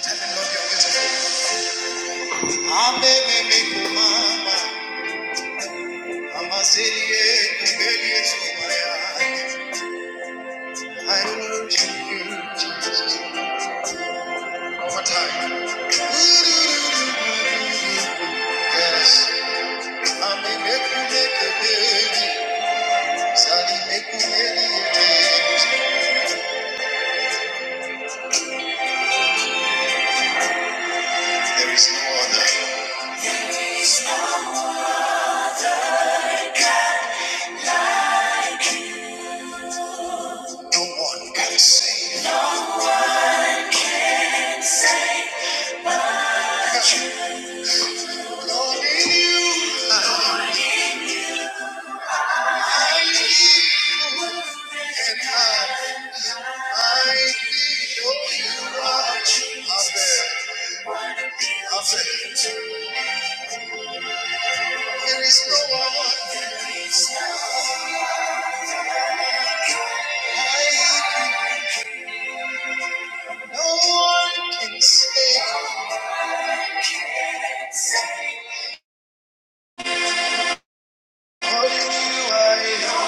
There is no other, no one can save. Lord, in you, I live and I I feel you are i there. I'm there. There is no one. I can, no one can say what you are.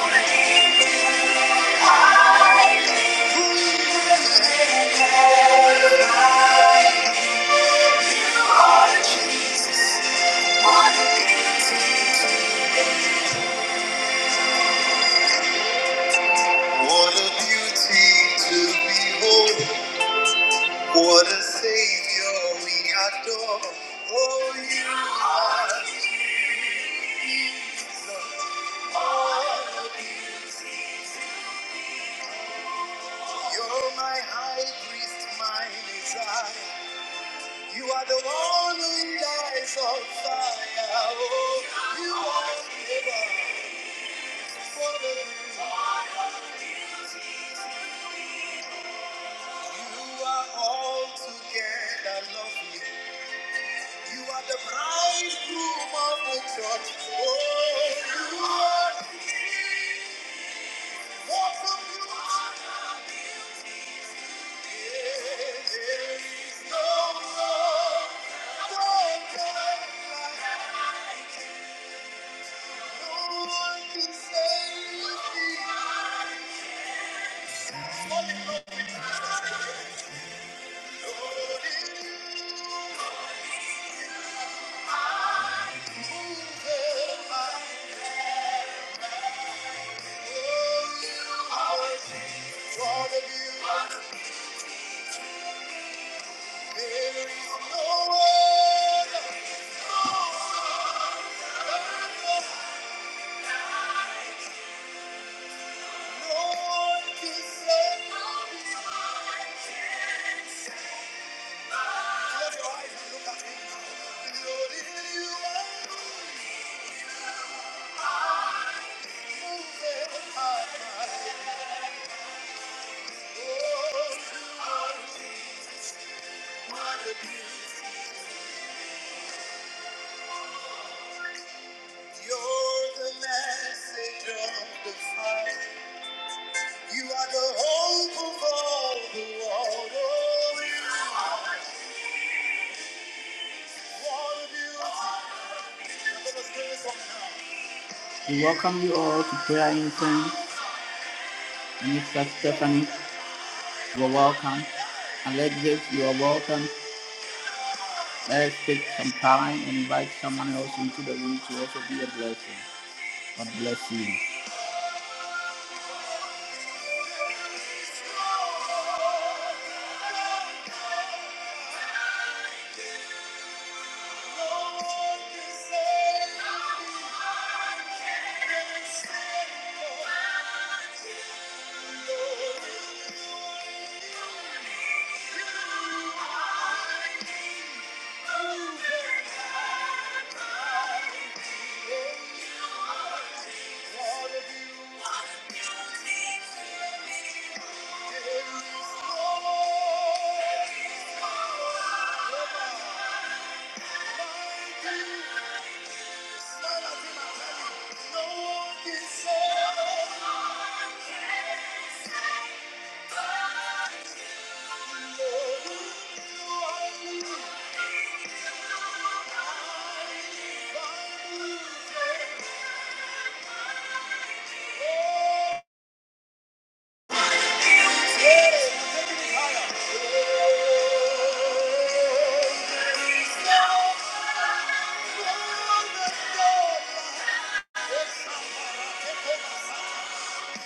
What a beauty to behold. What a savior we adore. Oh, you are. Jesus. You're my high priest, my desire. You are the one who dies on fire. Oh, you are the one. You are all together lovely. You are the bridegroom of the church. Oh, you are what a beauty. There is no love, no God like no one can save me. Only God. You're the message of the fire. You are the hope of all the world. We welcome you all to prayer incense. Minister Stephanie, you are welcome. Alexis, you are welcome. Let's take some time and invite someone else into the room to also be a blessing. God bless you. Thank you. Yeah.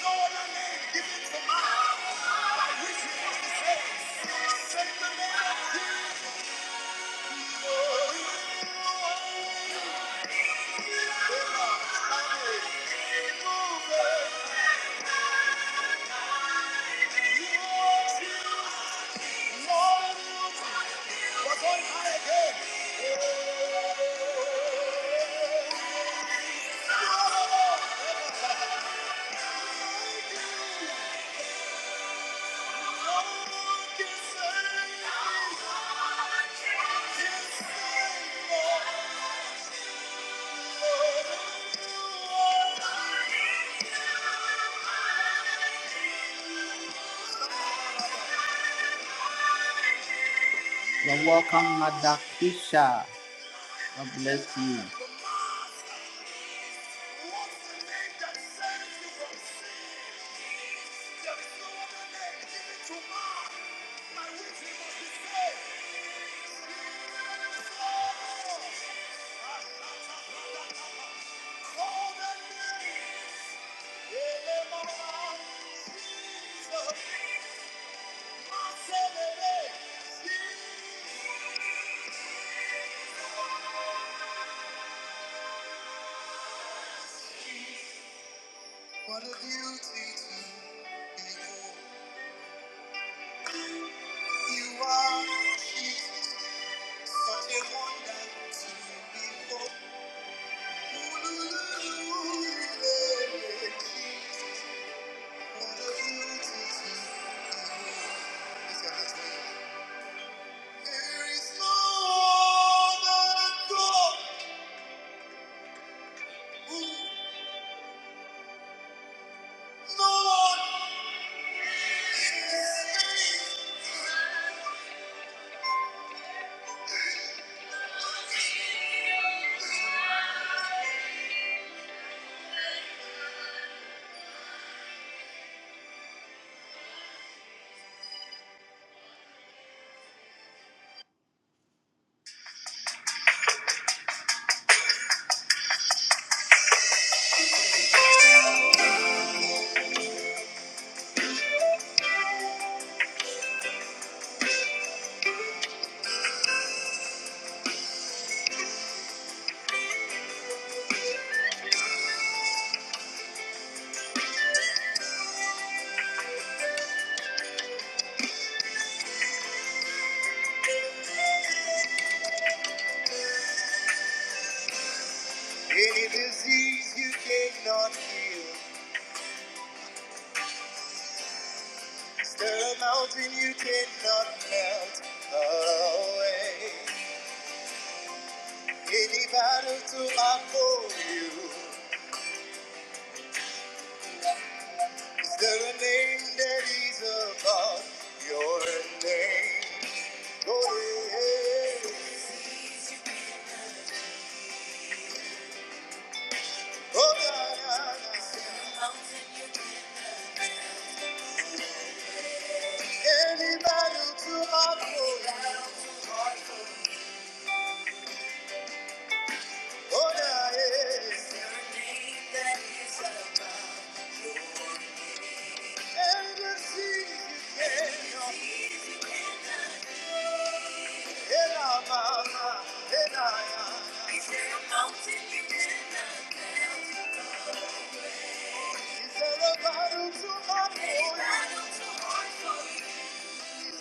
Thank you. You're welcome, Madakisha. God bless you. What a beauty to behold. You are Jesus. Any disease you cannot heal, stir a mountain you cannot melt away. Any battle to uphold you, There a name that is above your name. Oh, yeah. Oh, yeah. yeah. Any battle to our glory. Oh, yeah. yeah. And the sea you cannot. Ela, mama. Ela, yeah. Is there a battle to our glory? Yeah.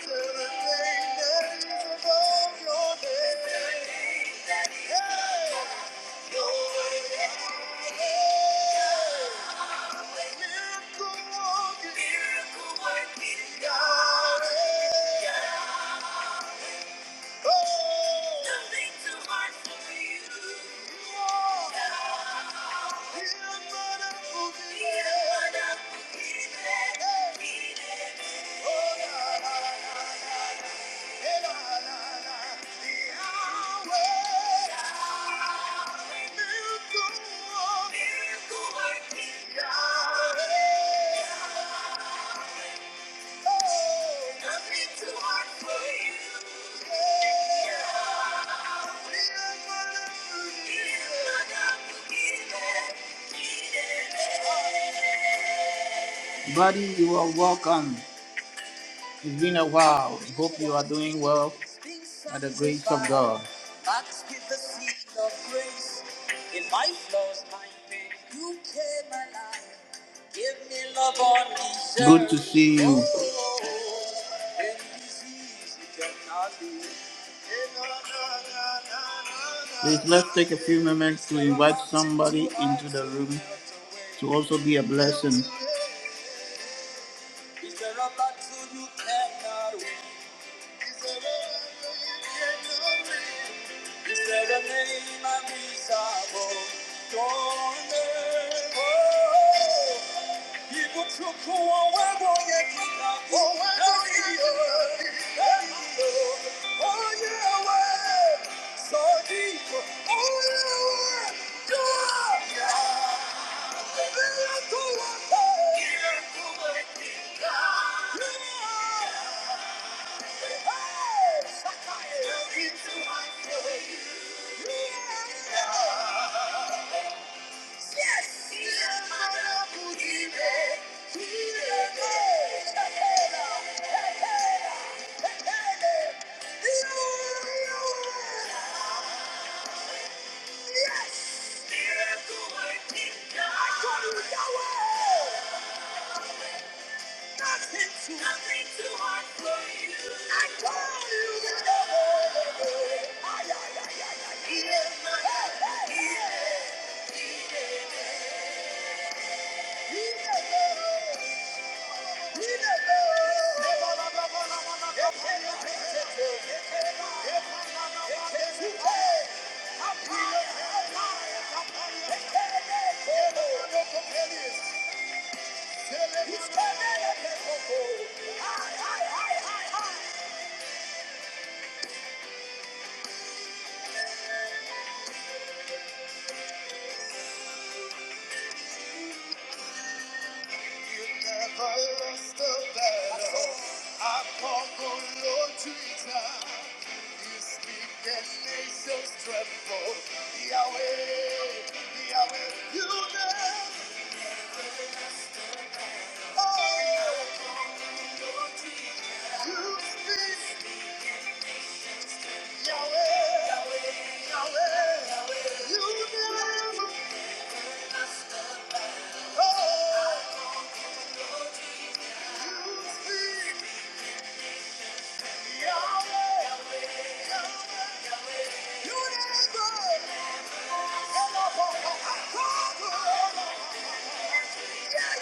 Buddy, you are welcome. It's been a while. Hope you are doing well by the grace of God. Good to see you. Oh, Please let's take a few moments to invite somebody into the room to also be a blessing. Is there a name I desire? Don't People took who I was, oh yeah, keep up. Oh, I love you. Oh, yeah, well, so deep. Oh, yeah, well, Yeah. Yeah. Yes! Yes! Nothing too nothing too hard for you. I told you that the Lord. Ay, ay, ay, ay, ay. He is my help. He is. He is. He is. the Lord. He is. the Lord. He's coming. Hi, hi, hi, hi, hi. You never lost a battle. I call on Lord Jesus. You speak and nations tremble. Yahweh, Yahweh, you never. Oh, you speak. Yahweh, Yahweh, Yahweh. You never. Oh, you speak. Yahweh, Yahweh, Yahweh. You never. Hello, I call on. Yeah.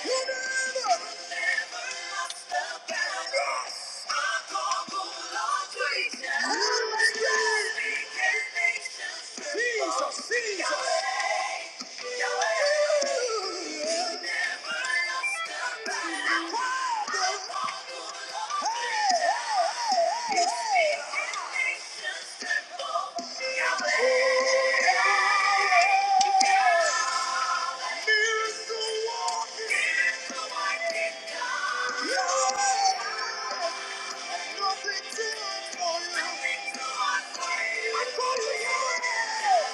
Yahweh, you never, lost the battle. Nothing to do for I'm You're to nothing Yeah.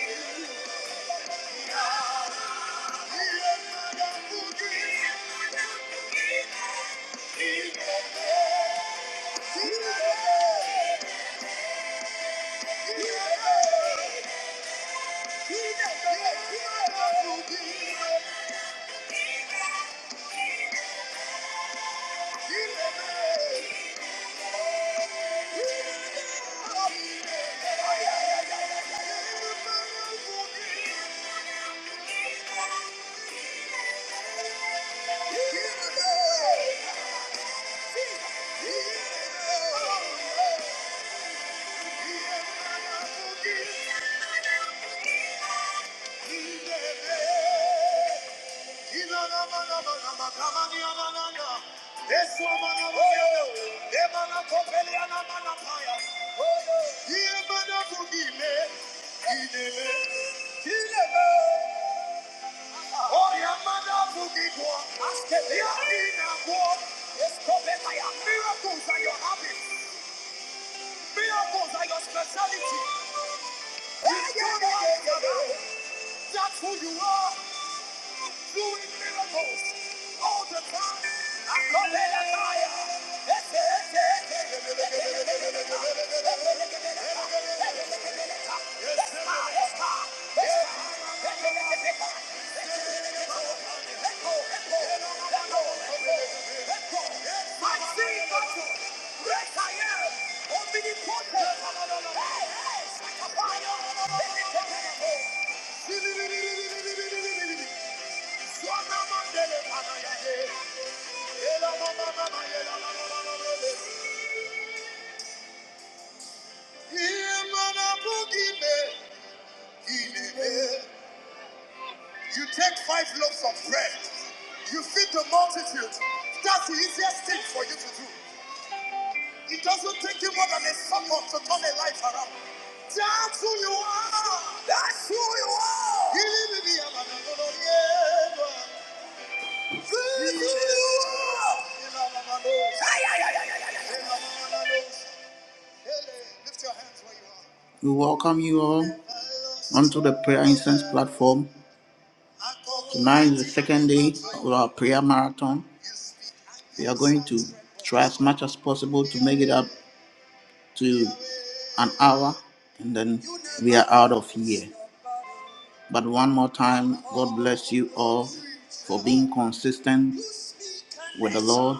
Yeah. Yeah. Yeah. Miracles are your habit. Miracles are your speciality. That's who you are. doing miracles all the time. Akobelakaya. Ete, ete, ete. Ebelekebeleka. Ebelekebeleka. Ebelekebeleka. Esma, esma, esma. Ebelekebeleka. Ebelekebeleka. Eko, eko, eko, eko, eko. I see battle. Great I am. Omnipotent. Hey, hey. Shakabaya. Ebelekebeleka. You take five loaves of bread, you feed the multitude. That's the easiest thing for you to do. It doesn't take you more than a second to turn a life around. That's who you are. That's who you are. We welcome you all onto the Prayer Incense platform. Tonight is the second day of our prayer marathon. We are going to try as much as possible to make it up to an hour and then we are out of here. But one more time, God bless you all for being consistent with the Lord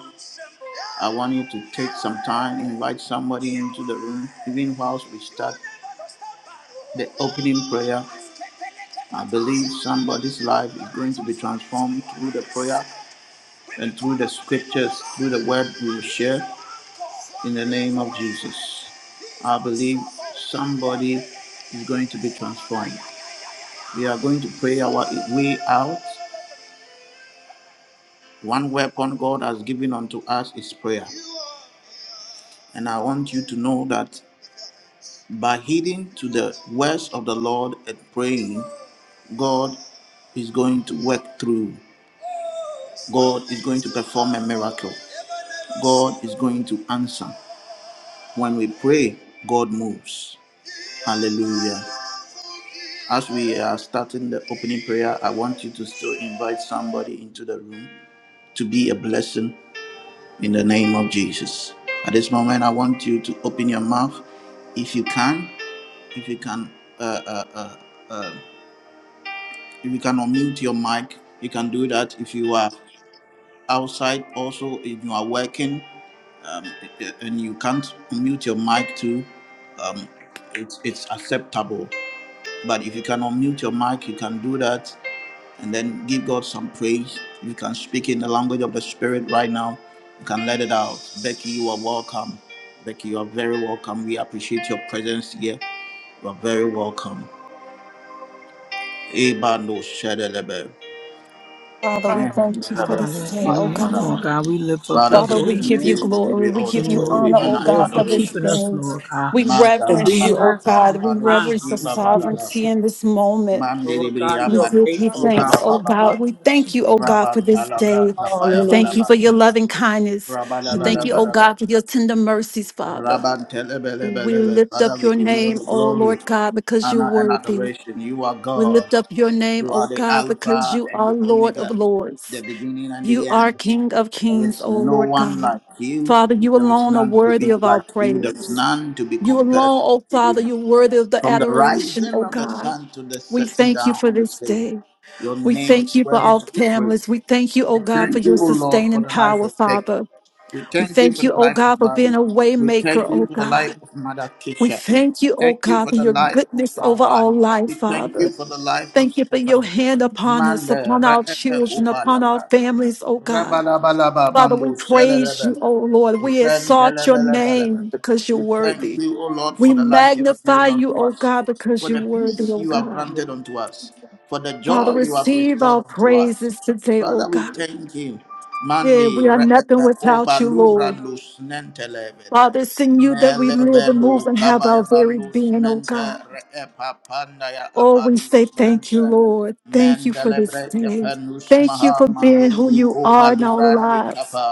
I want you to take some time, invite somebody into the room, even whilst we start the opening prayer. I believe somebody's life is going to be transformed through the prayer and through the scriptures, through the word we will share in the name of Jesus. I believe somebody is going to be transformed. We are going to pray our way out. One weapon God has given unto us is prayer. And I want you to know that By heeding to the words of the Lord and praying, God is going to work through. God is going to perform a miracle. God is going to answer. When we pray, God moves. Hallelujah. As we are starting the opening prayer, I want you to still invite somebody into the room to be a blessing in the name of Jesus. At this moment, I want you to open your mouth if you can. If you can, uh, uh, uh, uh, If you can unmute your mic, you can do that. If you are outside, also, if you are working um, and you can't unmute your mic too, um, it's, it's acceptable. But if you can unmute your mic, you can do that and then give God some praise. You can speak in the language of the Spirit right now. You can let it out. Becky, you are welcome. Becky, you are very welcome. We appreciate your presence here. You are very welcome. Eba no shedelebe. Father, we thank you for Father, this day, oh Hallelujah, Lord God. God. We lift up your we Father, holy we give thank you you. name. We give glory. you We all the give you Lord, we glory, honor, give you oh honor, and glory God, for for adoration. this keeping us, day. Lord God, We Manda for reverence being you, oh our raapa our God. We right pado mind. reverence your skipa Hallelujah, badada. sovereignty Jesus. in this moment. Mandi Lord libriya God, We you're pado give you faithful, skipa God. thanks, baba oh Hallelujah, God. baba. We thank Jesus. you, oh God, for Raban this talabra day. We tapaya thank Hallelujah, you balaba. for your loving kindness. Rabala We thank you, Jesus. oh balaba. God, for your tender mercies, Father. Raban telebele We belebe. lift Father, up we your give you all name, the oh glory Lord God, because you're honor and worthy. adoration. You are We God. lift up your name, You are oh the God, because Alpha you and are the Lord of Omega, Lords. the beginning and You the are end. King of There kings, is O no Lord one God. like you. Father, you There is alone are none to worthy be of our like you. There is praise. none to be You compared alone, O to Father, you. you're worthy of the From the adoration, rising O of the God. sun to the We setting thank you down for of the this same, day. your We name thank is you for worthy our to be praised. families. We thank you, O We God, for thank your you, O Lord, for sustaining the life power, of Becky. Father. We We thank you thank for you, the O life of God, for being Bobby. a We waymaker, thank you O for the life God. of Mother We Keisha. thank We you, O thank you God, for for the your life of goodness my over our wife. life, We thank Father. you for the life of Thank you for your Stephanie. hand upon us, Manda upon our re- epe children, kupa upon our labra. families, O God. Rabalabalaba Father, mando we praise shelelebe. you, O Lord. We exalt your Rentelebelebelebe. name because you're We thank worthy. you, O Lord, We for the life you have magnify given you, unto O us, God, because for you're the worthy, peace O you have God. granted unto us, for the Father, joy you have receive restored our unto us. praises today, O Father, we God. thank you. Yeah, Mandi we are nothing re'ebe without you, Lord. obalubrandus nentelebede. Father, it's in you that we live and Melevenu move and have our very kabayabandus being, O mente God. reepa pandaya Oh, we apalus say thank you, mente Lord. Thank you for this mendelebre day. kepenus Thank you maha for being who mandilibri you kopa are in our luvrandi lives. kapa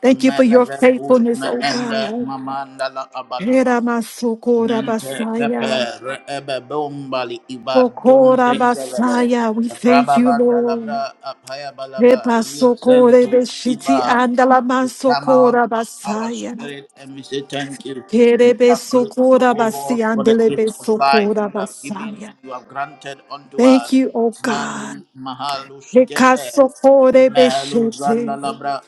Thank you for your melevenus faithfulness, oh meende God. mamandala Era abalus masokora nente kepe basaya. reebe bombali ibadun Sokora zengevele basaya. We thank you, rababandalabra Lord. apayabalaba Reba sokore yisentus iba beshiti andala we come masokora out of our basaya. spirit and we say thank you. We Kerebe are grateful, sokora O basi Lord, for the andelebe gift of life sokora you have given basaya. and you have granted unto Thank us. you, O God. Mandi Mahalus Reka Kefe, sokore Mahalus beshete. Zandalabra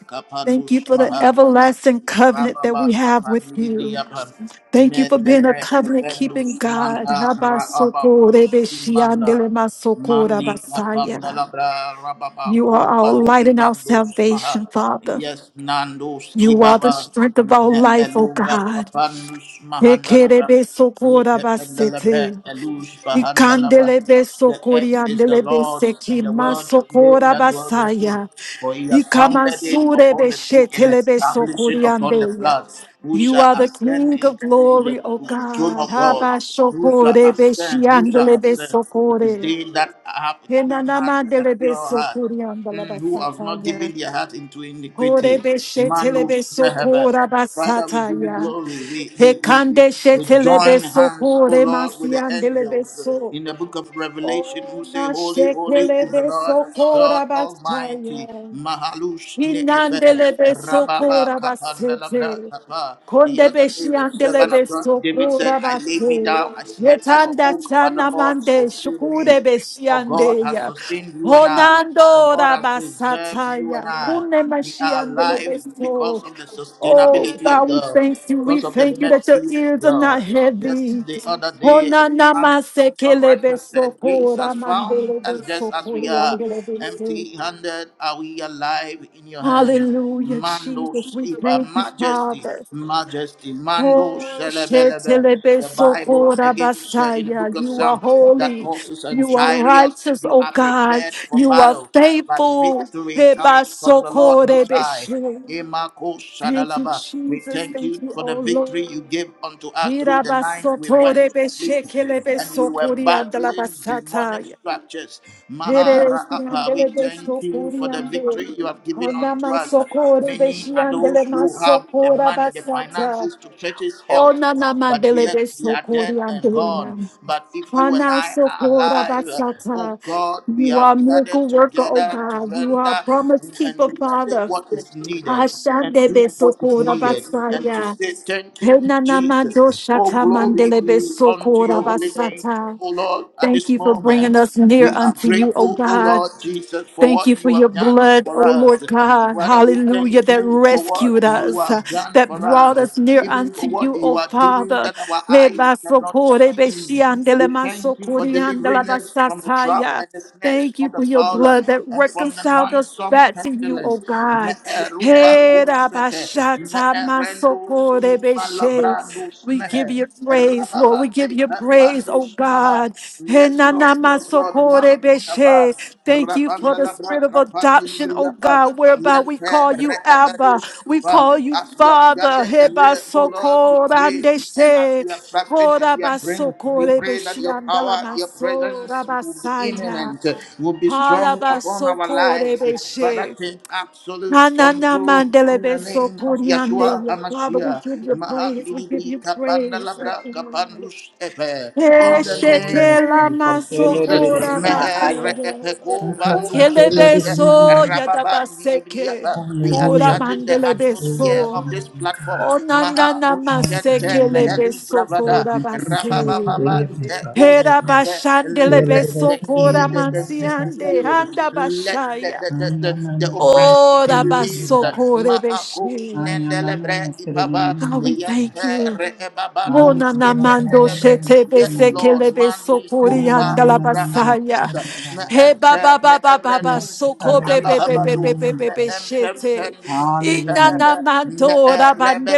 Thank Kapanus you for the Maha. everlasting covenant that Rababa we have with you. Kapandibriapa Thank you for being a covenant Fendus keeping God. Manda Rababus Kimanda Mandi Habasoko-rebeshiandelemasokorabasaya. Kapandalabra Rababa You are our Kumbaliki light and our Vandus Maha salvation, Father. Yes Nandus You are the Kibaba strength of our Ne life, O Elubra God. Kapandus Mahandalabra Yeke Pendalabre Ekerebesokorabasete. Elus Bahandalabra The earth is the Lord's Ikandelebesokoriandelebeseki and the world they that dwell therein masokorabasaya. for he has founded it Ikamansure upon the sea and established it upon the flood. Who You shall are the ascend King of into the glory, O throne God. of God? Who shall Habashokore ascend? Who beshiandele shall ascend? It is besokore. they that have a clean heart and a Henanamandele pure heart, besokoriandala mm, who have not basataya. given their heart into Hore iniquity. Man beshetele knows never. besokora Father, we give you basataya. glory. We, we, we, we, Hekande we shetele join hands, O besokore Lord, with the masiandele angels beso. in the book of Revelation Oh, who say, na Holy, holy is the Lord besokora God Almighty. basaya. Mahalush ne'efe. Inandelebe Rababa sokora basete. kapanelabra kapa. The other Kondebeshi day, the servant andelebe of God, David said, sokora I laid me baso. down, I slept, I Yetanda awoke, but the sana Lord mande sustained shukure me. beshi For God has andeya. sustained you and I. For Honando God has preserved you and rabasataya. I. Kune We mashi are andelebe alive so. because of the Oh sustainability of God, we God, thank you. We because of the thank you that your mercy of ears are not God. Just heavy. the other day, a psalmist, Honanama a sekelebe songwriter said, Grace sokora has found mandelebe us just as we sokori are. andelebe se. Empty handed are we alive in your hands. Hallelujah, Mando Jesus. We Sipa, thank you, Majesty, Father. Majesty, Mando Oh, Celebelebe. The Bible again said in the book shetelebesokora-basaya. of you are Psalms that holy. horses and You are chariots righteous, they oh are God. prepared for You are battle, but faithful. victory comes from the Lord Most High. Hebasokorebeshe. Emako Thank you, Shadalaba. We Jesus. thank Thank you you, for the oh Lord. victory you gave unto us through the night we went to sleep and we were battling demonic Hirabasotorebeshekelebesokoriandalabasataya. structures. Here is the Maharapa, we andele de thank you socori for the ande. victory you have given Ona unto us. masocore Many beshi are those andele who have the masocora money, the basata. finances to purchase health, Ona na but mandele yet de they are dead socori and gone. ande. But if you and Hana I are socora alive, uh, oh basata. God, we You have are gathered miracle worker, oh together to God. You are render promise and keeper, say Father. what is needed and Ashandebe do what is sokora needed and to basaya. say thank you, Jesus. Henanamadosha Oh, glory mandelebe be unto your sokora holy name, basata. oh Lord, at Thank this you for bringing moment. us near We are unto you, O grateful, oh God. Lord Jesus, for Thank you what for you your have done blood, for oh Lord us. God. Father, we Hallelujah. thank That you for what rescued you us, have uh, done that for brought us, us near even unto for what you, oh you are doing Father. that our eyes cannot Rebasocore see. beshiandele We thank you for masocoriandela delivering us from the trap basasaya. and the snares Thank you of the for your fowler blood that and from the reconciled us noisome back to you, oh pestilence. God. Me'eruba Hey, kusete, rabashata me'erendo masocore skima beshe. labrando We give smehe, you praise, Lord. We give rababande you praise, kafando oh smaha. God. Hey, Yes, Lord. nana Yes, Lord. masocore beshe. Makaba. Thank you for Rabanda the la spirit of braka adoption, oh pandilibriyapa. God, whereby we Yante call you Abba. re'ebedus We ipa. call you As we have Father. gathered Heba here, O Lord, to soko pray. rande And as she. we are fasting and Hora we are praying, basoko we pray rebe that shi your power, andala your maso presence will be rabasaya. imminent, will be Hara strong upon our basoko lives. rebe Father, she. take Na, absolute na, na, control mandele in the be name soko of Yeshua riande ya. Father, we HaMashiach. give you praise. We give Mahandilibri you praise. kapandalabra kapandus rekepe. Hey, In the name Hallelujah, shekela of Jesus. maso Jesus, Hallelujah, hora mehe basaya. rekepe ko Jesus. vanus mete. Kelebeso Rababandibria. yadabaseke. we are Kora Hallelujah, charging the Jesus. Glory atmosphere to mandelebeso. of your this name, platform. God. Maha Onanana maseke Nuskente Amen. Mehelus lebeso Lord, Bravada kora we thank you base. and today, my Rababababante Father, Lord Hera God. Gosnede. We are the Let bashandelebeso the best in the kora healed, name the, the of our sick God. be mansiande healed. anda Let the, bashaya. the, I the, am the, not the a oppressed be Ora sinner, Lord released. baso God. kore beshe. Ma'akos I am not a nendelebre sinner, ipava. God, Lord we God. thank you. Yente I am Ona not Rabandus a namando Ketendelebre. shete Yes, bese sinner. Lord, kelebe Mandi I sokori am Kofa andala Lufra a sinner, basaya. Alusa, Lord Me He God. ba ba Empe, Me ba ba ba You ba are Ebrandus soko the be Kindala be best in be be be Havadu, the be be name Me of be God. shete. Empempendus Ina Hallelujah. Kitahebe, Me namando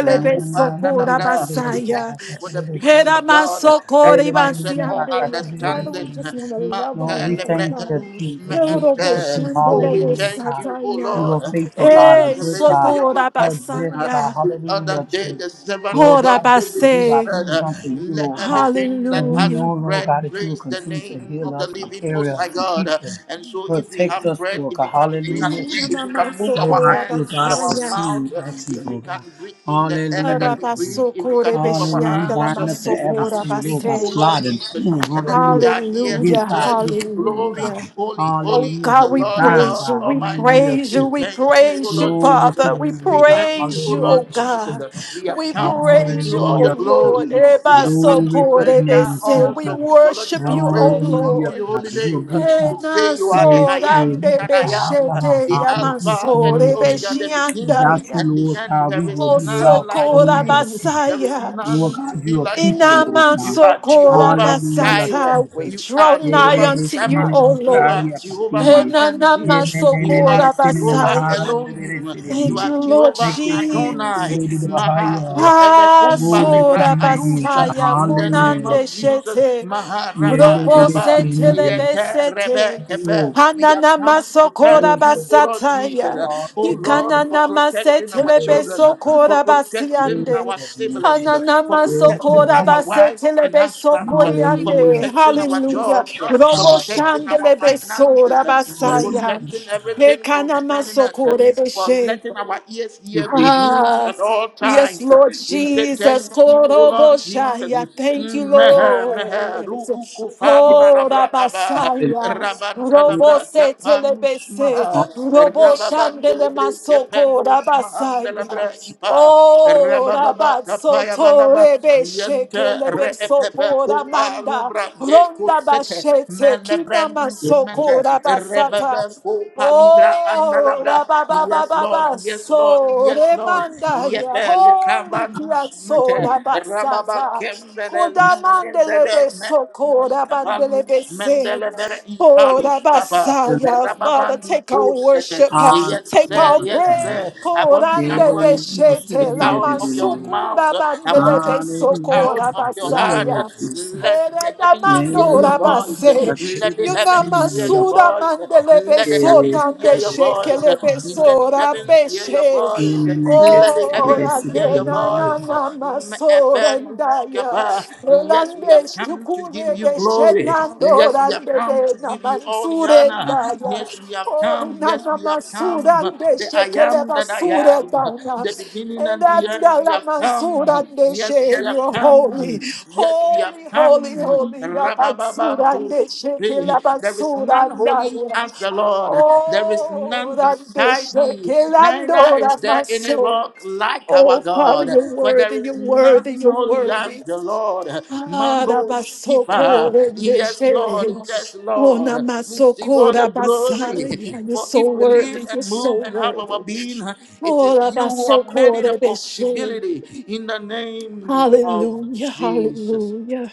I am be Kupanda not sokora a Dabra. sinner, We thank basaya. you for the Lord He peace God. da of ma God that sokori passes basi No, all andele. Father, we understanding. just want to love on we you, oh Makelebre thank you, God. Alus Me Jesus. We Erobo worship Ente. you. Oh, shandorobo we Hallelujah, thank God. you, oh sataya. You are Lord, faithful, for your God, a Hey, good preservation, for God, your sokora a protection. just God. basaya. The other Hallelujah, day, Jesus. the servant of Lord Ora God God, we can David give our base. said, prayers uh, unto you, Let Lord God. everything that And we has Hallelujah. know, Lord bread God, that you will praise the continue to name heal of the us and living carry Most us High and God. keep Uh, us, And so, if we protect have us, bread, Lord if God. we can Hallelujah, breathe, if Jesus. we can move Lord our God, Namasokora you are hands, God of our basaya. pursuing mouth, uh, actions, if we Lord can God. breathe in the air Hallelujah, that we Jesus. breathe, if we Arabasokore can move our Hallelujah. We beshiandela hands, bind uh, up the if we can masokora adversary, Lord speak, God, oh base. Lord plotting. Jesus, mm, and then we Hallelujah. are here to Against Hallelujah. our tell you business, Lord glory. God. Hallelujah. Holy, Oh holy Hallelujah. is We the God, we Lord bind, praise God you. God. We Almighty. praise you. Hallelujah. We We thank you, oh praise you, Lord Glory to Jesus. Father. your We We name, God. thank you, praise O you, oh Lord Hallelujah, Jesus. Jesus. God. We have We come to give praise you you, all oh the Hallelujah, God. Lord. glory. We have come Glory to to your Ebasokore render name, bese. all We Jesus. worship doxological you, oh praise Hallelujah, unto Lord. your God. holy You're a name. good We God. Hena say you are the Yes, I yes, am sorande good that I God. am, Hallelujah. beshete the Hallelujah. Alpha and the yamasore Hallelujah. Omega, the beshianda beginning Without ya. and you, the Lord end. God, we There will is be none Oso lost. like kora Hallelujah, you. Jesus. There is basaya. Lord none to God, be you are like people, you. Lord Inaman God. You are sokora Jehovah Hallelujah, Jireh. basata. We Jesus. You draw are Glory nigh Jehovah to unto you, Shammah. O You are Lord. Jehovah Hena nama Makandish. You are sokora Jehovah basaya. Elohim. Elohim. You Thank are you, Lord Jehovah Adonai. Jesus. Maha Ah, Evekumba Libra your soda name. Alusha. basaya In the name Hallelujah, kunande of Jesus. Jesus. shete. Maha Rabba Robo Rabba. sete Yelelelesini. lebe Yete sete. Rebe Kepe. Oh, We have Hanana come to masokora thank thank you, you. O Lord Jesus. basataya. O Lord, Hallelujah. for Ikanana protecting masete our Thank lebe children, for sokora protecting you, basiande. our Lord siblings, Jesus. Hanana Yelelelesini. for protecting masokora our basete wives and lebe husbands, for Hallelujah. sokoriande. protecting our Jesus. Hallelujah. jobs, Hallelujah. for Robo protecting shande our lebe sora finances, for basaya. Hallelujah. protecting everything everything Ekana concerning us, masokore for beshe. letting our ears We hear good breathe. news Ah, at all yes, times. Lord We say Jesus. thank you, O Lord Jesus. Koroboshaya. Thank you, Mm, mehe, mehe, Lord. ru'uku fanda Oh, labra aba, It Rabasaya. rabanta is labra Robose tapanus telebese. maha, also rababanda Roboshandele libre masoko. kepenus mahanda Rabasaya. labra ipa, Oh, rabababa tapaya Rabasoto balaba, rebeshe yente re epepe kelebesoko. kupa Ramanda. lubra nge Ronda kusete, bashete. Kina melebrandus given masoko. mete, Rabasata. Rebebeko palibra Oh, andalabra. da ba ba ba Yes, ba Lord. ba, Yes, Lord. so Yes, Lord. remanda ya, Yepe holy kia lukavandus so mete. da in ba sa Rababa ta, kembere koda libre mandele be vede mende so libri koda bandele be kapalus se, mendele bere oh da ipalus ba papa. sa ya, Father, Rababandi take our kosete. worship, uh, all Yes, take three sir. our Yes, praise, sir. I want koda nde be somebody to she te speak la of out of your them. mansuku mouth. da I bandele want you be to so speak Hallelujah, out koda of ba God. your sa heart. Glory, ya. Jesus. Let Ere the da heavens hear your Eredamandora voice. base. Let the heavens hear your Yunamasuda voice. Let the mandelebeso heavens hear your nandeshe voice. Let the kelebeso heavens hear your rabeshe. voice. Let the heavens Ora hear your voice. dedanana masorendaya. Mefenuskapa. Yes, we have Elandesh come to tukure give you glory. Yes, beshenandora we have come to dedena give you all the honor. mansurendaya. Yes, we have Holy come. Yes, we nana have come. surande The I shekele am that I basure am. dana. The beginning and the Elanda end. We la have come. mansurande she. Yes, we have You're holy, come. Yes, we have holy, holy, come. holy. La mansurande Rababantus thee. shekele There is none basuranda. holy as the Lord. There is Oh, none rande beside thee. Neither shekelando is la there any maso. rock like our Oh, Father, God. you're For there worthy, you're is worthy, none you're holy as worthy. the Lord. Mando Arabasoko Shiva. Yes, rendeshe. Lord. Yes, Oh, Arabasokorendeshe. Lord. Receive all the glory. Onamasokorabasaya. You're For so if we live worthy. You're and so move and have our worthy. being, it is you who have made it a Orabasokorebeshe. possibility. In the name of Hallelujah. Jesus. Hallelujah.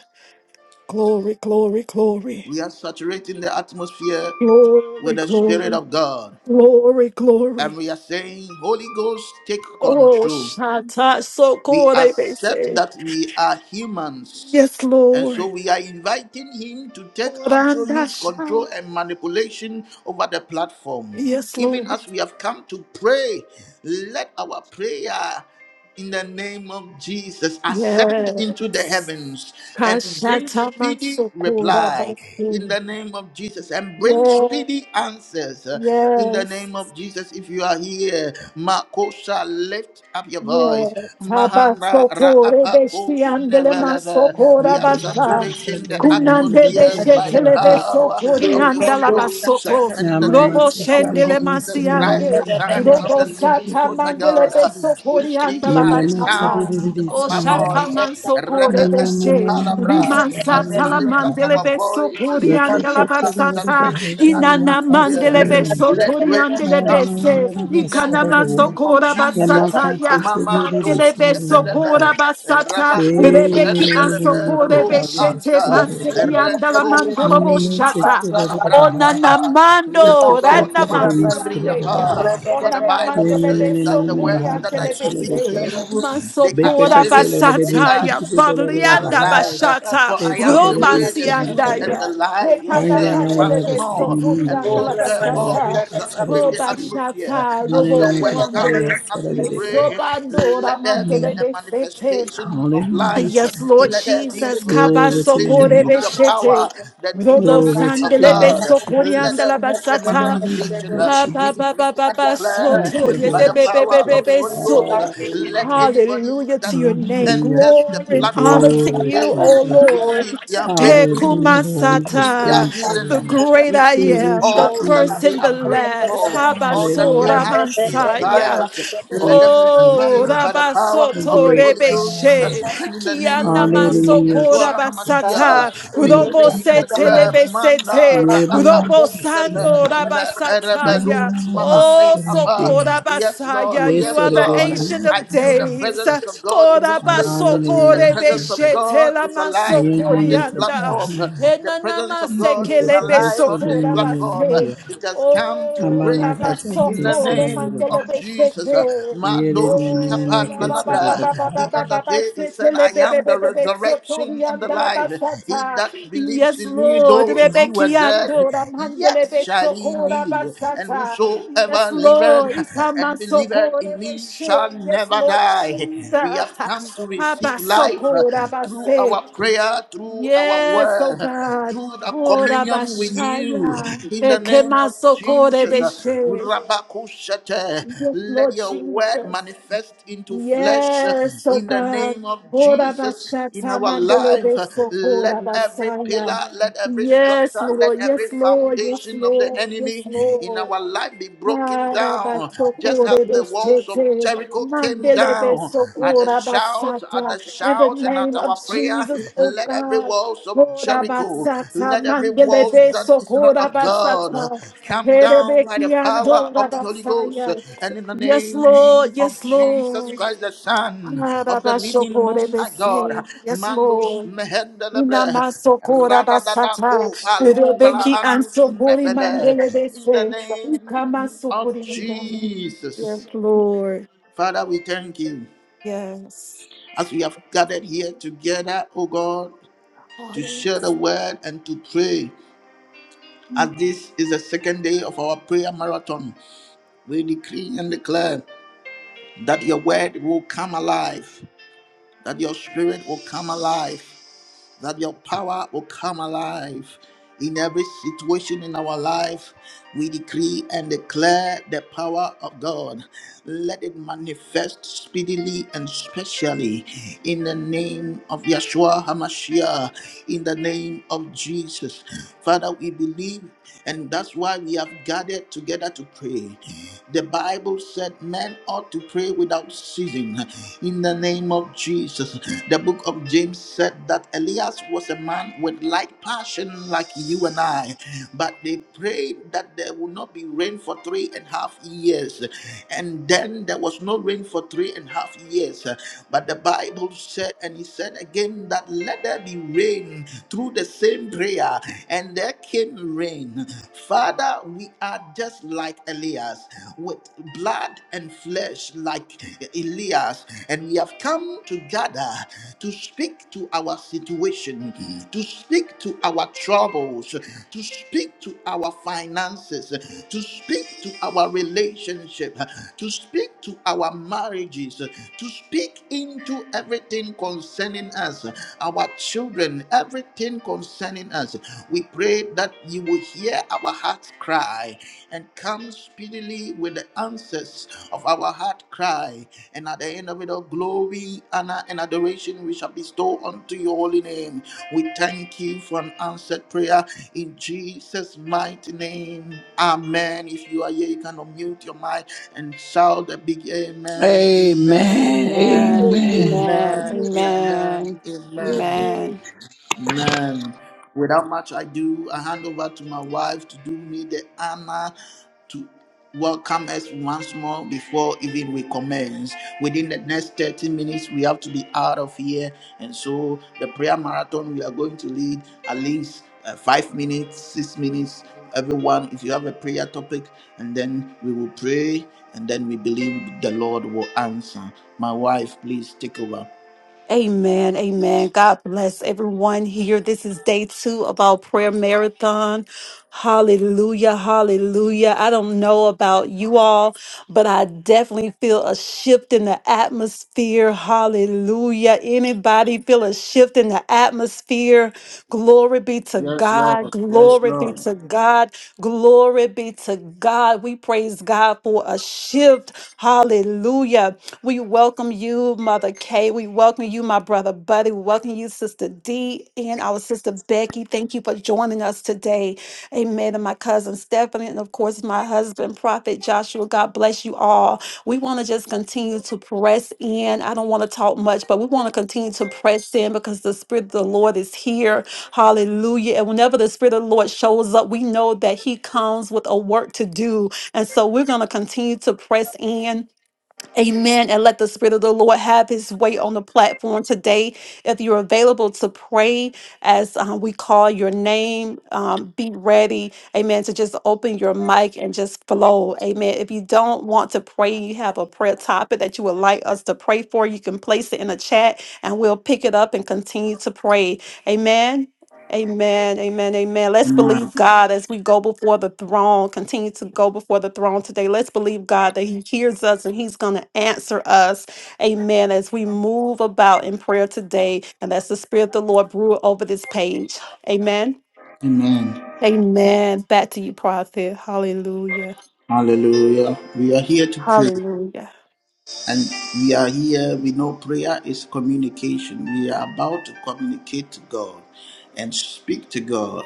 Glory, glory, glory. We are saturating the atmosphere Glory, with the Spirit glory, of God. glory, And glory. we are saying, Holy Ghost, take Oh, control. Shanta We accept Sokorebeshe. that we are humans Yes, and so Lord. we are inviting him to take Oranda absolute control Shanta. and manipulation over the platform. Yes, Even Lord. as we have come to pray, let our prayer in the name of Jesus ascend into the Yes. heavens and bring speedy Kashatamansukura reply in basi. the name of Jesus and bring Yes. speedy answers uh, in the Yes. name of Jesus. If you are here, Makosa, lift up your voice. Yes. Mahanda Raapakos Tabasokorebeshi andele neveleve. We are masokorabasa. saturating the Kunande atmosphere beshe by the telebe power sokori of the Holy andala Hallelujah. Ghost basoto. and in the Yamama Robo name Yamaka, of shendele Jesus masiande. Christ, the Son of the Robo Living sata Most High mandele God. We besokori speak andala at the basata. sound of O my voice. shataman sokore Rebebe beshe, kupalabra. riman As we satala lift up mandele our beso you voices can are basata, saturating the inana mandele atmosphere. beso Let breakthrough koriandele come bese, in the ikana name of masokora Jesus. basata ya, Mamando mandele beso kora Stepelebe, basata, Rabako rebeki Sentelebe, ansokore Rob beshe Thank Anta, te yanda la Rento mando robo Mandi shata. Maanda Labra Ona na Kapa. Yes, mando, pay Lord, randa to the Mandi ministry of the masiande ya. Libriapa. Lord. For Ona the na Bible mando Bahar says lebe that the sokuri words bahar that ka ante I lebe chale re speak to se. tere rak. you, they Be are pe pe Masokora chale spirit re and be they basata ti ti are ya. pe truth tere be re Pavlianda bahar alive. bashata. For E I se am the tere re Roma way, is the tere re sianda truth, tere. and the ya. life, he Karan Rekana ya said ya ya la once mandelebe se ni. more. ni sokuri ni And wa anda la so, Sala therefore, we bahar basata. ka chale saturate re Oh, the si. atmosphere Bashata, Ne ne as ne Robo your ne ka word fa comes ya Kuambe, and as chale we re de ka. pray. Yusobando, Let there be Mm. a Ramandelebe manifestation of Hallelujah, life, Yes, Jesus. Lord let there be Jesus. a Glory to your manifestation name, of your Jesus. Kabasokorebeshete. power, the Robo Glory dunamis to of your sandelebe God. name, Let Jesus. there sokoriandala be a basata. manifestation. Hallelujah, uh, Ha, We ba, Jesus. ba, decree ba, ba, and ba, declare Thank soto. you, by Yete, the Lord be, be, be, power be, Jesus. of the be, Holy Ghost. so. uh, Let Hallelujah. anybody Hallelujah to your that name. Hallelujah, enters the Glory and Jesus. honor platform to Glory, you, today O Jesus. Lord. receive their Hallelujah, breakthrough, Lord. We just receive their Hekumasata thankful, the Lord. healing, great I We receive am, worship the all that you, first Lord they and the are God. praying last. for, all that their Habasora Hallelujah, heart Jesus. Mansaya. desires. Let Thank them you, Lord receive Oh, it God. by the power The of the Rabasoto great Holy God I Ghost. am. Rebeshe. And in the Kiana name of Hallelujah, Jesus. Masokora Yeshua Basata. HaMashiach, we Thank you, decree and Lord Robosete you. God. declare Manda Lebesete. Hallelujah, Ra'abakushata Robosando Jesus. Rabasataya. Ma'arabadus Hallelujah. Mahane Oh, Abba. Sokora Yes, Lord. Basaya. Yes, You Yes, are the Lord. ancient hallelujah. I of feel the days. presence presence of God Oh, in this place. The Rabasokore Hallelujah, presence of Jesus. Beshete God is alive Yes, on this Lamasokorianda. platform. hallelujah. The presence Enanama of God is sekelebe alive on this sokora platform. base. It has come to Oh, break in the rabasoko name of remantelebe Jesus. seke. Mandos Oh, kapanalabra. The other rababababababababa day he said, I am the sekelebebebebe resurrection and the sotorianda la life. He basata. that believes Yes in me, Lord, though we he were dead, beckyando yet ramandelebe shall he sokora live. And basata. Yes whosoever liveth Lord, and believeth in isamansokora be me shall she. Yes never Lord, she we dat have come to receive life uh, abasokora through basa. our prayer, through our Yes, oh word, uh, God. through the Ora communion with you. bashaya. In the name of Ekemaso kore Jesus, uh, beshe. Rabakushate, Yes, let Lord your word Jesus. manifest into flesh. uh, Yes, oh In the God. name of Ora Jesus, in bashata our mandele life, uh, beso kora let every basaya. pillar, let every Yes, structure, let Lord. every Yes, Lord. Yes, foundation of the Lord. Yes, enemy in Lord. our life be In broken the down, just as the walls of of Jericho came down at the shout, at the shout, and at name of our prayer. Jesus, oh Let every God. walls of Jericho, Korabasata, let every walls mandelebe that is not of God sokorabasata, come down by the power of the Holy Ghost herebekiandorabasaya. and in the Yes, name Lord. of Yes, Jesus Lord. Christ, the Son of the Living Most High God. Arabashokorebese. Yes, Mandos Lord. mehendelebre. Inamasokora basata, Radadadako palubala Rebeki and andus Sokori mefede. In the Mandelebese, Ukama name of Sokori Mandai. Jesus. Yes, Lord. Father, we thank you Yes. as we have gathered here together, O God, to Hallelujah. share the word and to pray. As this is the second day of our prayer marathon, we decree and declare that your word will come alive, that your spirit will come alive, that your power will come alive in every situation in our life. We decree and declare the power of God. Let it manifest speedily and specially in the name of Yeshua HaMashiach, in the name of Jesus. Father, we believe, and that's why we have gathered together to pray. The the Bible said men ought to pray without ceasing in the name of Jesus. The book of James said that Elias was a man with like passion like you and I, but they prayed that there would not be rain for three and a half years. And then there was no rain for three and a half years. But the Bible said, and he said again, that let there be rain through the same prayer, and there came rain. Father, we are just like Elias, with blood and flesh like Elias, and we have come to gather to speak to our situation, to speak to our troubles, to speak to our finances, to speak to our relations relationship, to speak to our marriages, to speak into everything concerning us, our children, everything concerning us. We pray that you will hear our heart's cry and come speedily with the answers of our heart cry. And at the end of it all, glory, honor, and adoration we shall bestow unto your holy name. We thank you for an answered prayer in Jesus' mighty name. Amen. If you are here, you can unmute your mic and shout a big amen, amen, Amen. amen, Amen. Amen. amen, amen, Amen. amen. Amen. Amen. Without much I do, I hand over to my wife to do me the honor to welcome us once more before even we commence. Within the next 30 minutes, we have to be out of here. And so the prayer marathon we are going to lead at least uh, five minutes, six minutes. Everyone, if you have a prayer topic, and then we will pray, and then we believe the Lord will answer. My wife, please take over. Amen. Amen. God bless everyone here. This is day two of our prayer marathon. Hallelujah. Hallelujah. I don't know about you all, but I definitely feel a shift in the atmosphere. Hallelujah. Anybody feel a shift in the atmosphere? Glory be to Yes, God. Lord. Yes, Glory be Lord. to God. Glory be to God. We praise God for a shift. Hallelujah. We welcome you, Mother Kay. We welcome you, my brother Buddy. We welcome you, Sister D, and our sister Becky. Thank you for joining us today. Amen. And my cousin Stephanie, and of course, my husband, Prophet Joshua. God bless you all. We want to just continue to press in. I don't want to talk much, but we want to continue to press in because the Spirit of the Lord is here. Hallelujah. And whenever the Spirit of the Lord shows up, we know that He comes with a work to do. And so we're going to continue to press in Amen. And let the Spirit of the Lord have His way on the platform today. If you're available to pray as um, we call your name, um, be ready. Amen. To just open your mic and just flow. Amen. If you don't want to pray, you have a prayer topic that you would like us to pray for, you can place it in the chat and we'll pick it up and continue to pray. Amen. Amen, amen, amen. Let's believe God as we go before the throne, continue to go before the throne today. Let's believe God that He hears us and He's going to answer us. Amen. As we move about in prayer today, and that's the Spirit of the Lord brew over this page. Amen. Amen. Amen. Back to you, prophet. Hallelujah. Hallelujah. We are here to pray. Hallelujah. And we are here. We know prayer is communication. We are about to communicate to God and speak to God.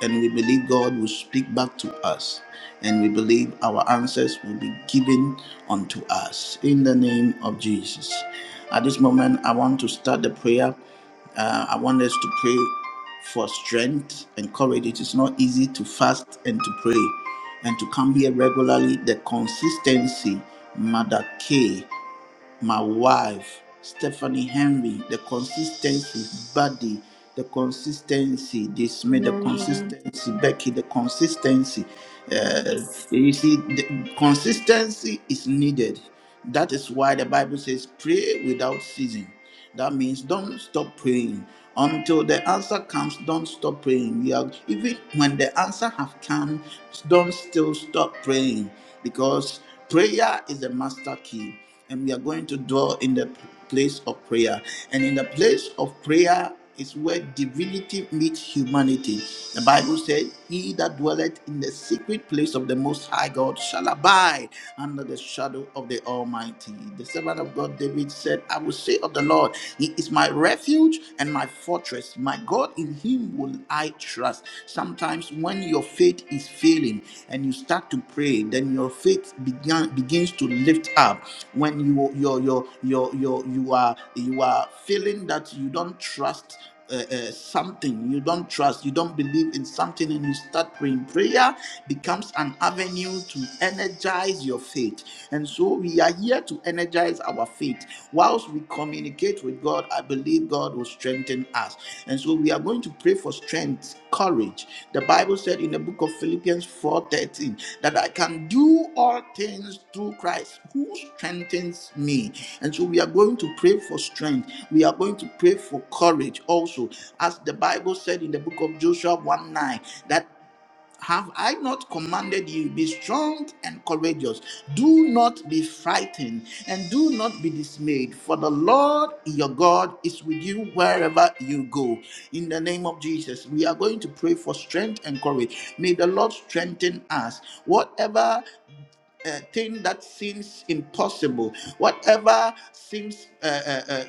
And we believe God will speak back to us. And we believe our answers will be given unto us in the name of Jesus. At this moment, I want to start the prayer. Uh, I want us to pray for strength and courage. It is not easy to fast and to pray and to come here regularly. The consistency, Mother K my wife, Stephanie Henry, the consistency, Buddy, the consistency, this made the Amen. consistency, Becky, the consistency. Uh, Yes. you see, the consistency is needed. That is why the Bible says, pray without ceasing. That means don't stop praying until the answer comes. Don't stop praying. We are, even when the answer have come, don't still stop praying because prayer is the master key, and we are going to dwell in the place of prayer. And in the place of prayer, is where divinity meets humanity. The Bible said, He that dwelleth in the secret place of the Most High God shall abide under the shadow of the Almighty. The servant of God David said, I will say of the Lord, He is my refuge and my fortress. My God, in Him will I trust. Sometimes when your faith is failing, and you start start to pray, then your faith began begins to lift up. When you your your your your you are you are feeling that you don't trust uh, uh, something you don't trust, you don't believe in something, and you start praying. Prayer becomes an avenue to energize your faith. And so we are here to energize our faith whilst we communicate communicate with God, I believe God will strengthen us. And so we are going to pray for strength, courage. The Bible said in the book of Philippians 4:13 that I can do all things through Christ who strengthens me. And so we are going to pray for strength. We are going to pray for courage also. As the Bible said in the book of Joshua one nine that have I not commanded you, be strong and courageous? Do not be frightened and do not be dismayed, for the Lord your God is with you wherever you go. In the name of Jesus, we are going to pray for strength and courage. May the Lord strengthen us. Whatever uh, thing that seems impossible, whatever seems, uh, uh, uh,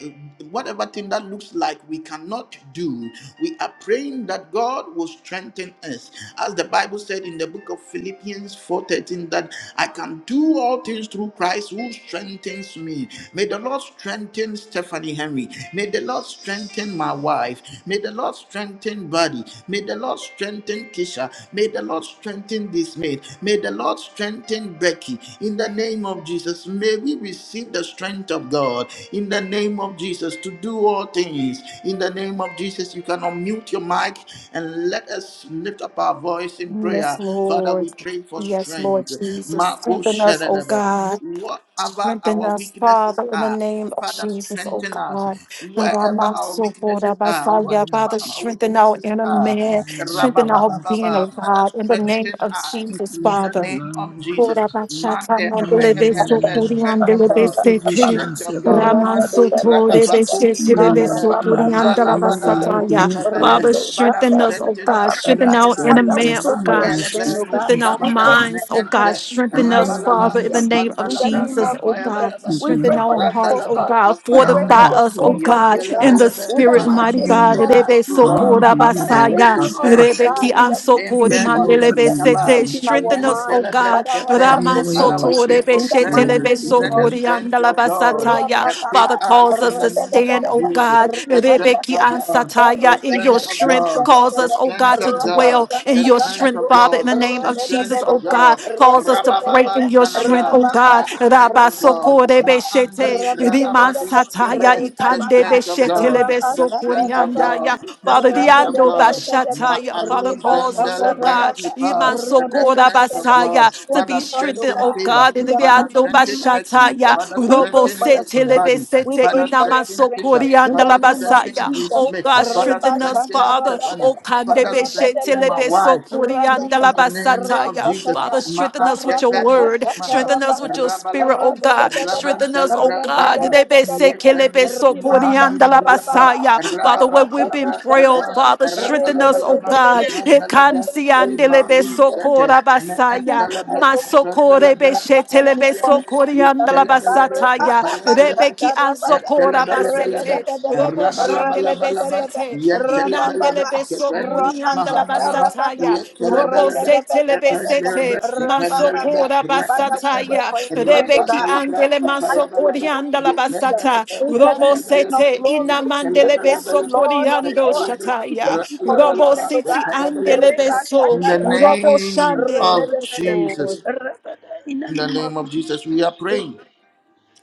whatever thing that looks like we cannot do, we are praying that God will strengthen us. As the Bible said in the book of Philippians 4:13, that I can do all things through Christ who strengthens me. May the Lord strengthen Stephanie Henry. May the Lord strengthen my wife. May the Lord strengthen Buddy. May the Lord strengthen Kisha. May the Lord strengthen this maid. May the Lord strengthen Becky. Becky. In the name of Jesus, may we receive the strength of God. In the name of Jesus, to do all things. In the name of Jesus, you can unmute your mic and let us lift up our voice in prayer. Yes, Father, Lord. we pray for Yes, Lord strength. Jesus. Marco Strengthen us, oh Shedebe. God. Whatever Strengthen our us, weaknesses Father, in the are, name of Father, Jesus, oh strengthen us God. And God, wherever my our soul, for weaknesses that by are, side, yeah, whatever Father, our strengthen our weaknesses inner are. man, strengthen our being, oh Rababababa. Father, God, in the name strengthen of us Jesus, in the Father. name of Jesus. Ora bachata Monday, mandele beso Father, re-epelebe, kuri strength Amen. of andele We God, besete. position strength of ourselves, Lord. God, Raman Monday, soto And to Rapaku, you, rebeshete Lord. Megade, rebeso kuri Uh, andala Malavada, Hallelujah. basata ya. Being Nuspevele, Father, obedient. Father, strengthen us, oh strengthen God. us, No Strengthen strengthen our us, shall inner we we no man, pray oh sin, for but your God. no strength, Makeleve, oh God. Strengthen our We pray for sleep. Nuspravada, your minds, oh strength. God. Mente, We Strengthen us, Hallelujah, pray for your Father, Rabalaba, in the Jesus, strength name of in the oh God. Kapandalabra, name Jesus, of oh Jesus. God. Kapayabalaba, Thank you, We pray Strengthen Lord. for our your hearts, oh focus. Randalaba, God. We pray Thou for Fortify Kapayabalaba, your art, us, oh Lord God. focus, God, oh our Father. in God, the Yentelebelebe, in the spirit, Father, mighty mighty name God. Hallelujah. strengthen of us, O Rebeso Jesus. God. kura Hallelujah, Father, Lord God. basaya. strengthen us, Mentelebre oh Hush, Rebeki God, in elus the mighty ansokore hush, name of Lord infetus God, mandelebe and Jesus. you kava. have sete. Get been our Father, Strengthen Lord us, mind. God. O Mentelebre God. Father, help tete. Have us your to Raman way, Father, Lord focus we pray sotorebe for in Jesus. the Glory to strength. mighty shetelebe name your Let of the name. sokori strength of Jesus. God andalabasataya. equip Ra-ba-ba-ba, Father us calls in us the to name of stand, O ra-ba-ba-ba-ba, Jesus. God. The strength Rebeki of ra-ba-ba-ba-ba, God. The ansataya in your strength ra-ba-ba-ba-ba-ba-ba-ba, of strength. God. Calls The us, ra-ba-ba-ba-ba-ba-ba, O God, strength to of dwell God. ra-ba-ba-ba-ba-ba, in ra-ba-ba-ba-ba-ba, The your ra-ba-ba, strength strength, of Father, in God. the name The of ra-ba-ba-ba-ba, strength Jesus, O of ra-ba-ba-ba-ba-ba, God. God. Calls us to pray in Rabababan your strength, talabra. O God. The strength of God. Rabasokorebe shete. Ma'andi Riman ra-ba-ba-ba, rabadus sataya keve. The ikandebe strength of God shetelebe the sokori strength of God, andaya. the Father, the strength of Ando God, Bashataya, ra-ba-ba-ba-ba-ba, Father, Ma'alu cause ra-ba-ba-ba-ba-ba-ba, us, zandele oh bre God, ra-ba-ba-ba-ba-ba, ipa, Iman the Strengthen Sokora strength of God, Basaya, to Father, be O strengthened, strengthen God, oh favor, God, in in the the Father, mighty Ando strengthen name of Becky, Jesus. Bashataya, Father, We Robo pray strengthen for your Becky Sete strength. Lebe body, We Sete pray Father, for Inaman your strengthen strength Sokori Kisha, in the Andala Father, name of strengthen Basaya, Bill Jesus. oh God, Smith, Father, Reba strengthen us, strengthen shaka Father, raba da, Stephanie, oh Kande Father, raba da Beshete strengthen ba da my Lebe ba, wife, Sokori raba da, in Andala the name of Basataya, shaka Jesus, da, Father, strengthen ka us ra with your Ma'atekanus word, Maha strengthen us with your spirit, Rabalaba oh God, Raban strengthen us, oh Calabra God, Kapa Lebe Seke Lebe Yetanus Sokori Andala Mahandiapa Asaya. Father, where Rababan we've been Calabra frail, Kapa Father, strengthen reba us, oh Rapalabalaba God. Kapa in Nalabra the name of Ekansiandelebe Imalu Jesus. Sete sokora basaya. Thank you, my Meandalabra God. Kapa In Masokorebe Nalabra the Kapa mighty shetelebe name of Nalabra Jesus. sokoriandala Yetelebelebe basataya. Kapa Rebeki Ba-ra-ba-ba-ba-cha-cha-ra-ba-cha. in ansokora the basete. Ra-ba-da-ba-da-ba. Robo shandelebe Ra-ba-da-ba-da-ba. sete. Ra-ba-ba-ba. Inandelebe sokoriandala Ra-ba-cha-cha-ra-ba-cha. basataya. Robo setelebe Ra-ba-da-ba-da-ba-da-ba. sete. Ra-ba-ba-ba. Masokora Father, we pray basataya. for your strength, O Rebeki God. In andele the mighty name of masokoriandala Jesus. basata. We thank Robo you, King of sete glory. ina We mandele thank beso you, Lord of coriando Lords. We shataya. thank you for your Robo strength, O city God. andele Reba beso. shaka rababa. Robo name shande. Rebe de of be Yes, de be. Jesus, Lord. Rebe de. In the in the name of name of Jesus, we are Jesus. praying.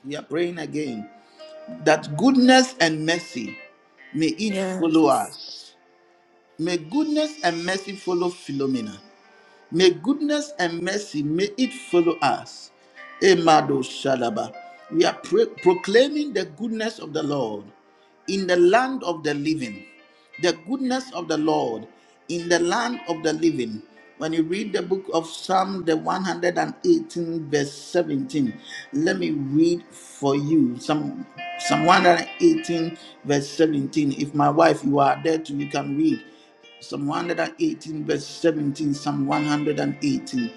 We are praying again that goodness and mercy may it Yeah. follow us. May goodness and mercy follow Philomena. May goodness and mercy may it follow us. Emado Shadaba. We are pro- proclaiming the goodness of the Lord in the land of the living. The goodness of the Lord in the land of the living. When you read the book of Psalm, the 118, verse 17, let me read for you. Psalm, Psalm 118, verse 17. If my wife, you are there too, you can read. Psalm 118, verse 17. Psalm 118,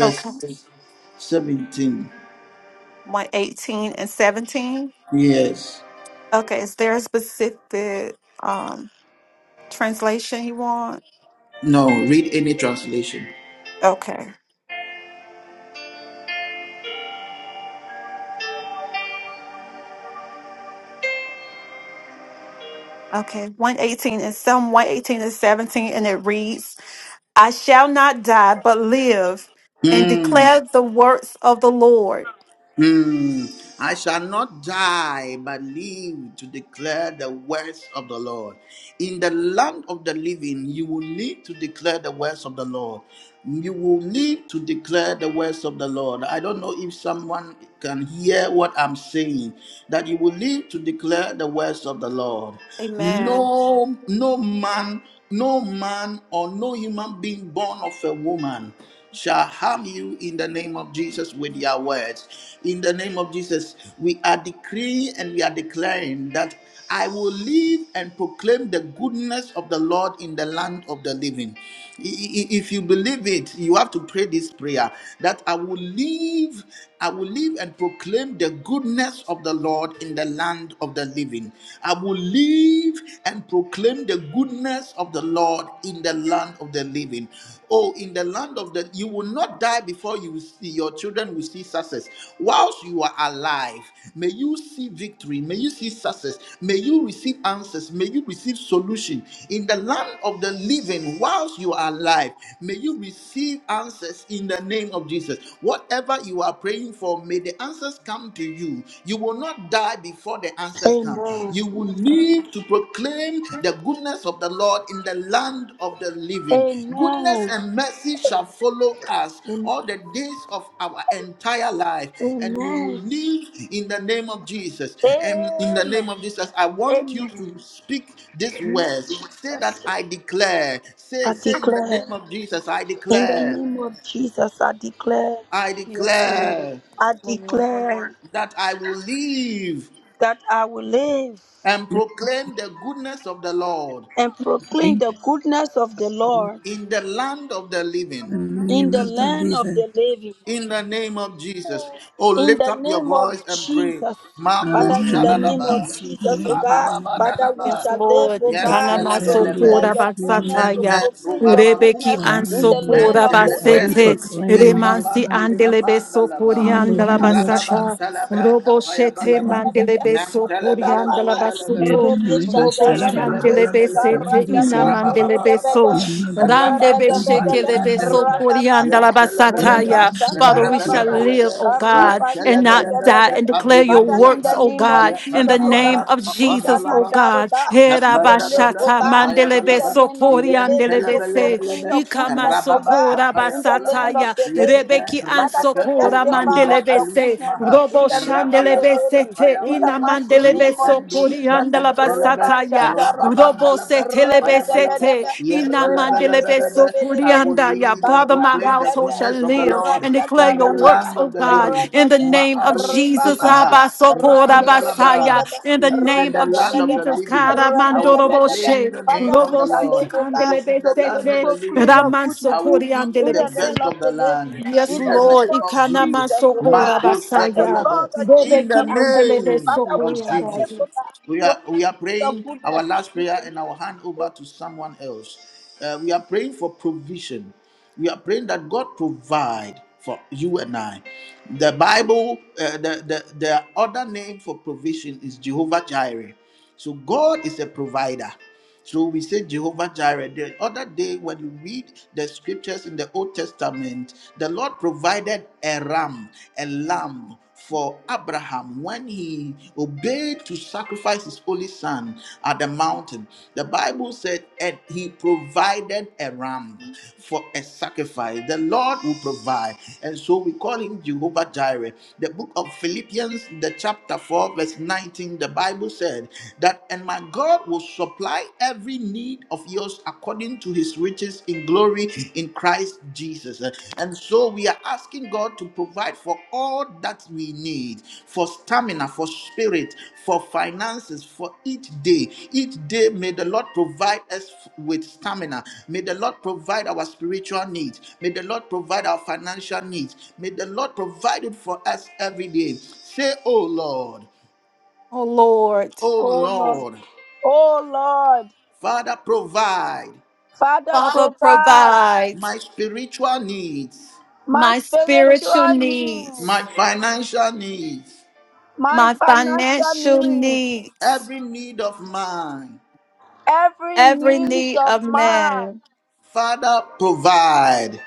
Okay. 17. My 18 and 17. Yes. Okay. Is there a specific um translation you want? No, read any translation. Okay. Okay, 118 and some 118 and 17, and it reads, I shall not die, but live and Hmm. declare the works of the Lord. Hmm, I shall not die, but live to declare the words of the Lord. In the land of the living, you will need to declare the words of the Lord. You will need to declare the words of the Lord. I don't know if someone can hear what I'm saying, that you will need to declare the words of the Lord. Amen. No, no man, no man or no human being born of a woman shall harm you in the name of Jesus with their words. In the name of Jesus, we are decreeing and we are declaring that I will live and proclaim the goodness of the Lord in the land of the living. I- i- If you believe it, you have to pray this prayer that I will live, I will live and proclaim the goodness of the Lord in the land of the living. I will live and proclaim the goodness of the Lord in the land of the living. Oh, in the land of the you will not die before you will see your children will see success. Whilst you are alive, may you see victory, may you see success, may you receive answers, may you receive solution. In the land of the living, whilst you are alive, may you receive answers in the name of Jesus. Whatever you are praying for, may the answers come to you. You will not die before the answers answers come. Amen. You will live to proclaim the goodness of the Lord in the land of the living. Amen. Goodness Amen. and mercy shall follow us all the days of our entire life, and we will Amen. live in the name of Jesus. And in the name Amen. of Jesus, I want you Amen. to speak these words. Say that I declare. Say, I say in the name declare of Jesus, I in the declare. name of Jesus, I declare, I Yes, Lord. declare Yes, I Lord. declare that I will live that I will live and Let proclaim the goodness of the Lord and proclaim praying, the goodness of the Lord, Lord in the land of the living. and may in the another land of leader. the living. In the name of Jesus. Oh, In lift the up your name of voice and pray. Jesus, Mako Father, And in the then name of shadalaba. this is the Jesus, oh God, name of Father, we Yes, Rabababadalaba. shall live, Lord. oh God, Ikanama to declare Yentelebelebe. sokora your goodness, to basataya. Mente proclaim your Rebeki goodness an rubabakusha. in the Hallelujah. land sokora of Mente Lord the God, we living. basete. lebrelus. proclaim, Lord Remansi God, Ebabandi right andelebe sokori kavandalaba. now. andala Hallelujah, basata. Jesus. Rababantalabra Robo shete Another kapayabalaba. mandelebe sokori andala Mentelebelebelebelebe. in basoto. Robo shandelebe Melebelebelebelebe. sete ina mandelebe so. Rabababababa. Randebe shekelebe Rabakupalurandelebe. sokori andala Yentelebelebe. basataya. Father, we nala shall live, oh God. and not Yentelebelebe. die and declare your Father, in works, Kepandidibidiyapa. the oh name of God, in the Jesus, oh God, nala name of we shall Jesus, oh not Papanalaba. doubt, oh God. God. We will Kapanda da live, bra oh Herabashata God, kapaya in mandelebe balaba the land of sokori the yen living tele to andelebe bele se. bele proclaim be your Ikama goodness, oh rababa God, sokora kapaya in the balaba land of basataya. the yen living. te Rebeki Father, rekepe to ku ansokora testify alibra of mandelebe your alush se. goodness maha in Robo the land of the rabalaba living, sete kapaya in the ina balaba mighty mandelebe yen name of endush sokori me Jesus. andala entele be Reba basata ya. shata rababa rababa, Robo malabra sete lebe reba kapaya da ba balaba da sete ba, yen tele reba bele bele shete de be be de I be de be, will ya. live and Father, bara my da proclaim the da household da, shall goodness of the live ra Lord and declare shata in the your works, rababa, land oh of the God, living. in reba the da, name of Ma'arus reba Jesus. baba. Kifa, Abba basaya. Ma'andalabra. Ra-sha-da-da-ba-da-ba, In the It is in name the of land of the ra-ba-da-ba-da-ba, Jesus, living. kara I will mandorobo ra-ba-da-ba-da-ba. she. proclaim the name Father, we of the Robo shall siti Lord. live, O It God, is in andelebe to the pro- land of sete the proclaim living. your raman I goodness. will sokori eat In the the name best of of the the living, land. Yes, in In the the name Lord. name of of Ikanama Jesus. Jesus, O sokora God, Mako by the basaya. blood Shetalebe. of In Jesus, the Bebeki O God, andelebe name Father, we of shall sokoyanda. live, O Jesus. God, We are to we are proclaim your praying our goodness. last In prayer the and our name hand of the over living, to someone else. Uh, we are praying for provision. We are praying that God provide for you and I. The Bible, uh, the, the the other name for provision is Jehovah Jireh. So God is a provider. So we say Jehovah Jireh. The other day, when you read the scriptures in the Old Testament, the Lord provided a ram, a lamb for Abraham when he obeyed to sacrifice his only son at the mountain. The Bible said, and he provided a ram for a sacrifice. The Lord will provide. And so we call him Jehovah Jireh. The book of Philippians, the chapter 4, verse 19, the Bible said that, and my God will supply every need of yours according to his riches in glory in Christ Jesus. And so we are asking God to provide for all that we need for stamina, for spirit, for finances, for each day. Each day, may the Lord provide us with stamina. May the Lord provide our spiritual needs. May the Lord provide our financial needs. May the Lord provide it for us every day. Say, Oh Lord, Oh, Lord. Oh O Lord. Lord, Oh Lord, Father, provide Father, Father, provide provide my spiritual needs, my my spiritual spiritual needs, my needs, financial needs, my my financial financial needs, needs, every need of mine. every every need need of of mine. man. Father, provide.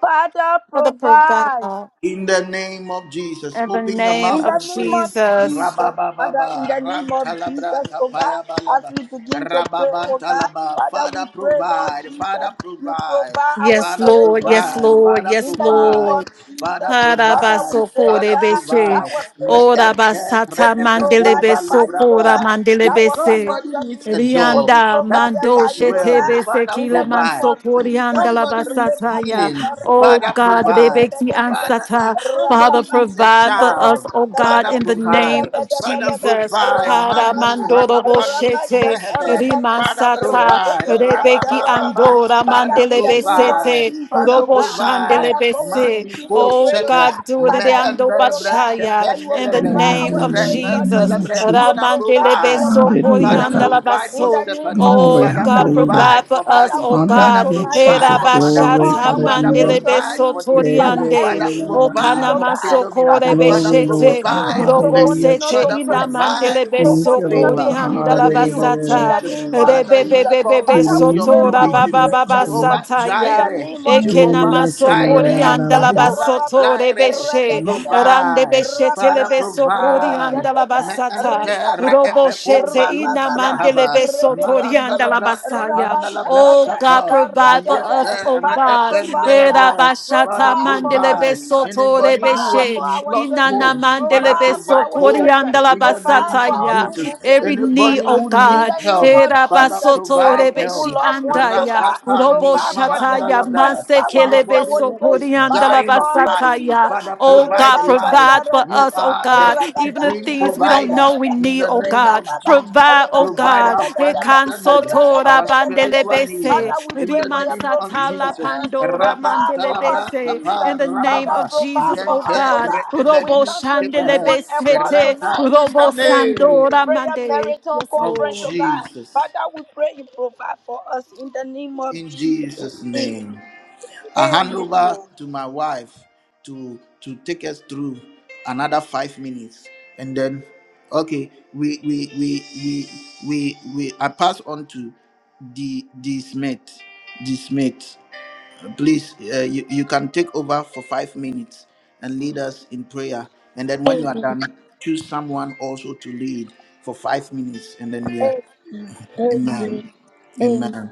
Father, Father, provide provide. In the name of Jesus, in the open your name In mouth the of and name pray. of Jesus. Jesus, Father, in the Rabababa, name of rantalabra, Jesus, oh God, kapaya as balaba, we begin to pray, oh God, rababantalaba. Father, we Father pray, Lord provide, Father Jesus, you provide, provide our Yes, Father Lord. spiritual Yes, provide, needs. Lord. Father In Yes, the name of Lord. provide, Father Jesus, Father, we provide, pray, Harabasoko oh Father God, that rebeshe. provide. our Me spiritual Ora needs enter will basata be reepeko mandelebe provided by you, oh sokora balubraba. God, If that our mandelebese. somebody financial needs a needs will job be Rianda that provided mando by pays you, oh well, shetebe God. Father In sekile the name provide. of mansoko If Jesus, rianda la somebody needs basata ya. healing, Oh Father God, provide. rebeki Father, ansata. if Father, somebody needs a provide for us, child, oh God, Father, in the name provide. of Father, Jesus. provide. Hara Mandi mandoro rakapalush boshete. meheve. Father, Rimansata. provide. Rebeki Rabababa. andora Father, Father, in the name of mandelebesete. provide. Jesus, Father, oh Robo God, provide. Father, for we shandelebese. Mandi begin to ko Oh pray, oh God, God, sete. do it in the Father, we Ando pray, oh Mehendelebre God, Bashaya, that you will in the kependelebre. provide name our of the spiritual name of needs, Jesus. you Jesus. will Father, provide Ramandelebe our provide. financial Hallelujah, Father, God. needs provide in for the sokoriandalabaso. name Stephanie. of Glory, Oh Jesus, Father, God, oh hallelujah. God. provide provide for for us, Father, Buddy. we oh pray Father, God. Hallelujah, tonight, oh provide Jesus. for God for Mother Glory, all Kay. Herabashata our Father, hallelujah. spiritual mandelebe provide for needs. Yeah, this it man. Father, is sotoriande. in Father, the name everything of we O the need, provide high. oh for God, Philomena. Father, kanamasokorebe to Father, Glory, speak Lord with shete. God. you, provide for to Becky. Hallelujah, continue Robosete to Father, press Jesus. on you, provide inamandelebe to for Thank you, continue Lord to favor. God. be In the with name you of Hallelujah. in sokoriandalabasata. the Bless Jesus. you, name of Father, Lord. we Jesus. call Rebebebebebe We for Father, we lean your pray on for sotora you, our provision Heavenly Father, spiritual Jehovah needs. Lord. In babababasataya. the Jireh, name of Jesus, Jehovah Hallelujah. Ekenamaso Jireh, Reba Koriandala Hallelujah. Shaka Jehovah Rababa, Basoto Jireh, Reba Rebeshe Reba Rande provide, Beshe Father, Rababa, Telebeso Reba provide. Koriandala Me shaka, Basata Reba entere baba, Robo epeko balun Ina Rabababa, Mandele brahava, Beso mahanda rebedebedebe, Toriandala labra Basaya. kapanda labra Oh rabashakata, God, kapa, provide for karatata. us, oh yetere Father, God. provide, ekende oh Era God, labra. Bashata Father, provide for Mandele us, provide Beso Jesus. anybody who Provide has for Torebeshe our lost children. hope. Inana Mandele Father, Provide for Beso provide our hope children. Koriandala in the Provide name for of our Basataya. Jesus. Google Every family knee, Anybody member. oh who In needs God. the name help, of Era Father, Jesus, Basoto our provide help. Google Rebeshi loved ones, oh andaya. God, Robo Rakapani provide for them Shataya, by the Mahandalabda. Manse power of Kelebe the Anybody Holy who Ghost, is by the Sokoriandala dying of blood of life, Basataya. Jesus. Father, Oh God, provide Reba life. provide for You us, Shatarantaka. oh are the God, even Rabada, the supreme things we don't provider know we rabada, in need, the oh name God. of ribababa, Jesus. Provide, oh Provide God. our rashakadadadada, financial need, uh, Ekansotora our spiritual rabadabadabadaba. need, uh, Father, Bandelebese, we in pray the for your name of provision. Rimansatala Jesus. Pandora Rabba Provide for us, talabra Mandelebese. Jesus. kapa In the name Father, of rababa provide Jesus, for oh yente us, oh God. God. We Robo rekebedu come to you in kebehe one effort ranta Shandelebesete, tonight in the Robo on this name Sandora prayer Mande. marathon Yes, of conference, oh Lord. God. Jesus. Father, we pray you provide for us in the name of In Jesus. Jesus' name. I hand Amen. over to my wife to to take us through another five minutes, and then okay, we we we we we, we I pass on to the the Smith, the Smith. Please, uh, you you can take over for five minutes and lead us in prayer, and then when you are Amen. done, choose someone also to lead for five minutes, and then we are, Amen. Amen, Amen. Amen,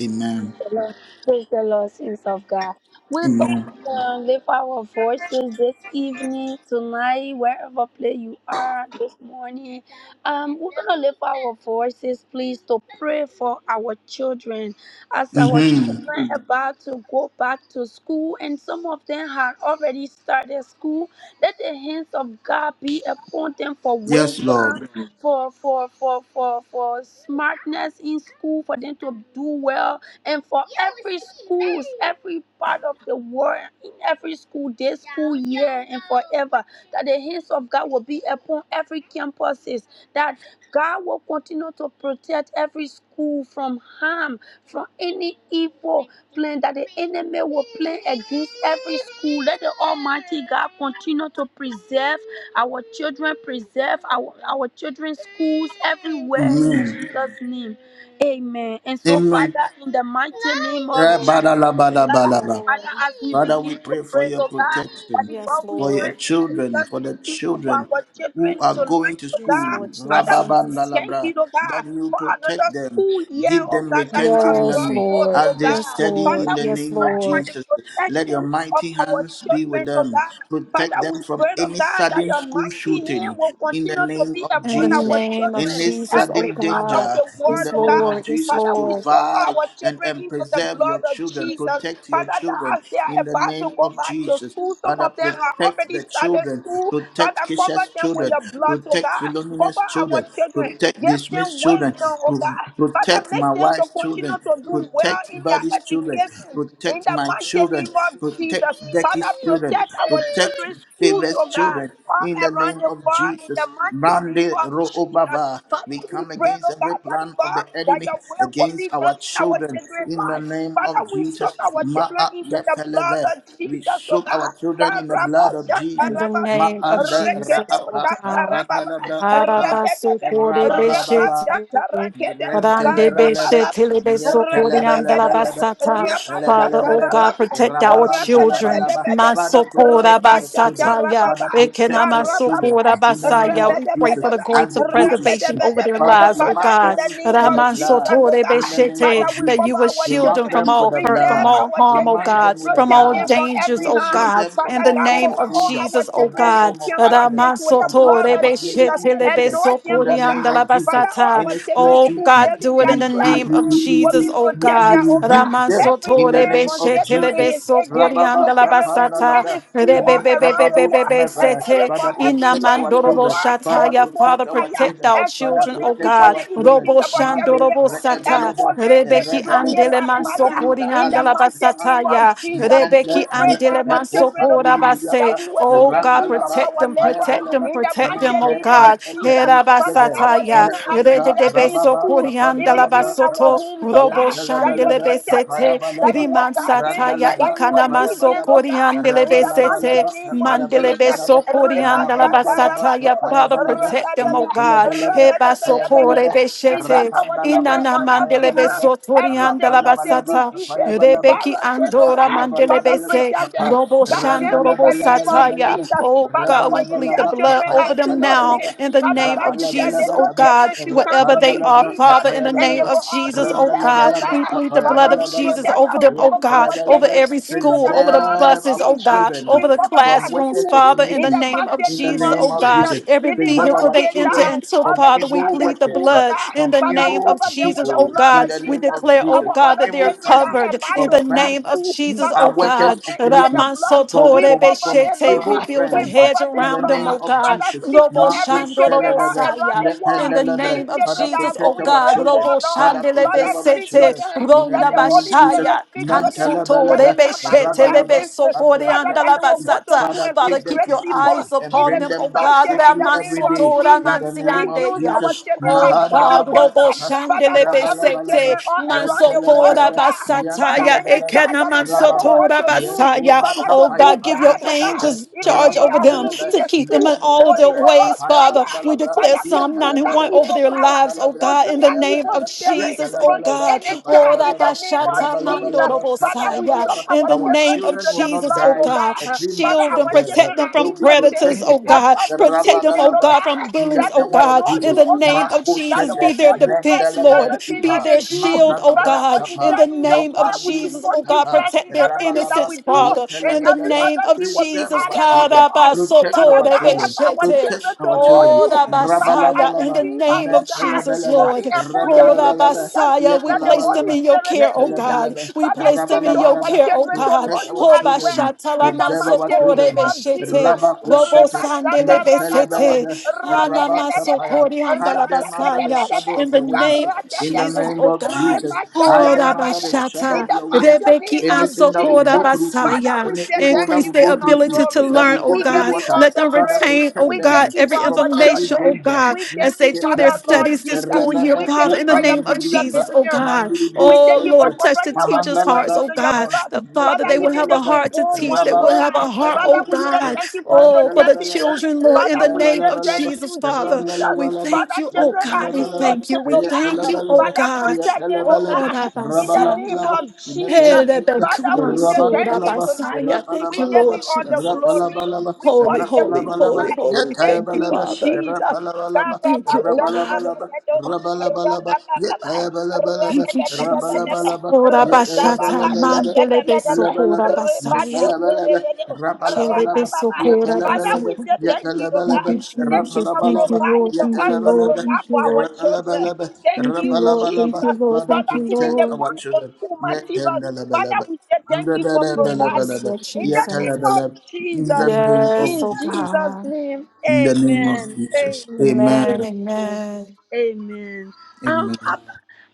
Amen, the Lord. Praise the Lord, saints of God. We both Amen. uh, lift our voices this evening, tonight, wherever place you are this morning. Um, we're gonna lift our voices, please, to pray for our children as our children about to go back to school, and some of them had already started school. Let the hands of God be upon them for wisdom, for for for for for smartness in school, for them to do well, and for every schools, every part of the world, in every school, this school year and forever. That the hands of God will be upon every campus resources, that God will continue to protect every school from harm, from any evil plan that the enemy will plan against every school. Let the Almighty God continue to preserve our children, preserve our, our children's schools everywhere in Jesus' name. Amen. And so, Mm-hmm. Father, in the mighty name of Yeah, Jesus. bada la oh bada Yes, God, I bada ba. Father, Lord. as we Father, we begin to pray for pray, your oh God, that protection, is Yes, what we for your pray. Lord. children, Jesus, for the thank you for children our who children are going tonight, to oh Yes, school, God. Lord Father, we say Jesus. thank Rababandalabra, you, oh that God, you for another protect them, school year, give oh them God, that you retentive have Yes, brought memory forth, Lord. as oh they Yes, God. in Lord. Father, the we Yes, name pray of for Lord. the Jesus. Let your protection of mighty our hands be with children, oh them. God. Father, Protect them we from pray, oh any God, that sudden your school mighty hand shooting will in the continue to name be of In the upon our Jesus. name of children, Any Jesus, oh every sudden part of God. danger the in Yes, world, the oh name God. of Lord. Yes, Jesus, Father, we Lord. soak provide our and, children and into the preserve blood your of children, Jesus. protect your Father, that children as they are in the about to name go of back to Jesus. school, some Father, of them have protect already the started children, school. Father, protect cover Kisha's them with children, your blood, oh protect God. Philomena's Cover our children, children. protect Give them Dismissed children, wisdom, oh pro- God. Father, protect make my them to wife's continue children to do well Protect in their Buddy's children. education. In Protect the my mighty name children. name of Protect Jesus. Father, Becky's children. protect our Protect children's schools, Favor's oh God, children. all In the around name the of world in the Jesus, mighty name Mande of Jesus. Roobaba, Father, we we come pray, against oh every God, Daddy plan of God, the that enemy your will will be against our done in our children. children's In the life. name of Father, we soak Jesus, our children Ma'a into the blood Kefeleve, of we Jesus, oh soak our God. children God, in the blood Rabba, of Shaka, In Jesus. the Rabba, name of Ma'anda Rekede Jesus, oh Ra'apa utata God. rababa. Kapanalabda Kapa Arabaso Rabedebe. kore beshete. Rabababa Rabashata rakede. Rande Rentelebelebe, Karabababa. beshete lebeso kore andala Rabedebedebe. yetelebelebelebe, basata. Father, Rabashata oh yetelebelebelebe, God, rababa. protect our children. rababantalabalaba. Rabedebedebedebe. Father, Masokora kora protect your Ribashata children. basata rababa. Father, protect your Karababa. children Ekenamasokora in the name basaya. of We pray Jesus for the Rabedebedebe. as grace they of go to preservation school. over Rabedebedebe. their Father, lives, we oh Father, mark in God. them the name with the of Jesus, blood oh in God, the name of Father, Ramansotorebeshete, we That Jesus. you cover will our We shield them mark children, from them with all the hurt, from preserve blood. all our We harm, oh children, mark God, them with the from protect all them blood. from dangers, every We oh harm, shield God. them from In Father the all God, form name cover of of all danger, our Jesus, oh from all children God. form of accident, campuses with the from all blood form of of Jesus. negative incident Anoint in them, the oh name God. of Jesus. Father, all Ramansotorebeshetelebesokoriandalabasata. our Any school children's Oh school shooting, God, building, do it their in we, the we, name we, of classroom we, will be Jesus, we, oh we, protected, God. oh God. rebuke them Every in the plan name from of Satan Jesus. and his agent to Rababa carry on tapanda in Ramansotorebeshetelebesokoriandalabasata. any labda. school all Mm, around the kabado world, smeva. Rebebebebebebebesete, America, Father, protect everywhere our in the inamandorobo children. world, Father, shataya. Holy Ghost protect Father, our fire. protect children. our Father, Expose children, them oh protect before God. our they even children. think Robo about carrying Mande it shandorobo on. sata. rebelebe, Expose them, Rebeki destroy it rebelebe, andele by fire. mansokori ufalibra In the handala alusma mighty name of anta. basataya. Rabba Jesus, Jesus. We Rebeki pray for andele our children, oh mansokora God, base. that we will eat Oh the God, fruit of protect our them, labor protect them, in the protect them, mighty oh name of God. Jesus. Father, that our Herabasataya. children are preserved Rededebe in schools, sokori even handala in our basoto. homes, oh Robo God, that you will shandele protect besete. them, that you will guard them, Rimansataya that you will ikanama lead them, oh God, in the sokoriandelebesete mighty name of mandelebe Jesus. Reba shata sokoriandalabasataya. rabato, Father, protect them, oh ratadaba, God. Heba ratadabadabadaba. Preserve sokorebeshete our children inana from every mandelebe harm, every sickness and Rapalabalaba, sotoriandalabasata disease. Papayabalaba, rebeki Father, say to andora God, Father, Rapalabalabalaba, mandelebese protect Papa, them. robo God, them in shandorobo the name of sataya Randalabalabalabalaba, Jesus. Oh Father, God, for we you say plead the our Rabalabalaba, blood children are over them now Papayakalabalaba, innocent. in the Father name God, of you said Jesus. Oh little Rapalabalabalaba, God, children should come wherever to they you, Rapandalabra, are, Jesus, Father, in the and name they Papayabalaba, of will all be Jesus. Oh blessed, God, oh Randalabalaba, we God. plead the blood Father, of we Jesus Papayabalabalaba, protect over and them. we Oh cover God, our over Yetalabalaba. children every into the school, over the blood of Preserve buses. our Oh Jesus. God, We children over the cover from their classrooms, workers schools of Father, in in the the iniquity name of of mighty in the name Jesus, of name oh of God. Jesus. Jesus. Every Even Preserve other vehicle our they kids that enter children are into, from already Father, we evil started plead the school, workers oh blood God. in from the Father, name evil of cover them with Jesus, the oh people blood in God. of the We name Jesus. of declare, oh Our Jesus, God, from that other they evil are children that friends, are covered about in to from the start friends name of school, who Jesus, Father, oh are we workers soak God. of them into the iniquity, Raman blood. Soto from We from cover from them, Rebeshete. We evil Lord. build a We friends hedge cover in them, the around them, name Lord. oh of God. Father, Jesus. speak to Robo Marco every Shando children Robo all Father, around Saya. the In world, the even name of children that Jesus, are oh protect going our God. children. wayward, Robo Lord. Father, Shandele Father, preserve our speak Besete. to children. them. In the Let Ronda the name of Holy Jesus, Bashaya. Spirit speak to them Tansuto that they Mantalabalaba, come back to Rebeshete their Lebe Rabalaba, senses. as they Sokore are Father, that Andala starting they will school, go to Basata. school Father, and be Father, take them keep great to your school people eyes and in upon the bring them, oh them back God. society in safely the name every of day. Ramansotora In Jesus. the We name of use mansiandeya. Jesus, our children Oh as point of God, Mahandalabra, Robo contact. Father, for every Rabalabalaba, children Shandelebesete, all around the world, oh Mansotora Yantalabalaba, God. Father, Basataya, any Yantalabalaba, child Ekena that the devil Rababa, wants Mansotora to use, Liantu Basaya. Father, to Oh do Makapaya God, give your bad, oh God, Pandusmeta, angels even charge in over Rabam their them homes, Telebe, in to the keep them in school, all of their Holy Maantelebra, ways, Ghost, Kapaya Father. fire, We Bandalabra, declare fire, Psalm consume that 91 over Yatalabalaba, evil their power lives, oh Apandalabra, God, consume in the that Kapaya name evil of Balaba, spirit Jesus, oh from God. any Oh, child in the name of Rabashata Jesus. Father, we Mandorobosaya soak in our the our name children of into children will the not Jesus, blood, oh die oh God. a God. Father, Shield premature them, our death. children protect them are They from will be predators, innocent. protected. oh Help God. us to Protect teach them, them, oh oh Rabadalaba. God, from God, In the bullies, that oh they name will of God. know In you, the Jesus, oh name God, of that Jesus, they be Makushete, will their put you first defense, in Mendelebra Lord. everything Be that Ipa, their they do. shield, oh Father, Mandalabra for God. you In Sapa, the said in your name of word, we should Nupandiri Jesus, oh put you God, Tapa, first protect in their everything that Rabalaba, we innocence, do, Father. and In the every Yetelebelebe, name other of thing will be preserve Jesus, our added unto children, us. protect Father our God, children, help our protect Karabasotorebeshete. children to our know children, Oh, you. Father, as Rabasaya, they in Rabalabalaba, the sing us, name of oh God, Jesus, Mentalabalaba, calling Lord. upon your Oh, name, Rabalabalaba, Jesus, Rabasaya, we let the place them Holy Yapalabalaba, in your Spirit, the care, oh angels, God. Yatalabalaba, We Father, place them speak in to your our Rabalabalaba, care, oh children to God. know protect you our Oh, as well. children, In the preserve our mighty name Bashatalamansocore children, of Beshete, Jesus, Robo Rabakushata, Reba Sandele Shata Rabado, Mentalabalaba, Besete, Rebe Debe Debe, Rabakapaya, Anamasokori Hide them Rashata under the Debe Andalabasaya, shadow Debe, of in the your wings. name of Karate In the Jesus, Debe, name oh of God. Jesus, Reba hide Oh, Shata them under the Rabada, shadow in Rabashata, of the your mighty wings. the Rebeki name of Anything that will Ansokora go Jesus. through food, Father, Basaya. we any say evil thank that Increase will you, their go King through of food, ability to glory. that learn, will oh go We through give God. you water, all Let the them Father, praise. retain, oh protect We God, thank them you for every from our every information, oh children. danger. God We Make as thank they you, them do their Father, thankful. Lord studies The this Jesus. school Rebbe year, We thank Father, in you the Kupa for your name of Jesus, oh Milibriapa, preservation. God. Mandibro We thank Oh you for Lord, Center, touch the covering our teachers' children hearts, Mahandalabra oh into your God. Kapam, blood. The Father, Father, they will even have the a Netelebelebe, heart to unborn teach. They ones, oh will Rababa have God. a heart, Tapan oh Father, we say Milibriapa. God. thank you for Oh, for the protecting Mantalabalaba, them. children, Lord, in the Father, we name say of thank Payabalabalaba, Jesus, you, Father. Jesus. We Randalabalaba, thank Father, you, oh children are God. We Yakalabalaba, thank you. innocent, We oh God. thank you, oh Yakalabalaba, Father, God. protect them, oh Yakalabalaba, Oh, God. In the name Rabasaya. Rabalabalaba, of Jesus. Father, we say Elebekumaso, thank you Yakalabalaba, tonight. Rabasaya. Thank We you, give Rabantalaba, Lord you all the Jesus. glory. Rapalabalaba, We Holy, worship you holy, Rapalabalaba, holy, Rapalabalaba, tonight. holy. Thank Thank you, you, Yakayabalaba, Father. Jesus. We thank you, oh God. Rapalabalaba, Rabalabalaba, Karabashakarebedo, Rabalabalaba, rabababa, Yakayabalabalaba, Thank you, rabadabadabadaba, Jesus. Rabalabalaba, Ora bashata Yakayabalabalaba, mandele rikababashakarebedebe, besokora Yatalabalaba, basaya. Yatalabalaba, ribashekerebedo, Kele Rapalabalaba, rabababa. besokora Father, basaya. Yatalabalaba, we say thank you, Lord Thank God. Yatalabalaba, you, Thank you Jesus. for Thank Rapalabalaba, you, providing Lord. for Thank us you, to Lord. Yatalabalaba, provide Thank for you, our Lord. children. Rapalabalaba, Thank Thank you, you, Lord. Thank Rapalabalaba. you, Jesus. Lord. Father, Thank Father, you, even protect the Lord. our back to children. school materials. Father, Netandalabalaba. we say thank you for Yes, providing. Ndadadabalabalaba, Lord In the name Jesus. of Yatalabalaba. In the Jesus. name of Yes, In oh Jesus. Jesus' God. name. In the name of Amen. Jesus. Amen. Amen. Amen. Amen. Amen. Amen. Um, Amen. I'll,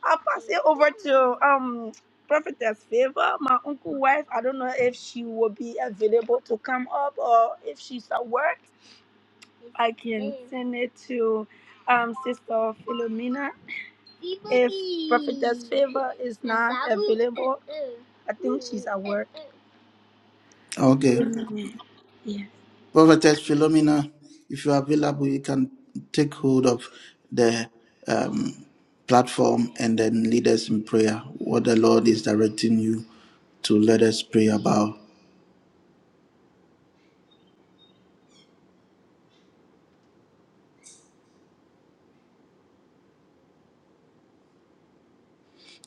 I'll pass it over to um Prophetess Favor, my uncle wife. I don't know if she will be available to come up or if she's at work. I can send it to um, Sister Philomena if Prophetess Favor is not available. I think she's at work. Okay. Prophetess Philomena, if you are available, you can take hold of the um, platform and then lead us in prayer. What the Lord is directing you to let us pray about.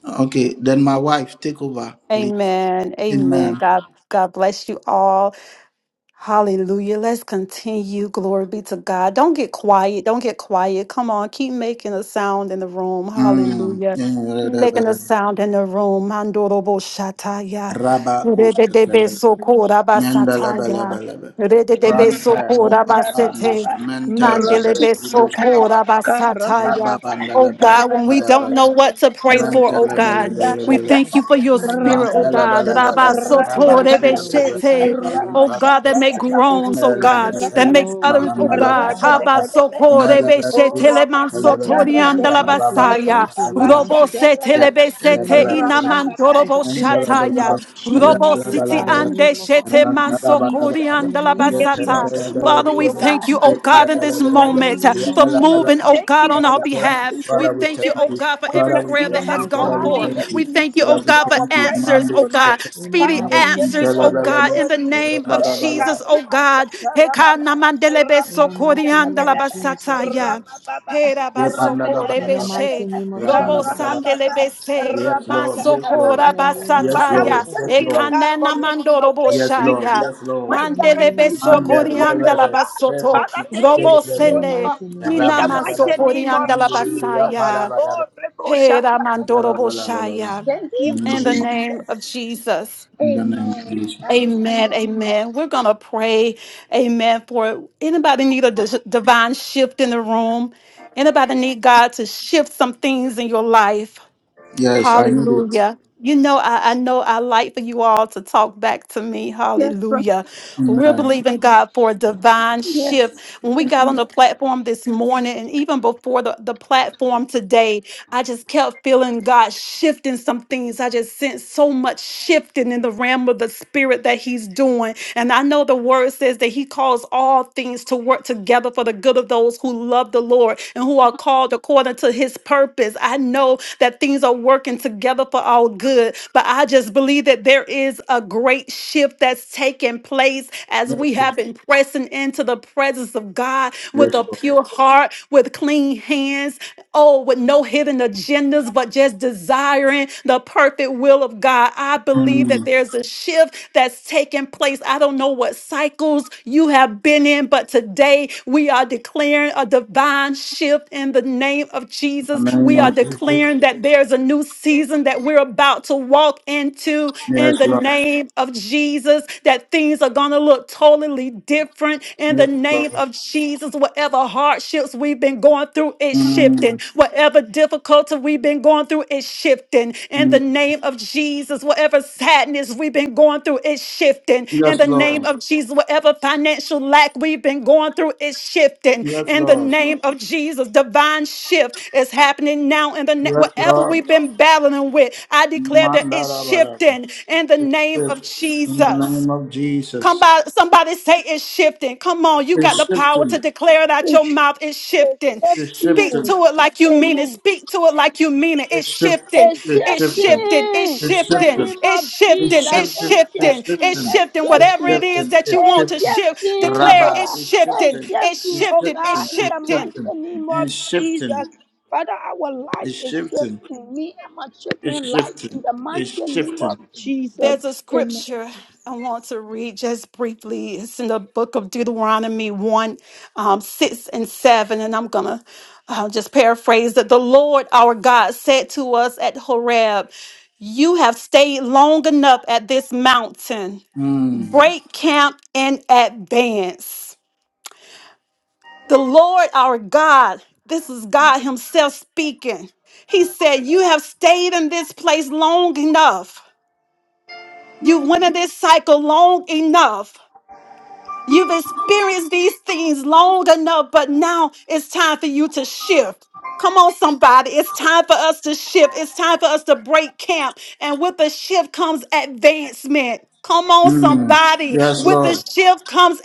Okay, then my wife, take over, please. Amen. Amen. Amen. God God bless you all. Hallelujah. Let's continue. Glory be to God. Don't get quiet. Don't get quiet. Come on. Keep making a sound in the room. Mm. Hallelujah. Keep making a sound in the room. Mandorobo shataya. Rabba Rededebe Kusakalaba. sokoraba sataya. Mendelebelebelebe. Rededebe Rante sokoraba Hallelujah. mubaba sete. nus mentelebere Mandelebe ilus babara. sokoraba sataya. Oh In the God, when name we don't Rababandelebe. know what to pray for, oh Mantala In the bala God, name of bala we bala. thank you Jesus, for your in the spirit, mighty oh name Mantala of God. bala bala Rabba Jesus, bala. thank you, Holy Rabaku sotorebe Spirit. We lebe say tu shete thank you, O God. oh baluka God, that make sebe. We give you groans, oh praise, we God, Melebe give you that elus make glory, we utterance, oh give you mahamala God. honor, O basaka. God. Habasoko rebe Melebe us shetele We telebe. mansotori thank you, we andala thank you, Rababa we basaya. thank you, bala we bala. thank Robo you. setele In the besete name of Yep. Jesus, O inamantorobo God. Father, we shataya. of We thank Jesus, you. Robo oh siti God. magnify your Father, ande name, O God. shete Thank you, Jesus. mansokori In the andala We name give of you all basata. the Jesus, O God. Father, glory, We we oh thank God. thank you, you. oh God, in Father, this we thank In the you, moment uh, name of for Jesus. moving, oh Jesus. Thank God, you on for our your behalf. presence, We Holy we thank you, thank oh Spirit. you. God, for We every Father, thank we prayer you, In oh that the thank has you. God, mighty for gone Father, we name of having forth. thank you. We listening thank you, Jesus. Father, oh ears we to God, for our thank you. prayers answers, oh Mando, God, tonight. Shepherd. In the speedy Father, we mighty give name of you answers, all oh the God, Jesus. in the glory. name of Hey, Jesus, oh Kariba God. Shakarababa, Heka namandelebe In the mighty name of Rabba Jesus, O God. sokoriandalabasataya. Rabababa, Hera basokore In the beshe, mighty rabadabadabadaba, name of robo Jesus. sandele karabababa, bese, Yes, Lord. Yes, Lord. In masokora the rabashakarabaga. name of Yes, Father, we basataya, Lord. Jesus, oh thank Yes, you, God. Lord Lord. God, for ekanena making a mandoro way, Yes, Lord. boshaya, Jesus. Yes, When Lord. In the there mandele name of seems to Manda be besokori Jesus, oh no God. way, andala levere Lord God. basoto, Father, reprendus thank you robo for In kelevere the showing sene, up mighty name of in ina raba the lava Jesus, oh mighty lava God. masokori name of andala manda libriya Jesus. pala basaya, lava Oh, lava hera manda mandoro reboshakarabaga. lava lava lava boshaya. Amen. Thank in you, the In the name of name of Jesus. Jesus. in the name of Amen. Jesus. Amen. Hallelujah. Amen. We're going to pray. Amen. For anybody need a dis- divine shift in the room? Anybody need God to shift some things in your life? Yes, I need it. Hallelujah. You know, I, I know I like for you all to talk back to me. Hallelujah. We're Amen. believing God for a divine shift. When we got on the platform this morning and even before the, the platform today, I just kept feeling God shifting some things. I just sensed so much shifting in the realm of the spirit that He's doing. And I know the word says that He calls all things to work together for the good of those who love the Lord and who are called according to His purpose. I know that things are working together for our good, but I just believe that there is a great shift that's taking place as Yes, we have Lord. been pressing into the presence of God Yes, with Lord. a pure heart, with clean hands, oh, with no hidden agendas, but just desiring the perfect will of God. I believe that Mm. there's a shift that's taking place. I don't know what cycles you have been in, but today we are declaring a divine shift in the name of In the Jesus. name We are of Jesus. declaring that there's a new season that we're about to walk into Yes, in the Lord. name of Jesus, that things are going to look totally different in the Yes, name Lord. of of Jesus, whatever hardships we've been going through is shifting. Mm. Whatever difficulty we've been going through is shifting. In the Mm. name of Jesus, whatever sadness we've been going through is shifting. In Yes, the name Lord. of Jesus, whatever financial lack we've been going through is shifting. Yes, In the Lord. name of Jesus, divine shift is happening now. In the na- Yes, whatever Lord. we've been battling with, I declare that Manda it's lava shifting in the name of Accept in the Jesus. name of Jesus. Come by, somebody say it's shifting. Come on, you got It's the power to shifting. declare it out your It's mouth. It's shifting. It's Speak shifting. accepting. to it like you mean it. Amen. Speak to it like you mean it. It's It's shifting. A shifting. It's It's shifting. shifting. It's shifting. It's The shifting. shifting. name of It's Jesus. It's shifting. It's A shifting. It's shifting. shifting. It's shifting. A shifting. It's Whatever shifting. it is shifting. that you It's shifting. shipped him. They shipped him. They A want to shipped him. shift, shifting, declare it. Rabba. It's Father. They A shifting. shifting. It's shifting, It's oh shifting. It's God, shifting. shipped him. in They the shifting. shipped him. mighty name of And shipped him. Jesus. Father, our life They is shipped shifting. Me and my children's life in the mighty name of Jesus. There's a scripture I want to read just briefly. It's in the book of Deuteronomy 1, um, 6 and 7. And I'm going to uh, just paraphrase that the Lord our God said to us at Horeb, You have stayed long enough at this mountain. Mm. Break camp in advance. The Lord our God, this is God Himself speaking. He said, You have stayed in this place long enough. You've went in this cycle long enough. You've experienced these things long enough, but now it's time for you to shift. Come on, somebody. It's time for us to shift. It's time for us to break camp. And with the shift comes advancement. Come on, Mm. somebody. Yes, With the Lord. shift comes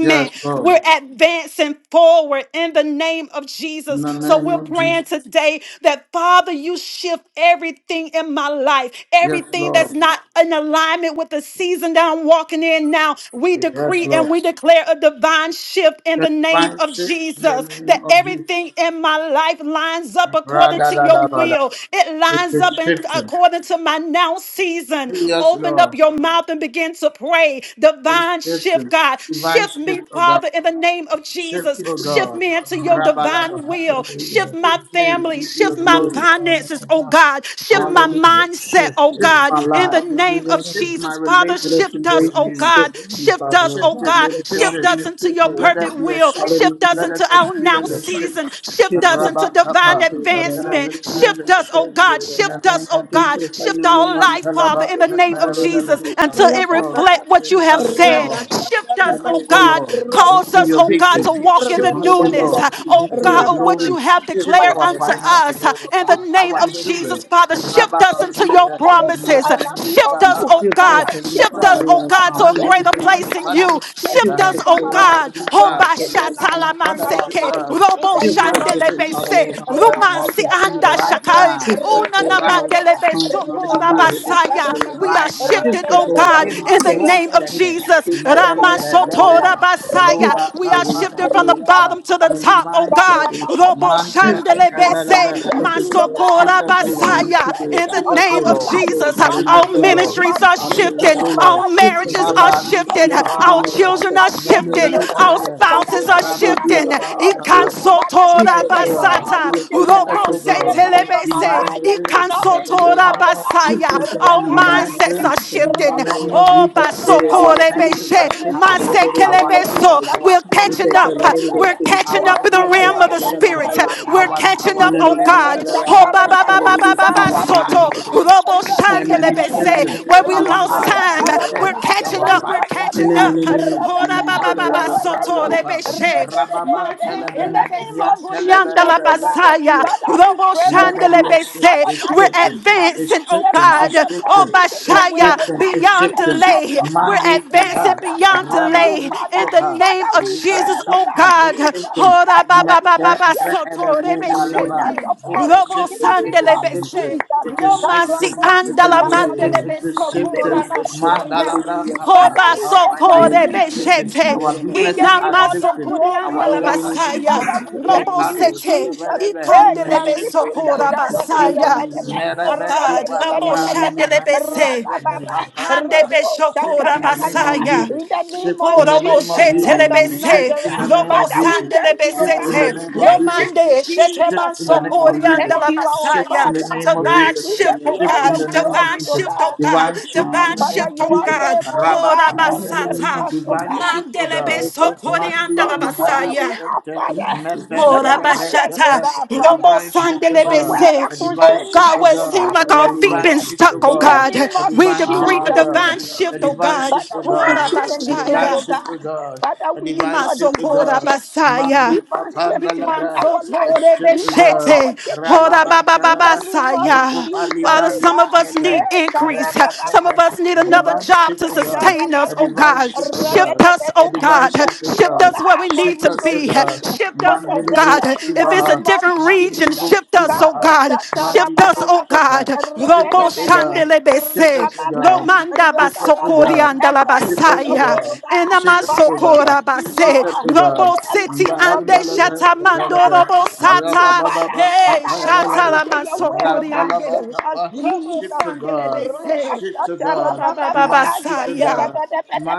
Yes, Lord. We're advancing forward in the name of In Jesus. the So name we're of Jesus. praying today that, Father, you shift everything in my life, Yes, everything that's Lord. not in alignment with the season that I'm walking in now. We Yes, decree and Lord. we declare a divine shift worship in The the name divine of shape in the Jesus. That name of Jesus. everything in my life lines up according to your Ra-da-da-da-ba-da. will. It It's lines up it's in, shifting. according to my now season. Yes, Open up Lord. your mouth and begin to pray. It's Divine shift, shifting. God. Divine Shift me, shift, oh God. Father, in the name of Shift, Jesus. oh Shift God. me into your divine Rabalaba. will. Shift my Shift me family. into your Shift my glory. finances, oh God. Shift Shift my me. mindset, Shift, oh Lord. Shift God. my In the life. name Hallelujah. of Shift Lord. my Jesus, Father, Let us relationship shift us, with embrace oh the oh you. shift, God. Heavenly Shift Father, us, Lord oh Shift God. it, God. Let us shift walk Shift it. in us the into shift, your Lord Let perfect God. that be a will. shift. Shift us Hallelujah. Let us into our now experience Lord the God. shift. season. Shift Shift us us, into Rabba divine Father, Kappa. Lord God, that Let our us will advancement. experience not Shift be the us, shift oh the God. Lord in the Shift God. name us, oh of Shift God. us Jesus. right Shift now in the our name life, of Father, Makalaba, in Jesus. the name of Kepayaba, Jesus Laba. Hallelujah, God. until Yes, it Lord. reflect what you Shift Hallelujah. have us, O said. Lord. Jesus. Shift us, Have Shift your us, oh O way. God. Lord, Cause into us, your oh Shift God, victory. us, to walk in Lord. the Shift us, O Hallelujah. newness, God, Shift oh us, into your God, Lord. of what glory. you have Shift Shift declared us, our unto Heavenly Father, finances. us. Lord In the Shift God. name our We of just children. stand Jesus, with Father, you, Heavenly shift Rabba us Father. into We your Kushata, walk in That the is the spirit. promises. enemy of Shift us, you. Mahanusbaha. oh Shift us, God. Father, Father, Heavenly shift shift Shift Father, us, the us. oh Lord Lord. God, to God. a In Shift Mandili our greater job, us, Brika, place in Lord Father. God. you. Manus Shift Shift Shift us us, Ebaha. us, from oh our Lord Father, God, life, God. in our shift from our Hoba us. mindset, Christian Lord God, life, shatala in our from Father, our heart, shift Lord life. us God. In a Robo the name Shift us, divine of Heavenly shift, Father, Jesus. Lord a shandelebese. God, in divine our Rata walk shift Rumansi with you, shata anda Lord rata God. right do. now, shakai. Shift us, Rata Unana Lord da da right God, in da our da. now, tongue, mandelebeso in our a Rita ba spirit, divine Heavenly shift shata Father, rata Lord We God. da. are right now. shifted, Shift Rata the da da oh da goal da. out God, of In my in the ourselves, soul, name Rata our da da da of nation, shatter, our Jesus. food, da. our mother, Raman Rata parents, leather, our da da Lord da. sotora leather, God. Shift Rita roba, ba We the ba. are way, papa, shifted Father from the Lord Rata God, in milibriapa, bottom to da da the the a da. name top, of oh divine God. Jesus, shift, Rata Lord ba God. ba ba Robo manta, ba Shift us, that Heavenly we are Father, leather, shandelebese. in our shifting, business, Lord Lord God, God, Shift Masokora and us, to O the Lord. position us to Basaya, you, highest Lord in the God. Shift of us, O name our of Shift the Lord. life. goal, Jesus, uh, God, in Shift Father, our us, our in O prayer the life, Lord. name of ministries Heavenly are Father Shift Lord Jesus, us, shifting, O God. our Father, Lord. we Shift us, marriages decree are Lord and Maba God, how declare, we shifting, Lushkefe our Lord, continue, Lord Belebe. we children God, are are Men shifting, shifting, Lord motivate to our God. Telebelebe. activate, Father, spouses Lord are God, anything your Rabban that shifting. will is of not our Talaba of life, you, Lord Papa. God. Father, Shift Shift Ikansotora shift us, us, O it Lord from God, me God. how and Basata, we my embrace children Shift our us, life. O faith, Robose Lord God. God, Shifted and our from my dreams Telebese, for Divine our life. life that shift you Enough have, is us, in the Lord Ikansotora enough, God. name oh of God. Shift Basaya, Jesus. us right our now in the name Divine of mindsets Rabba-chakata, are shift Jesus, Heavenly in shifting. the Father, name Lord rabba-da, of Oh, God. Jesus. Let it, let Basokore Our it, see, rabba-da-ba-da-ba, senses let it, are come Beshe, higher, shifting. let rabba-ba-ba, it, let it, Our let it, ears, let it, Masekelebeso, our we're rabba-chakata, let hearing catching it, are up, let it, let shifting. we're karabba-da, it, see, catching let it, let catching it, up Our in the let feelings realm of are the it, rabba-da-ba-da-ba, let it, shifting. spirit. higher, let We're it. Our rabba-ba-ba, catching Na our up, na na oh na smell, na na sense God. na of na. Oh, rabba-chakata, smell ba, Haka is ba, ba, rabba-ba, sala ba, de shifting. ba, de ba, si ba, Our na na na soto. na eyes karabba-da-ba, na na. Robo to Ya see na na na is na na na na shifting. shandelebese. Where na. we Si Our na na lost na. eyes, time, Ala the la la we're la. senses, Sala catching our up. We're five de. catching senses Embrace are up. shifting. Oh, da, ba, ba, ba, ba, Mandara soto, brakapa, rebeshe. rababan in telebe, the Masekelebe name yan of Jesus, sokoriandala oh telebelebe. God. Let there be basaya. a Father, shift. we Robo pray, oh Let there be a God. shift. Father, shandelebese. It's God, We're shifting. shift us. It's advancing, oh Shift shifting. us God. It's Oh, shifting. according to your It's will, Bashaya, oh shifting. God. It's beyond Shift shifting. us, delay. oh We're God, Mandi in the advancing kapa, element beyond of of you, delay rababu Father. in the shepa. name Father, of we We are pray, Jesus, oh oh God, shifting, God. it's Jesus. shifting. Ora ba ba Everything ba Manta ba is ba and shifted soto in Rebeku rebe the Balava. goodness shete. of It us, is Robo in the shifting, it name is sandele of shifting, Jesus. bese. it is Roma si shifting, it is andala shifting, mandele it is beso shifting. kora the shift. Mandala basaya. Hallelujah, Brakapa. Father, Hoba Jesus. we Our say thank finances sokore is you, shifting, beshete, Jesus. our We give businesses you are inama all Hallelujah. the shifting, sokore glory, our Lord andala jobs are God. basaya, shifting. Father, we Eh, thank robo you, Pandus sete, Jesus. Kevelebe. Eh, A ikandele shift kariba in the besokora shaka name of Jesus. basaya. rakadabadaba, Oh Merebeku God, rabo Balavra. rakadabadabadaba, shandele Manta bese, rabababa, Rebeku Balava. rebo shaka Shift Handebeshokora in the name of dabadaba. Basaya. Jesus. In the name Shift of in the Korobo name Jesus of Jesus. Christ of shetelebese, Shift in Nazareth, the name robo of Father, we Jesus. thank you, Lord Shift in the God. sandelebesete, name Hallelujah. of Thank Jesus. you, romande Jesus. Shift in the shetemanso name of Hallelujah. Jesus. Thank koriandala you, our Shift in basaya. the Father. name of Divine Jesus. We shift, give Hallelujah. oh you all Shift God, in the the name of divine glory, Jesus. Lord shift, God. oh God, Divine shift in divine the name Father, of shift, Hallelujah. you oh are Jesus. God. able, oh Rabba God, to Ushete. shift Horabasata, Hallelujah. us, oh Divine Jesus. God, shift of Yes, the from, mandelebeso yes, yes. Mandi koriandala from where Mahali we basaya. are, Sente Father, to Lord, the Mependele highest, oh Abashata, Bretepe. God, A Father, Robo divine shift of from where God. Hallelujah. that A Sandelebese. divine Oh concerning shift God, us, of where it oh seems God, God. like to our A the feet Glory divine been highest. to shift stuck, of the oh In the Lord. God God. name a of We divine shift decree a to Jesus, God, divine Hallelujah. a shift, oh divine God. shift to Father, we Lord, God, decree and a declare, divine oh Abashaya. God, shift to God, Father, a we need divine a shift to divine Timasokora God. shift basaya. Mandi divine kapanda shifting in labra, our life, a in shift to that of God, our Ikansotorebeshete. children's life, rababanta in the labra, name of Horababababasaya. niku Jesus, Father, palivra oh some lus of God. us need meka, Eh, increase. reba Some of pepe, karabababa, us need a another divine job shift to to God, sustain us, a oh rekatatarabataba, divine God. shift to Shift God, us, a oh rabetabetaba. divine God. shift to shifting oh Shift God, us where we God, for need shift to us to be. God, relocation, Shift for us, the mandi oh God. better libros in the If it's a name kibaha, of different mandi region, Jesus. libros shift us, oh kibaha, God. mandi Shift us, libros oh Karashatarabababa, God. shata, God. shift Robo us to rabetabetaba. God. shandelebese. Shift us, O Ra-ba-ba, God. Romanda Shift us, O basokori God. andala According Shift to us, your O basaya. word, oh God. God, Enama Shift us, O Father, God. sokora shift me, base. Shift us, Lord, O to Robo God. the seti alignment of ande you, Mandalaba, shata in the mando Balaba, robo alignment of sata. you, Rabba Father. Baba, Hey, Father, Tapaya shata according Balaba, la to your word, oh masokori God, Randalaba, shift ande. us, Tapa. Robo Jesus. Shift to God. sandelebese. Shift to Oh, God. Baba, Baba, Divine shift to Saya. God.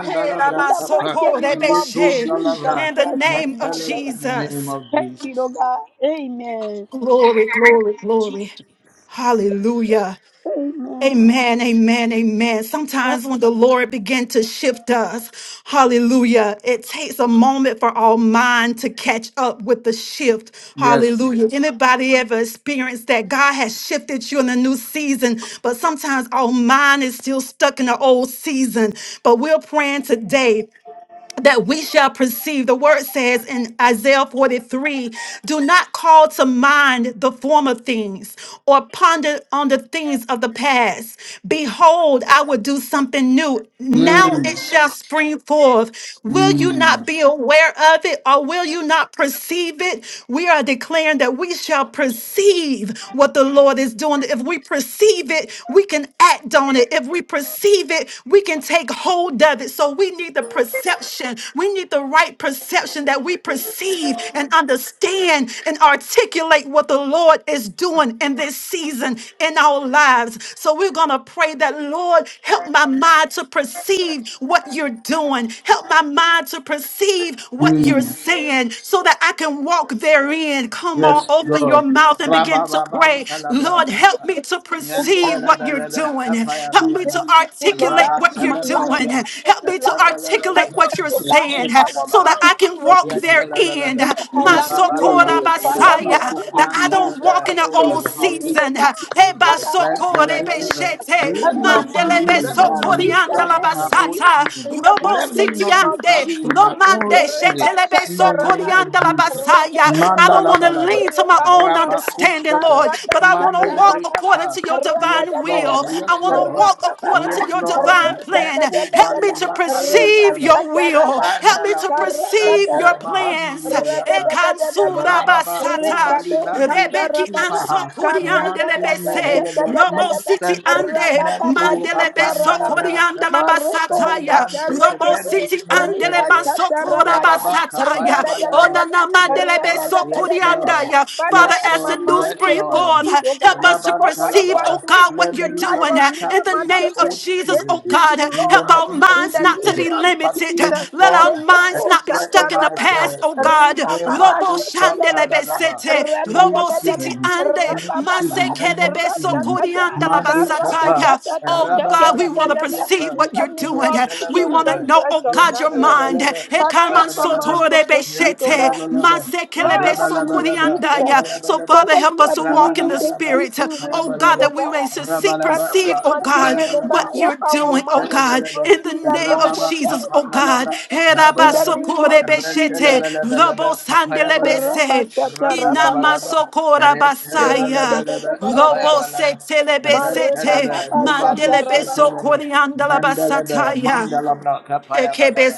Hey, In Rama, the Tapa. Soko, mighty name of Rebeshe. Jesus Yetundalabra. In the Christ of name of Mental in Nazareth. the name Jesus. of Thank you, Jesus. Lord God. Amen. Glory, glory, glory. Hallelujah. Amen. Amen, amen, amen. Sometimes when the Lord begins to shift us, hallelujah, it takes a moment for our mind to catch up with the shift. Yes. Hallelujah. Anybody ever experienced that God has shifted you in a new season, but sometimes our mind is still stuck in the old season. But we're praying today that we shall perceive. The word says in Isaiah 43 do not call to mind the former things or ponder on the things of the past. Behold, I will do something new. Now Mm. it shall spring forth. Will you not Mm. be aware of it or will you not perceive it? We are declaring that we shall perceive what the Lord is doing. If we perceive it, we can act on it. If we perceive it, we can can take hold of it. So we need the perception. We need the right perception that we perceive and understand and articulate what the Lord is doing in this season in our lives. So we're going to pray that, Lord, help my mind to perceive what you're doing. Help my mind to perceive what you're Mm. saying so that I can walk therein. Come on, Yes, open your Lord. mouth and begin Rabba to Baba pray. Talabra Lord, help Papa. me to Yan perceive what what you're Telebelebe doing. Apaya Help me this to Balaba. season, Lord articulate Rabba God, what in you're my life, doing. in Telebelebe. my Help personal me to life. Rabba articulate Help Labalaba. what us, you're Lord God, saying uh, help our Bada so that I Balaba. minds to can walk Yan receive Jesus. therein. in Telebelebe. uh, the Let me My just so alignment Rabba know, of you, Laba. Lord God, that Father, Apaya you what Messiah, are Balaba. you that are Han operating I in doing my don't for walk in us Telebe. an in this old favor. season, Hallelujah Ruban season. Lord to God. Hey, you, Lord. Father, let help basokore me, Thank you Jesus. for beshete, you, Lord Help let God, my not that you're me, mandele mind to leading let me God not in besokori proceed be this stuck andala time, along in my with Lord. old you basata, season. in the robo Let mighty me name not be of stuck sitiande, in my Jesus. romande old season. Rabba shetele In the shaka, besokori name rabba, of andala Jesus. rabba, basaya. rabba, I don't rabba. Mandala want to balaba. lean to my Ricado, own Rabba understanding, Lord. kushata. Lord. But I want to walk Mandalibri according apa. to your Yes, divine will. Lord. I Yes, want to Lord. walk according to Yes, your Lord. divine plan. Meku Help me to valura perceive alushara. your will. Help Randa me la to perceive usante your plans. mahaniliya. Ekansura Rababa koba basata. livrando Santa Rebeki Rababa, sipaha. anso kuriande Maki lebese. meheleve Robo Carrada, city nusante. ande. Neto Rapapa Mandele Shanta hapana beso la Rapapa kuriande la brakapa. No Maroto basataya. Shanta brante Robo Rekete kefendo city smente andele Rita dere. Shanta bansokora Rapata Rababa kapaya basataya. balaba. Rapata Yes, Onana Lord. Yes, Rapata Lord. But I Father, Yes, have as my the Lord. new mind Yes, to spring board, proceed, Lord. oh God, help us to Rabban for what you Talaba, perceive, are oh God, doing in what let me you're the not doing. be life of uh, me stuck In and the my in my name of children. old Jesus, oh This season. God, uh, evening, In the help Lord, our name of in minds the not to Jesus, name be of but limited. uh, bring Jesus. Let In the our forth and minds not be let it stuck in the past, oh manifest. God. Emako Robo shandele Shapanalaba, besete, A new robo city season, ande, a new season, a masekele new season. besokori andala Mandi Tapa, basataya. Oh Rababa God, we want to perceive Libiapa, what you're name Yet doing. of uh, We Jesus want to Talabalaba. know, Rabba Christ oh of God, your Nazareth. mind. Father, help my mind to proceed, oh Sotorebeshete, God. Lord, help me, Jesus, masekelebesokoriandaya. So, for Father, what help you us are to walk doing in in the this Spirit. season with Oh, me, God, oh that we may God. to see, Father, perceive, with my oh, God, children, oh what God, you're help our doing, oh, mind to God, in the proceed name of along with Jesus, you. oh, God. In the name of Herabasokore beshete, Jesus. robosandele bese. Rapashata Randalabalaba, rapapapa. inamasokora basaya. Herabasokorebeshete, Randalabalaba, lobosandelebese, Rapapapapapapa. Apayabalaba, inamasokorabasaya, Randalaba, lobosetelebesete, Marapapapa shata Nobalusa rapapa. Teleba, Mandalaba, mandelebesokoreandalabasataya, Mandalabra, Kapayabalaba,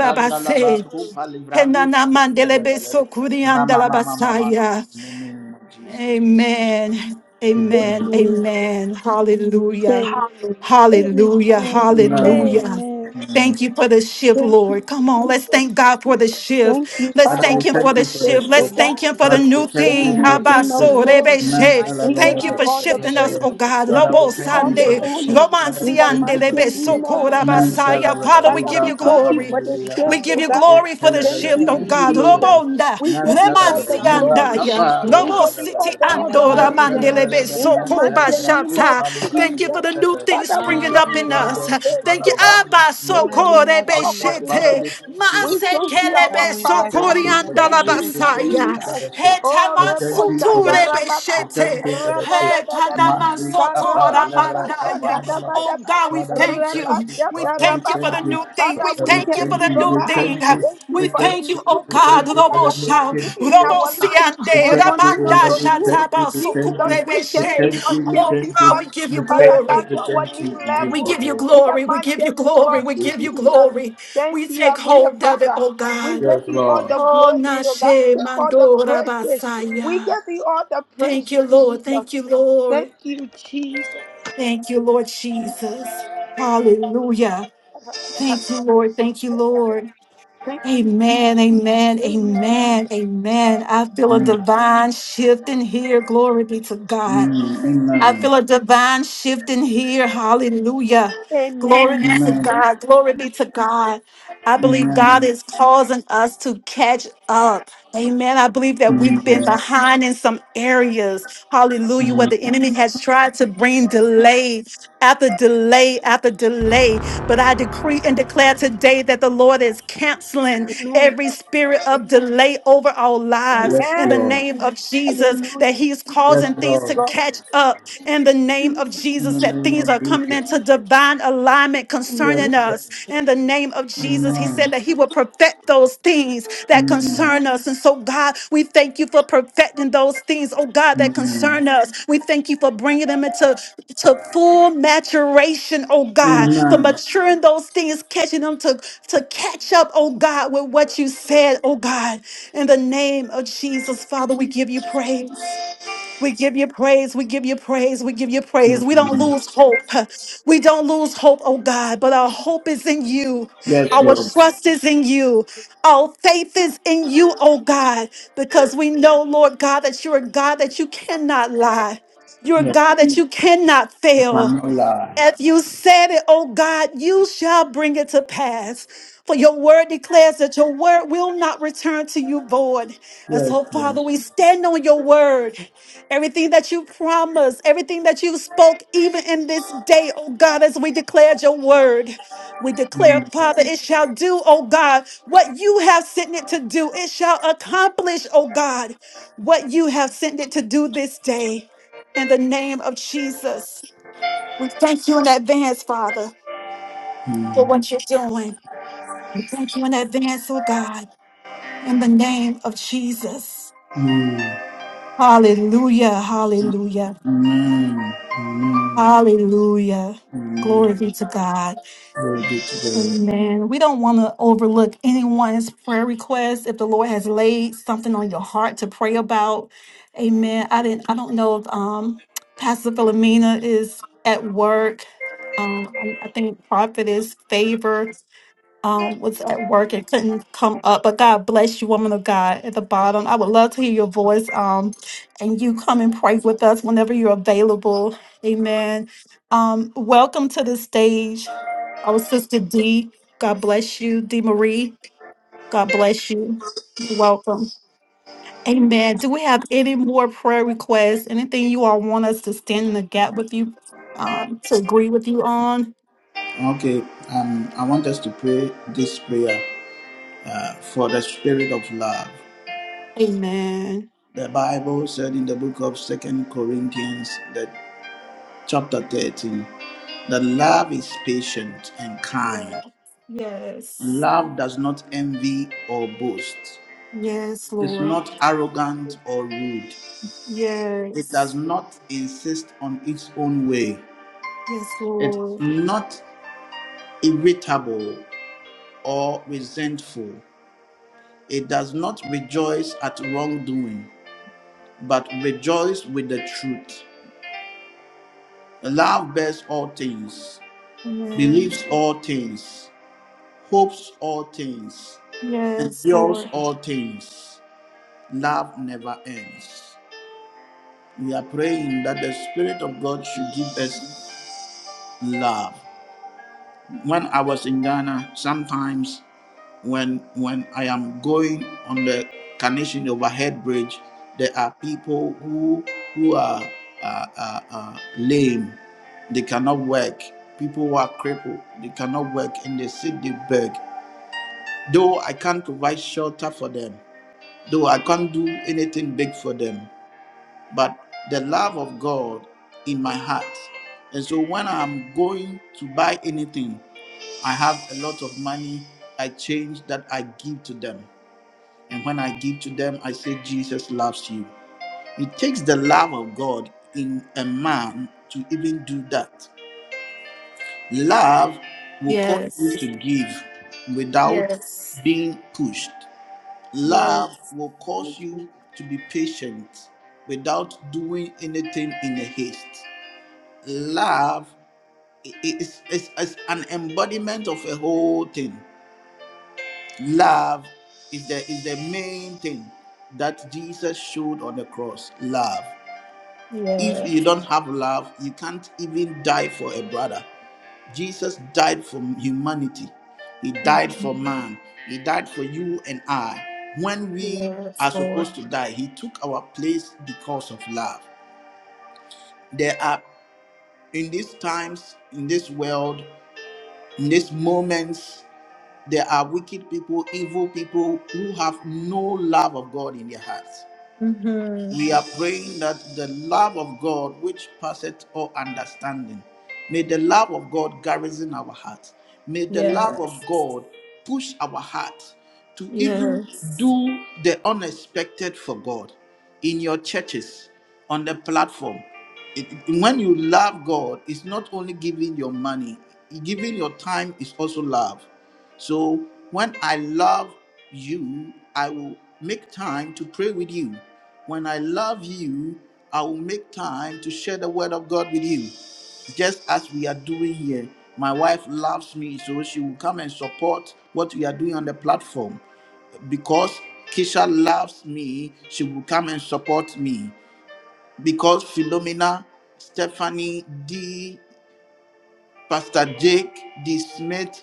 Sandalaba, Kupa Livralus, Henana mandelebe Mandalaba, Rama sokuriandala Mama Mama, basaya. in the name of Jesus. Amen. Amen. Amen. Amen. Hallelujah. Hallelujah. Amen. Amen. Hallelujah. Amen. Amen. Thank you for the shift, Thank you. Lord. Come on, let's thank God for the shift. Thank you, Let's Father, Father, we thank Him for for thank the you for the the the gift, shift. oh Let's strength. name of thank God. Him for the Father, we new Jesus, so thank you Thank God, thing. we you, for give the King you of strength. praise. We glory. say Man, thank Father, Habasorebeshe. We you, O give Thank Father, you you God, for all for Father, the this shifting us, praise. shift, oh Father, O God, God. We Father, give we you in the thank all you for the name Robosande, the of strength. honor Jesus, Father, O in we the God. thank you for mighty the We strength. say name of thank you, Man, we say Jesus. Father, romansiandelebesokorabasaya. Father, thank Father, you, we we Father, Libra, give say we you thank Kappa, thank you you, for glory. we the give you Nibiya, shift, We Kappa. honor, give oh you O Yes, God, God. glory for the Father, Thank in Father, shift, we the you, oh give name you God. of Jesus. glory. Jesus. Robonda, We Man, give you Father, all We Father, the thank you Nubra, for this glory. remansiandaya, Kappa, shift, O We Libra, God, give Father, you all Father. in the the robositiandora Man, mighty adoration Father, name of Father, Father, Jesus. in the Man, Father, mighty Father, name of Kupa, mandelebesokorabashata. Libra, Thank you Libra, for Jesus. the new Sete. thing Father, we Thank springing Nubra, give up you, you O in all Father, us. God. Father, the Jesus. glory, Kupa, Thank you. oh Libra, God. Abba We In the Libra, thank name you, sokore of Lord, Jesus, for Sete. the oh Father, God. beshete. we shift, thank you we for Mase the thank strength. you, our kelebe Father, we We bless your Thank Father. sokori you name, oh for the God. Thank andala We say ship. you, We thank thank you, oh basaya. you God. for Jesus. the ship. Heta Oh, We thank Rebo you for the Shaka mansuture ship. We Rababa. thank beshete. you for the ship. Heta Rabadabadaba. Madri Kappa, namansotora Karabababa Levra Kappa, mandaya. Shaka Nalaba. Oh Dabadaba. God, we Father, we thank thank Reba you. you. We Shaka Father, we thank you for the thank Rababa. you. new thing. We Father, Father, we we thank you thank for thank you, the you. Lord new We God. thing. thank you. Thank you We We for thank the thank you, you. new oh We things God. thank you for Father, Robo the that you sham. are making. doing in We Robo our Thank you. life We siande. and thank you, O continue Ramanda Lord. to We do. thank you. shataba We thank Jesus, you. sokore we We thank you thank for beshe. you. We Oh shifting thank you. God, us we give you We Father thank you. God, glory. We to our thank new you. We We give level give you you in the glory. We give you mighty name glory. We of glory. give you Jesus. glory. Thank We you, take Heavenly hold of it, Father. oh We God. Yes, give you all Lord. the Oh, glory, Lord God. Nashe Take all the Mandora praises. We Basaya. give you all the praise, Thank you, Lord. Jesus. Thank you, Thank Lord. you, Jesus. Thank you, Lord Jesus. Hallelujah. Thank you, Lord. Thank you, Lord. Thank you, Amen. Amen. Amen. Amen. I feel a Mm. divine shift in here. Glory be to God. Mm. I Amen. feel a divine shift in here. Hallelujah. Glory be to Amen. God. Glory be to God. I believe God Amen. is causing us to catch up. Amen. I believe that we've been Amen. behind in some areas. Hallelujah. Where Amen. the enemy has tried to bring delay after delay after delay. But I decree and declare today that the Lord is canceling every spirit of delay over our lives Yes, in the Lord. name of Jesus, that He is Yes, causing things to Lord. catch up in the name of In Jesus, the that name things are are of coming Jesus. into divine alignment Yes, concerning Lord. us in the name of Jesus. He said Amen. that He will perfect those things that Amen. concern us. And so, God, we thank you for perfecting those things, oh God, that Amen. concern us. We thank you for bringing them into to full maturation, oh God, for Amen. maturing those things, catching them to, to catch up, oh God, with what you said, oh God. In the name of Jesus, Father, we give you praise. We give you praise. We give you praise. We give you praise. We don't Amen. lose hope. We don't lose hope, oh God, but our hope is in you. Yes, Our Lord. trust is in you. Our faith is in you, oh God, because we know, Lord God, that you're a God that you cannot lie. You're a Yes. God that you cannot You fail. cannot lie. If you said it, oh God, you shall bring it to pass. For your word declares that your word will not return to you void. And Yes, so, Lord. Father, we stand on your word. Everything that you promised, everything that you spoke, even in this day, oh God, as we declared your word. We declare, Father, it shall do, oh God, what you have sent it to do. It shall accomplish, oh God, what you have sent it to do this day. In the name of Jesus. We thank you in advance, Father, for what you're doing. We thank you in advance, oh God, in the name of Jesus. Amen. Hallelujah, hallelujah, Amen. Amen. hallelujah. Glory Amen. be to God. Glory be to Amen. We don't want to overlook anyone's prayer request. If the Lord has laid something on your heart to pray about, Amen. I didn't. I don't know if um, Pastor Philomena is at work. Um, I I think Prophet is favor. um, was at work and couldn't come up. But God bless you, woman of God, at the bottom. I would love to hear your voice. Um, and you come and pray with us whenever you're available. Amen. Um, welcome to the stage, our sister D. God bless you, D. Marie. God bless you. You're welcome. Amen. Do we have any more prayer requests? Anything you all want us to stand in the gap with you? Um, to on? God. Okay. Um, I want us to pray this prayer uh, for the spirit of love. Amen. The Bible said in the book of Second Corinthians, that chapter 13, that love is patient and Yeah. kind. Yes. Love does not envy or boast. Yes, It is Lord. not arrogant or rude. It does Yes. not insist on its own way. Yes, It is Lord. not irritable or resentful. It does not rejoice at wrongdoing, but rejoices with the truth. Love bears all things, Amen. believes all things, hopes all things, Yes, endures Lord. all things, love never ends. We are praying that the Spirit of God should give us love. When I was in Ghana, sometimes when when I am going on the Carnation Overhead Bridge, there are people who who are uh, uh, uh, lame. They cannot work. People who are crippled, they cannot work, and they sit they beg. Though I can't provide shelter for them, Though I can't do anything big for them, but the love of God in my heart. And so when I'm going to buy anything, I have a lot of money. I change that I give to them. And when I give to them, I say, Jesus loves you. It takes the love of God in a man to even do that. Love will cause Yes. you to give without Yes. being pushed. Love Yes. will cause you to be patient without doing anything in a haste. Love i- i- is, is, is an embodiment of a whole thing. Love is the, is the main thing that Jesus showed on the cross. Love. If Yes. you don't have love, you can't even die for a brother. Jesus died for humanity. He died for Mhm. man. He died for you and I. When we Yes, are Lord. supposed to die, He took our place because of love. There are, in these times, in this world, in these moments, there are wicked people, evil people who have no love of God in their hearts. hmm We are praying that the love of God, which passeth all understanding, may the love of God garrison our hearts. May the love of Yes. God push our hearts to even Yes. do the unexpected for God in your churches on the platform. It, when you love God, it's not only giving your money, giving your time is also love. So when I love you, I will make time to pray with you. When I love you, I will make time to share the word of God with you just as we are doing here. My wife loves me, so she will come and support what we are doing on the platform. Because Kisha loves me, she will come and support me because Philomena, Stephanie, D, Pastor Jake, D. Smith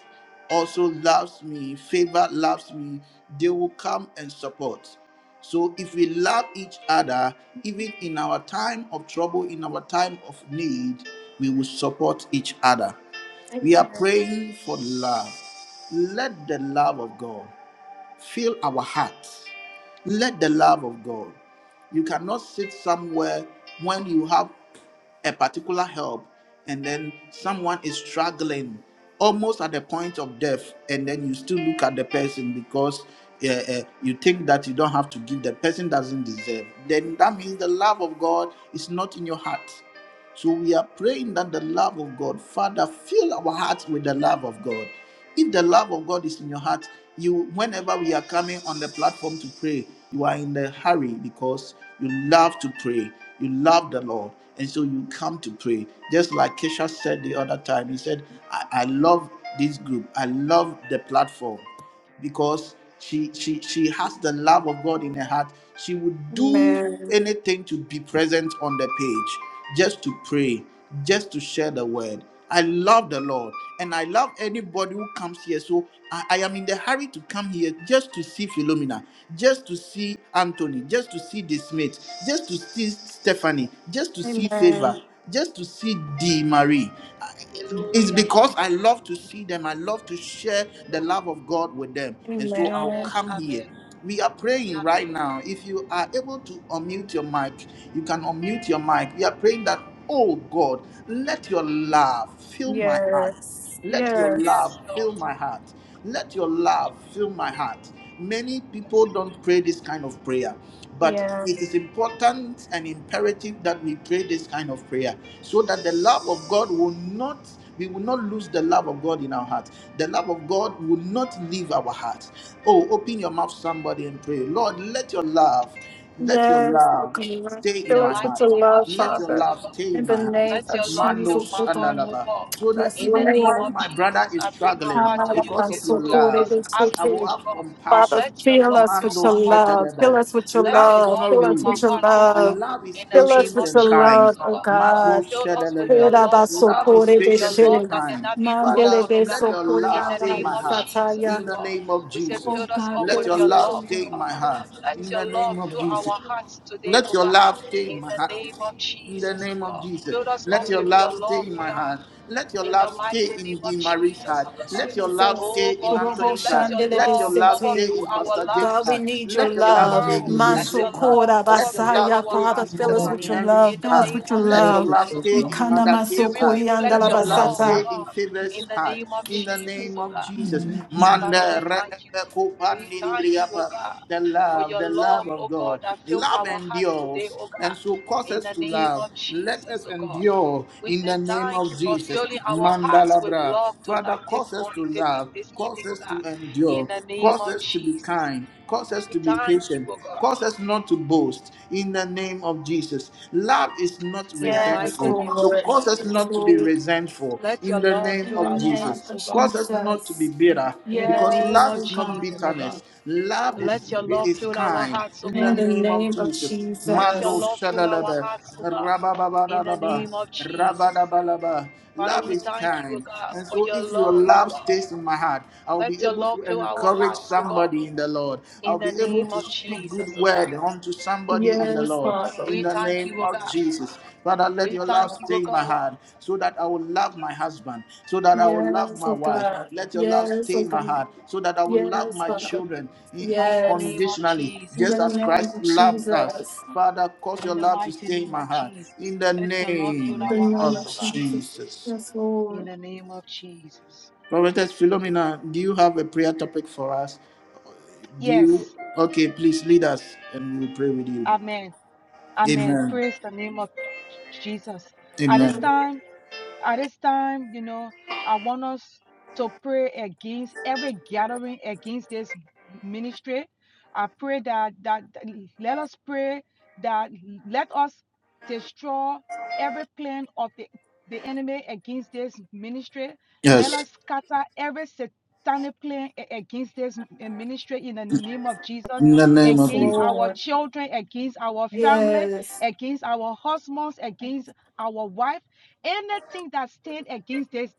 also loves me, Favor loves me, they will come and support. So if we love each other, even in our time of trouble, in our time of need, we will support each other. We are Amen. praying for love. Let the love of God. Fill our hearts. Let the love of God. You cannot sit somewhere when you have a particular help and then someone is struggling almost at the point of death and then you still look at the person because uh, uh, you think that you don't have to give the person doesn't deserve then that means the love of god is not in your heart so we are praying that the love of God, Father, fill our hearts with the love of God. If the love of God is in your heart, you whenever we are coming on the platform to pray, you are in a hurry because you love to pray. You love the Lord. And so you come to pray. Just like Kesha said the other time, he said, I, I love this group. I love the platform because she she she has the love of God in her heart. She would do Amen. anything to be present on the page, just to pray, just to share the word. I love the Lord and I love anybody who comes here. So I, I am in the hurry to come here just to see Philomena, just to see Anthony, just to see the Smith, just to see Stephanie, just to see favor Amen. just to see the Marie. It's Hallelujah. because I love to see them. I love to share the love of God with them. And so I'll Amen. Amen. come here. Amen. We are praying right Amen. now. If you are able to unmute your mic, you can unmute your mic. We are praying that, oh God, let your love fill my heart. Yes. Let your Yes. love Yes, fill Lord. my heart. Let your love fill my heart. Many Yes, people Lord. don't pray this kind of prayer, but Yeah. it is important and imperative that we pray this kind of prayer so that the love of God will not, we will not lose the love of God in our heart. The love of God will not leave our heart. Oh, open your mouth, somebody, and pray. Lord, let your love, let your Yes. Oh love God. stay In in Fill the my us with mighty heart. your name of love, Let your Father. Jesus, oh love God. stay In in the my heart. name Let of your love fill Jesus, Manos my oh and heart, God. oh Alaba. God. So that Yes, In the even name when Lord. of my brother Jesus, is I bring my struggling heart to Father, you because of this your to love, this I will afternoon, oh have God. compassion. Let your fill love us fill with Mando my your heart, oh love. God. Fill Shetelebe. us with your Let Love your is love. love not Fill fill us my with rude. your heart, oh love. God. Love is In the Fill us name patient with of and your kind. love, Jesus, oh oh God. Mando God. Fill us with your Shetelebe. love, oh Oh Love God. is Your patient and love that kind. cannot be broken, Father, oh let God. your love In the stay in name my of heart. Jesus, In oh the God. name of We say, Jesus. fill us God, up Let with your your love love, stay oh in my God. heart. Let In the your love name of fill our Jesus. hearts today, Let oh your God. love stay in In my the heart. name of In the Jesus, oh name of God. Jesus, Fill us let up your with your love stay love, in oh my God heart. Let your in love the stay mighty in name Dee of Marie's Jesus, heart. oh God. Let your love stay Oh in God, we say, Anthony's let heart. your Shandelebe Let your love love stay City. in overrule our Pastor Oh Jake's God, lives. we heart. need your Let Let your your love love. stay world, in his Hallelujah. let your Smith's heart. love Masokora Let your overfill love Basaya, our stay Father, in hearts, oh fill us God. with Stephanie your love. Henry's In Fill the us heart. Hallelujah. name with your of Let your Bless love. you, love Jesus, oh stay Lord. God. in Ikana Mother May Kay's we heart. masokori Let reflect your your love andalabasata. love, oh stay in God. Favor's In the heart. name of In the Jesus, name oh of God. Jesus. Father, Manda we re- thank you. e- e- ko- pa- We ni- ni- bri- thank you, ya- oh pa God, the for love, your the love love, of oh God. God, that fills Love our hearts today, endures, oh and God. so cause In us the to name love. of Let Jesus, us oh God. endure We in say the name thank of you for Jesus. filling our hearts with Mandalabra. love Father, tonight, cause this us to morning, this love, this cause evening, oh us to God. In endure, the name cause of us to be Jesus. kind, cause us We to be thank you, patient, oh God. cause us not to boast in the name of Jesus. Love is not In the Yes, mighty resentful, name of so Lord. cause us Jesus. Yes, not to be Lord. resentful Let your in the love name In fill the of our name Jesus. hearts, of oh God. Cause us not to be Jesus. bitter In the because name Yes, love of oh is not God. Jesus, oh God. bitterness. Love Let is your love is fill our kind. hearts, oh In the In God. the name of name of Jesus, Let your Mando Jesus. love fill our Shadalaba, hearts, O God, in the Rabababalaba, name of Jesus. Rabadabalaba. Father, Love we is thank you, O kind, God, and for so your if your love, O love God. stays in my heart, I'll be Let your able love to fill our encourage hearts, O God, somebody in the Lord. in I'll the be able name to of speak Jesus, good O God. word unto somebody in the Yes, Lord, Father. in We the thank name you, O of God. Jesus. Father, let We your thank love you, O stay in my God, heart so that I will love my husband, so that I will love Yes, my oh wife. God. Let your love Yes, stay oh in my God. heart so that I will love Yes, my Father. children in the Yes. name of unconditionally, In the just Jesus. as name Christ of loved us. Jesus. Father, cause your In the love to mighty stay in name my of heart Jesus. in the Let your love fill In name the our name of hearts, of O God, Jesus. Jesus. Yes, in Lord. the name of Jesus. Prophetess Philomena, do you have a prayer topic for us? Do you? Yes. Okay, please lead us and we'll pray with you. Amen. Amen. Amen. Praise the name of Jesus. At this Amen. time, At this time, you know, I want us to pray against every gathering against this ministry. I pray that that let us pray that let us destroy every plan of the, the enemy against this ministry. Let Yes. us scatter every satanic plan a- against this ministry in the name of Jesus, In the name Yes, of against Jesus. our Lord. children, against our family, Yes. against our husbands, against our wife. Anything that stand against this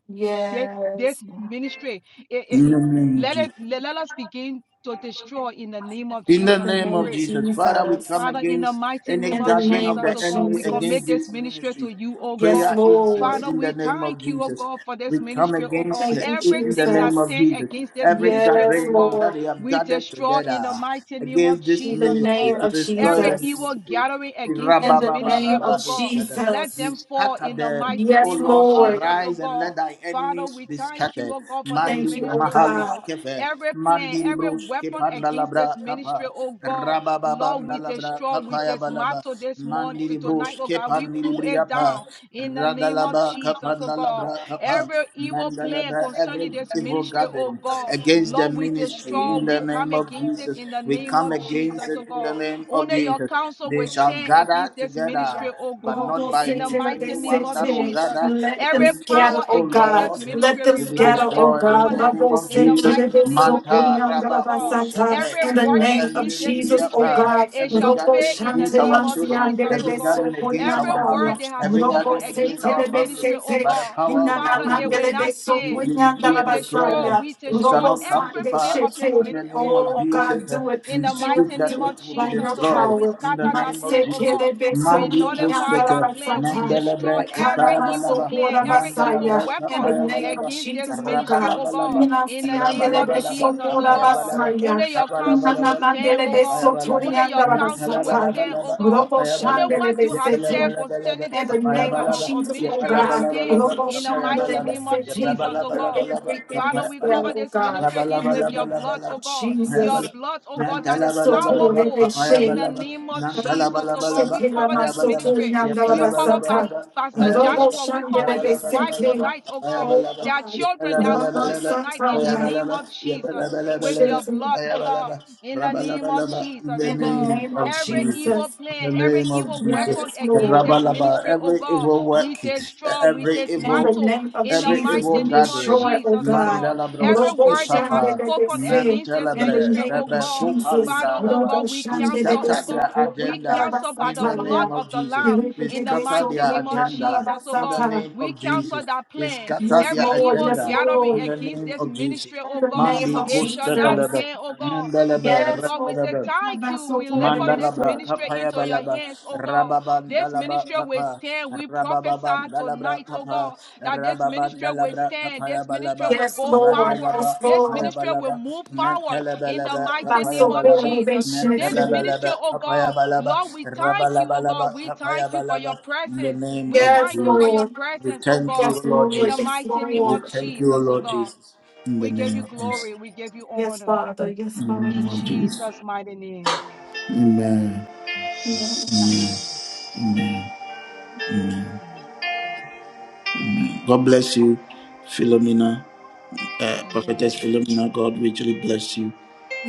this, Yes. this ministry, it, In the it- name of let it Jesus. let, let us begin to destroy in the name of In the In the Jesus. We name name of of pray Jesus. Father, we Jesus. come Father, in the against mighty any name In the of gathering name of Jesus, of the oh God, enemy we against commit Jesus. this this ministry ministry. to you, oh Yes, Prayer God. incense Lord. Father, in the we name of thank you, oh Jesus. God, for We this come ministry, oh against God. Thank it you, in the Everything that name of Jesus. stands Jesus. against this Every ministry, Yes, oh gathering God, Lord. that they have we gathered destroy together in the mighty name of against this In the Jesus, oh ministry name God. to of destroy Every the Jesus. evil ministry. gathering against In this the ministry, name oh of God, Rabababarabadosha. let You Jesus. them fall scatter in the them. mighty O Yes, name of Lord, Lord. Jesus, oh arise and God. let thy Father, enemies we be thank you, scattered. oh God, for this Thank Mandi you, oh ministry, oh mahalus God. God. kefe. Every plan, Mandi every brus weapon against kepandalabra this ministry, kapa. oh God. Lord, with a Rabababandalabra straw, with kapaya a balaba. matter this morning Mandi tonight, brus oh God, we kepandi pull it briapa. down in the name of Radalaba Jesus, oh God. kapandalabra kapa. Every evil plan Mandalaba concerning every this evil ministry, oh gathering God, against the Lord, with a ministry straw, in the we come name of against it Jesus. in the We name come of against Jesus, oh it in the God. name of Only your Jesus. counsel They will shall stand gather against this ministry, together, oh but God, not Robo by in the me. city, they mighty Anyone name of that will city. Jesus. gather Let them Every against us, scatter, power O oh against God. this Lord, Let ministry, them we will be render scatter, them oh destroyed in God. the powerless name Robo of in the city, Jesus. they mighty name so of Manta Jesus, oh God. basata. Rabakusete. Every In the work name of against this Jesus, oh ministry, God. it Every shall Robo fail gathering in the against shante our name of children, Jesus, mansiande, oh every they so God. gathering against Every our kunyanda. marriage, word they have every spoken Robo gathering against against city, our this they family, ministry, oh city. by the God, power of the Inana Father, Holy it will mandele, Ghost, they not so we, stand. we kunyanda decree We and destroy, declare basaya. we it shall destroy Robo not come to every sande plan of pass. this In shite. the ministry, name of Oh of, of, Jesus, God, uh, do it, in we the do it, mighty speak that name do of it it will be by Jesus, your oh God. destroyed. We power. In the scatter that name of plan, oh Jesus. God. Masekele We beso Mandi nullify kuyandara that Kushete, plan. We basata. destroy Mandalabra, Ikana every Fire evil maso Balaba, plan, every evil basaya. Mandalabra, In the weapon Fire name of Balaba, against this Jesus, oh ministry, God. oh God, Rabalabalaba, in Minasi the name of Rabalabalaba, beso Jesus, oh kora God. Kapayabalaba, basaya. Only your counsel Rabalabalaba, will Nana stand, oh God. beso Kapayabalaba, Only your toriyandara counsel will basata. stand, oh Mentalabalaba, God. Robo Only Kapayabalaba, shandele what you have said besete. Yakalabalaba, concerning In this the mm, name of uh, Kapayabalaba, uh, uh, Jesus, oh ministry will God. stand Yakalabalabalaba, Robo in the shandele mighty Kapayabalaba, name of besete. Jesus, oh God. Rabalabalaba, Every enemy Father, we spell, Kapayabalaba, cover oh this God. ministry in In the with your name blood, Rabalabalaba, oh of God. Your Jesus. Kapayabalaba, blood, oh God, that is Nantalabalaba, powerful papaya in Ramasotorebeshe. the balaba, name of Jesus, oh God. Nantalabalabalaba, We Shetela cover papaya this masoto balaba, ministry. yandala We cover basata. Yapalabalabalaba, Pastor papaya Robo balaba, Joshua. We cover shandele his wife Rabalabalaba, besete. tonight, oh papaya God. Oh balaba, Their God. children, their Rama home Yapalabalabalaba, tonight in papaya the name balaba, of Jesus Robo with Yapalabalabalaba, your shete. blood, papaya oh God, balaba, in the name of Rabalabalaba, in Jesus, the oh In the God. name name of of Every Jesus. evil Jesus. In plan, the every name of evil Jesus, weapon Yes, against Lord. this Rabalaba, ministry, oh every God, evil work, we take straw, we every take In the evil matto name of in the every Jesus, we evil mighty name of gathering. destroy, oh Jesus, oh God. God. Mandala bro, Every Robo word they have Papa, shandele spoken bese. against Nantala this In bre, the ministry, name oh of Rebbe God, Kupa Jesus. Father, Libra oh Lava. Robo God, we We shandele cancel, oh scatter their God, besete we yandala agenda cancel by in the the blood name basataya. of of the Jesus. Lamb We in the scatter beso mighty their name of yandala agenda Jesus, oh in the God. name We of cancel Jesus. that We plan, scatter Yes, their every Lord. evil Yes, agenda gathering Lord. in the against name this of Jesus. ministry, In oh the God name Mandi of it shall Gusta not Jesus. stand, oh God. Oh Yes, God, we say Lord. Mandalaba, thank Yes, you. We Lord. lift Yes, Lord. up this Mandalabra ministry kapaya into your balaba hands, oh God. rababan This rababandalaba ministry will kapa stand. We prophesy rabababandalabra tonight, oh kapa God, that this rababan ministry will rababandalabra stand. kapaya This ministry balaba will Yes, go Lord. forward. randalaba This kapaya ministry will balaba move forward in the mentalabalaba mighty Yes, kapaya name of balaba Jesus. This ministry, mentalabalaba oh kapaya God, balaba Lord, we thank you, oh rabalabalaba God. We kapaya thank you for your balaba in the presence. name We of thank you for Jesus your Lord. we presence, oh thank you God, O Lord in the Jesus Yes, mighty name we Lord. of thank you O Jesus, oh Lord God. Jesus in the We give name you of Jesus glory. We give you Yes, honor. Father. Yes, in the Father. name In of Jesus Jesus' mighty name. amen Amen. Amen. Amen. God bless you, Philomena, uh, Amen. Prophetess Philomena. God richly bless you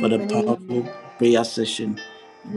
for the powerful Amen. prayer session.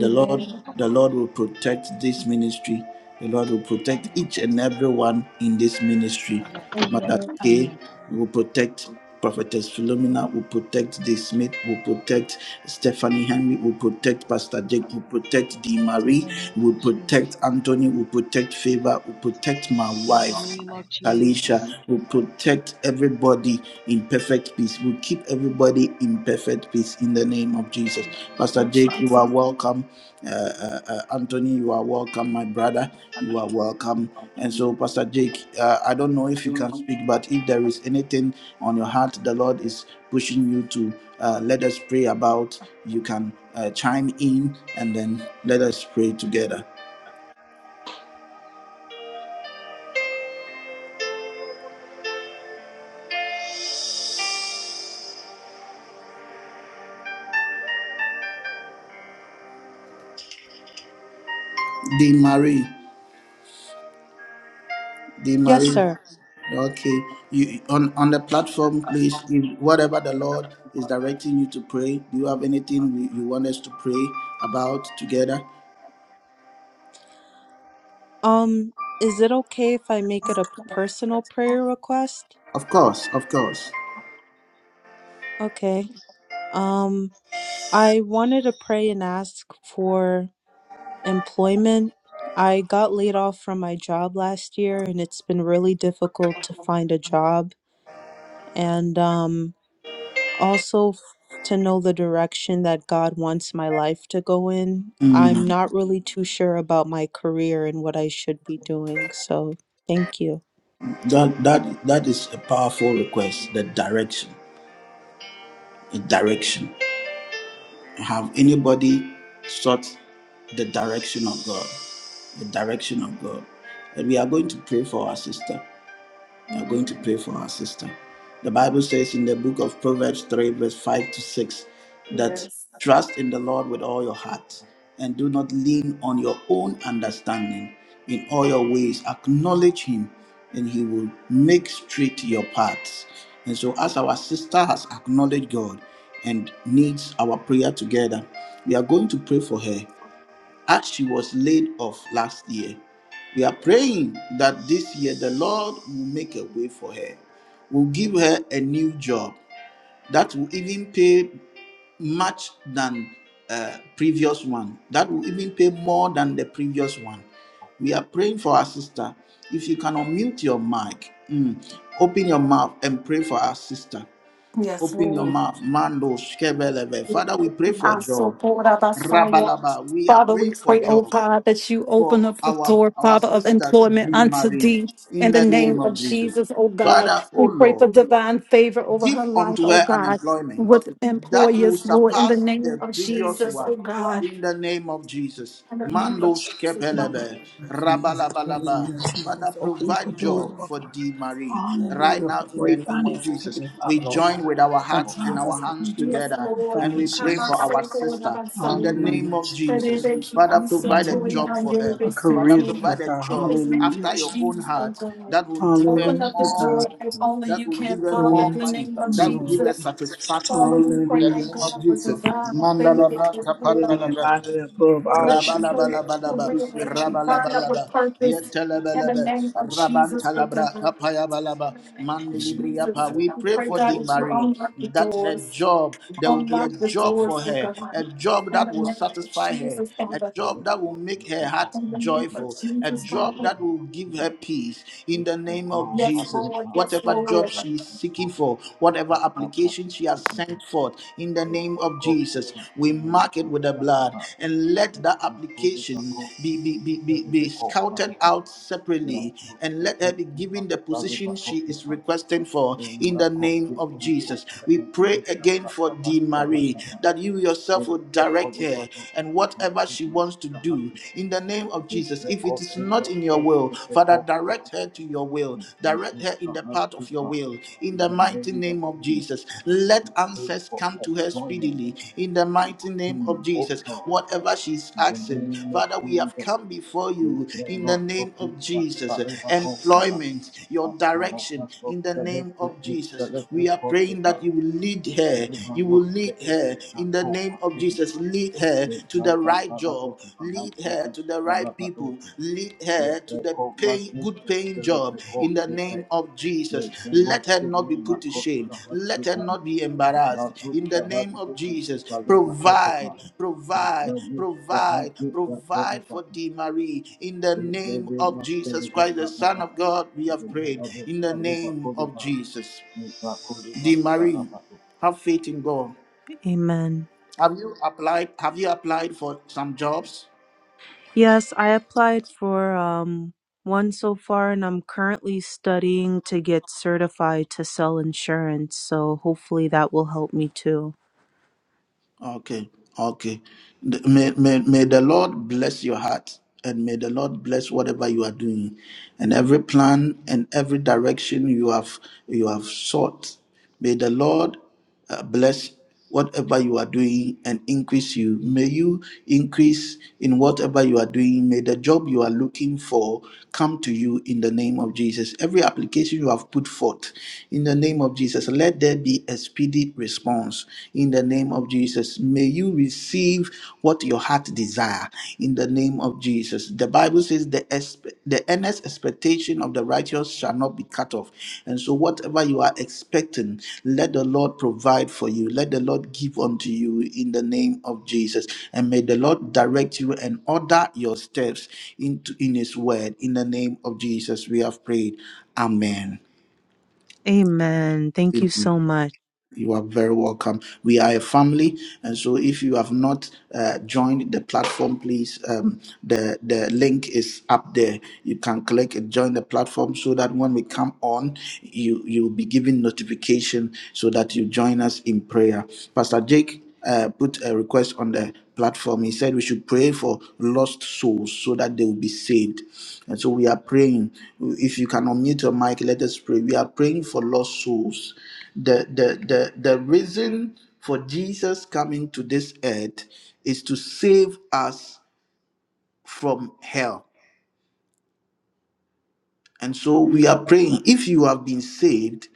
The Lord, the Amen. Lord will protect this ministry. The Lord will protect Amen. each and everyone in this ministry. Amen. Mother Amen. K Amen. will protect Prophetess Philomena, will protect the Smith, will protect Stephanie Henry, will protect Pastor Jake, will protect Dee Marie, In the name of will Jesus. protect Anthony, will protect Favor, will protect my In the wife. name of Alicia Jesus. will protect everybody in perfect peace. Will keep everybody in perfect peace in the name of Jesus. Amen. Pastor Jake, you are welcome. Uh, uh, uh, Anthony, you are welcome. My brother, you are welcome. And so, Pastor Jake, uh, I don't know if you can speak, but if there is anything on your heart, the Lord is pushing you to uh, let us pray about. You can uh, chime in and then let us pray together. Dean Marie. They Yes, Marie. sir. Okay. You on on the platform, please. If whatever the Lord is directing you to pray, do you have anything we, you want us to pray about together? Um, is it okay if I make it a personal prayer request? Of course, of course. Okay. Um, I wanted to pray and ask for employment. I got laid off from my job last year, and it's been really difficult to find a job. And um, also f- to know the direction that God wants my life to go in. Mm, I'm not really too sure about my career and what I should be doing. So thank you. That that that is a powerful request. The direction, the direction. Have anybody sought the direction of God? The direction of God. And we are going to pray for our sister. We are going to Amen. pray for our sister. The Bible says in the book of Proverbs 3, verse 5 to 6, that Yes. trust in the Lord with all your heart and do not lean on your own understanding. In all your ways, acknowledge Him and He will make straight your paths. And so, as our sister has acknowledged God and needs our prayer together, we are going to pray for her as she was laid off last year. We are praying that this year the Lord will make a way for her, will give her a new job that will even pay much than uh, previous one, that will even pay more than the previous one. We are praying for our sister. If you can unmute your mic, mm, open your mouth and pray for our sister. Yes, Open your Lord. mouth, Mando Shkebeleve. Father, we pray for a I'm so job. poor, Abasaya. Rabalaba, we are Father, we praying for pray, oh job God, that you for open up the our door, our Father, of sister to employment be unto married thee in in the the name name of of Jesus. Jesus, oh God. Father, oh We pray Lord for divine favor over her deep life, unto oh her God, unemployment with that will employers, Lord, in the surpass name the of previous Jesus, oh one God. in the name of Jesus. In the name of Mando Jesus, Father. Shkepelebe, Jesus, Rabalabalaba. hallelujah, Father, Jesus. Open up the provide doors, job Lord for God. D. Marie right Hallelujah. For now in the great Thank name of finances, Jesus. Heavenly We Father, Lord join God. with our A hearts and job our that's hands going to be Yes, together a Lord, and we we foundation. come pray and for our say, God, sister about in the Sandra. name Hallelujah, of Jesus. That is Jesus. a key Father, answer provide to a what Hallelujah. you job have for given her. A us to Father, do. career, In provide Lord a God. In job the name Hallelujah, after of your Jesus. own Jesus, oh heart God. that will give her Open Hallelujah, up the more God. door money as money, only that you will give can, her Father, more in Lord, the money, name of that will Lord. give her Jesus. Father, satisfaction. we In pray, the oh Hallelujah, name Jesus. of God, for Jesus. divine faith Bless Mandalabra her in her life, dearly and kapandalabra. mind Father. her above all Let that she can her ask. Rabalabalaba, career, oh Hallelujah, God, Jesus. line up Rabalabalaba, with purpose in the Yetelabalaba, name of Jesus, oh Rabantalabra, God. In Kapayabalaba, the name of Jesus, Mandilibriapa. We we pray pray, for God, the that you Marie open up the that her doors. job, there will be a Unlock the job for doors, oh her, a God. job In that the will name of satisfy her, Jesus, a Father. job that will make her heart In the name of joyful, a Jesus, job Father. that will give her you. peace Thank in the name of Yes, Jesus. Lord. Yes, Whatever job Lord. she is seeking for, whatever application applications you have sent forth in the name of Jesus. We mark it with the blood and let that application be, be, be, be, be scouted out separately and let her be given the position she is requesting for in the name of Jesus. We pray again for Dee Marie that you yourself will direct her and whatever she wants to do you. in the name of It's Jesus. the If it cost is of not in your the will, It's the Father, cost of direct the her to your will. and Direct you her in know, the have path big of your part will. In In the the mighty name of name of Jesus, Jesus, let we pray answers for come to her employment speedily. In the mighty for name team, of O Jesus, God. whatever she's In the asking, name of Father, we have Jesus, come before we you pray in the not for name team, of but Jesus. for everyone. Employment, your knows direction, in the the head name is of Jesus. We are praying that you will lead her. You will lead her a in the Kota name of Cinema. Jesus. Lead Lead her We to pray the that right Parasat job. of Lead her the to the right Salvador people. Lead Thank you. her to the pay, good paying job in the name of Jesus. Let her not be put to shame. Let her not be embarrassed in the name of Jesus. Provide, provide, provide, provide for Dee Marie in the name of Jesus Christ, the Son of God. We have prayed in the name of Jesus. Dee Marie, have faith in God. Amen. Have you applied? Have you applied for some jobs? Yes, I applied for um, one so far, and I'm currently studying to get certified to sell insurance. So hopefully that will help me too. Okay, okay. The- May, may, may the Lord bless your heart and may the Lord bless whatever you are doing and every plan and every direction you have you have sought. May the Lord uh, bless whatever you are doing and increase you. May you increase in whatever you are doing. May the job you are looking for come to you in the name of Jesus. Every application you have put forth in the name of Jesus, let there be a speedy response in the name of Jesus. May you receive what your heart desire in the name of Jesus. The Bible says the expe- the earnest expectation of the righteous shall not be cut off. And so whatever you are expecting, let the Lord provide for you. Let the Lord give unto you in the name of Jesus. And may the Lord direct you and order your steps into in his word in the name of Jesus. We have prayed. Amen. Amen. Thank you so much. You are very welcome. We are a family, and so if you have not uh, joined the platform, please um, the the link is up there. You can click and join the platform so that when we come on, you you will be given notification so that you join us in prayer. Pastor Jake, uh, put a request on the platform. He said we should pray for lost souls so that they will be saved. And so we are praying. If you can unmute your mic, let us pray. We are praying for lost souls. The the the, the reason for Jesus coming to this earth is to save us from hell. And so we are praying if you have been saved,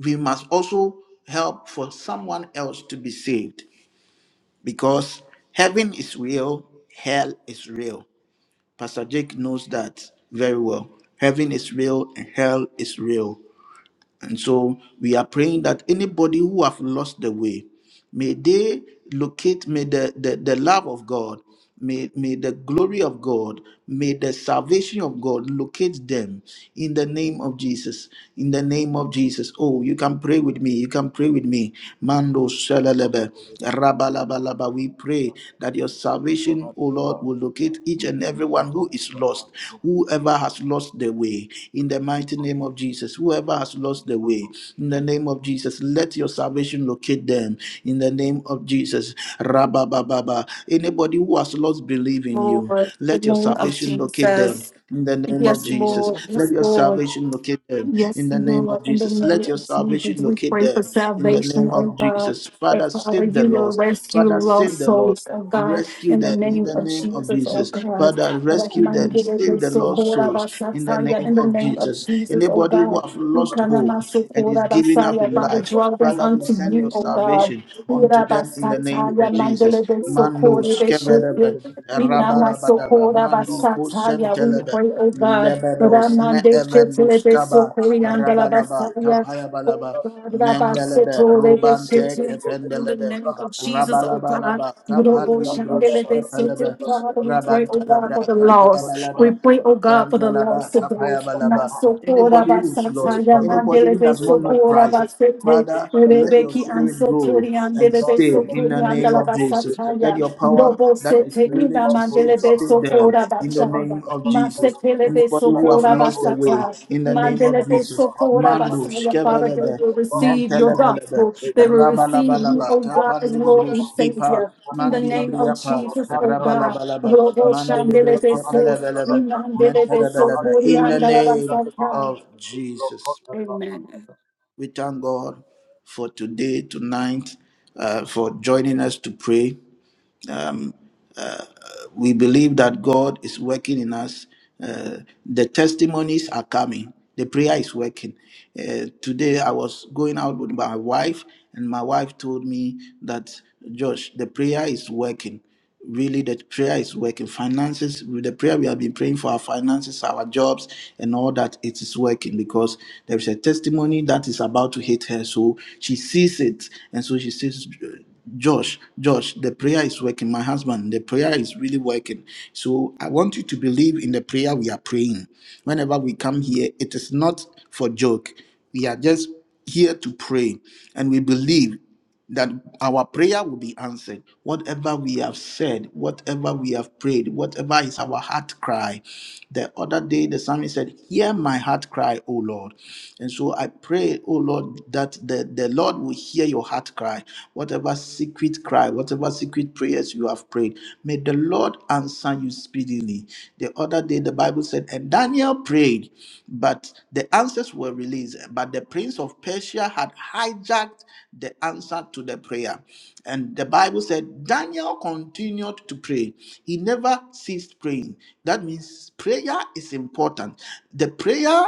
we must also help for someone else to be saved. because heaven is real, hell is real. Pastor Jake knows that very well. Heaven is real and hell is real. And so we are praying that anybody who have lost the way, May they locate, may the, the, the love of God, may, may the glory of God, may the salvation of God locate them in the name of Jesus. In the name of Jesus. Oh, you can pray with me. You can pray with me. Mando shalalebe, rabalabalaba. We pray that your salvation, oh Lord, will locate each and everyone who is lost, whoever has lost the way. In the mighty name of Jesus, whoever has lost the way, in the name of Jesus, let your salvation resurrection locate them in the name of Jesus. Rabababa. Anybody who has lost belief in you, Lord, in let the your name of salvation locate them. Jesus. In the name of Yes, Jesus, Lord. let Yes, your Lord. salvation locate them. Yes, In the name Lord, of in the Jesus, let name your of Jesus, salvation we locate pray for them. In the salvation, name oh of God. Jesus, That Father, Father, save the you will lost. rescue Father, save lost the lost. souls, oh God, Rescue in the them in name the of name of Jesus, oh Jesus. God. Father, That rescue man them. did it Save with the so lost good, Abba, souls in the Sataya, In name the of name of Jesus. Jesus, oh Anybody who God. have You lost can hope ama so and good, is Abba, giving You up Sataya, in bring Father, life, your draw them Father, soul we to unto send our you, your oh salvation God. salvation grace. Ira, unto Abba, them in the May name you of Sataya, bring man did your Jesus. it with soul so to Mando good, our Abba, skeverebe, Shete. salvation. Oh Lord, rabarabadaba, oh Inamasokora mandi Lord, oh Lord. basataya. We kosentelebe, pray, oh In the God, name of lebedos, Jesus. Ramande neevendos, Chetelebe kaba, Sokoriandala rabalaba, Basaya. Oh kapayabalaba. God, Mendelebe, Rabasetorebe Robante, Shete. In the Kefendelebe, name of Jesus, oh God, Rabalabalaba, Robo Kapan di Bruce, Shandelebe Sete. Epelebe, Father, we pray, oh God, Rabantalabra, for the lost. We Kapayabalaba, pray, oh God, for the Randalaba, lost today. Kapayabalaba. Masokora Anybody who's lost, basataya, anybody who Mandelebe does not know Sokora Christ, basete, Father, let your Rebeki Thank you. spirit grow and Ansotoriandelebe save in the name Sokoriandala of Jesus. Basataya. Let your power Robo that is sete ina willing to mandele save, save beso them kora in the bachaya. name of Mase Jesus. pele Anybody beso who have kora lost their way basata. in the name of Mandele beso Jesus. kora Mandus, basaya. Father, they Kebelebe, will receive your Mentelebelebe, gospel. They will receive you, Rabalabalaba, O God, as Lord and Tapandibrus, Ipa, Savior. In the name of Mandibriapa, Jesus, O God. Rabalabalaba, Robo shandele Mandilibre, beso. Kepelebelebe, Imandele beso Mentelebelebe. kori In the andala name basata. of Jesus, Thank you. Amen. we thank God for today, tonight, uh, for joining us to pray. we believe that God is working in us. Uh, the testimonies are coming. The prayer is working. Uh, today, I was going out with my wife, and my wife told me that, Josh, the prayer is working. Really, the prayer is working. Finances, with the prayer we have been praying for our finances, our jobs, and all that, it is working because there is a testimony that is about to hit her. So she sees it, and so she says, Josh, Josh, the prayer is working. My husband, the prayer is really working. So I want you to believe in the prayer we are praying. Whenever we come here, it is not for joke. We are just here to pray and we believe that our prayer will be answered. Whatever we have said, whatever we have prayed, whatever is our heart cry. The other day, the psalmist said, Hear my heart cry, O Lord. And so I pray, O Lord, that the, the Lord will hear your heart cry, whatever secret cry, whatever secret prayers you have prayed. May the Lord answer you speedily. The other day, the Bible said, and Daniel prayed, but the answers were released. But the prince of Persia had hijacked the answer to the prayer. And the Bible said, Daniel continued to pray. He never ceased praying. That means prayer is important. The prayer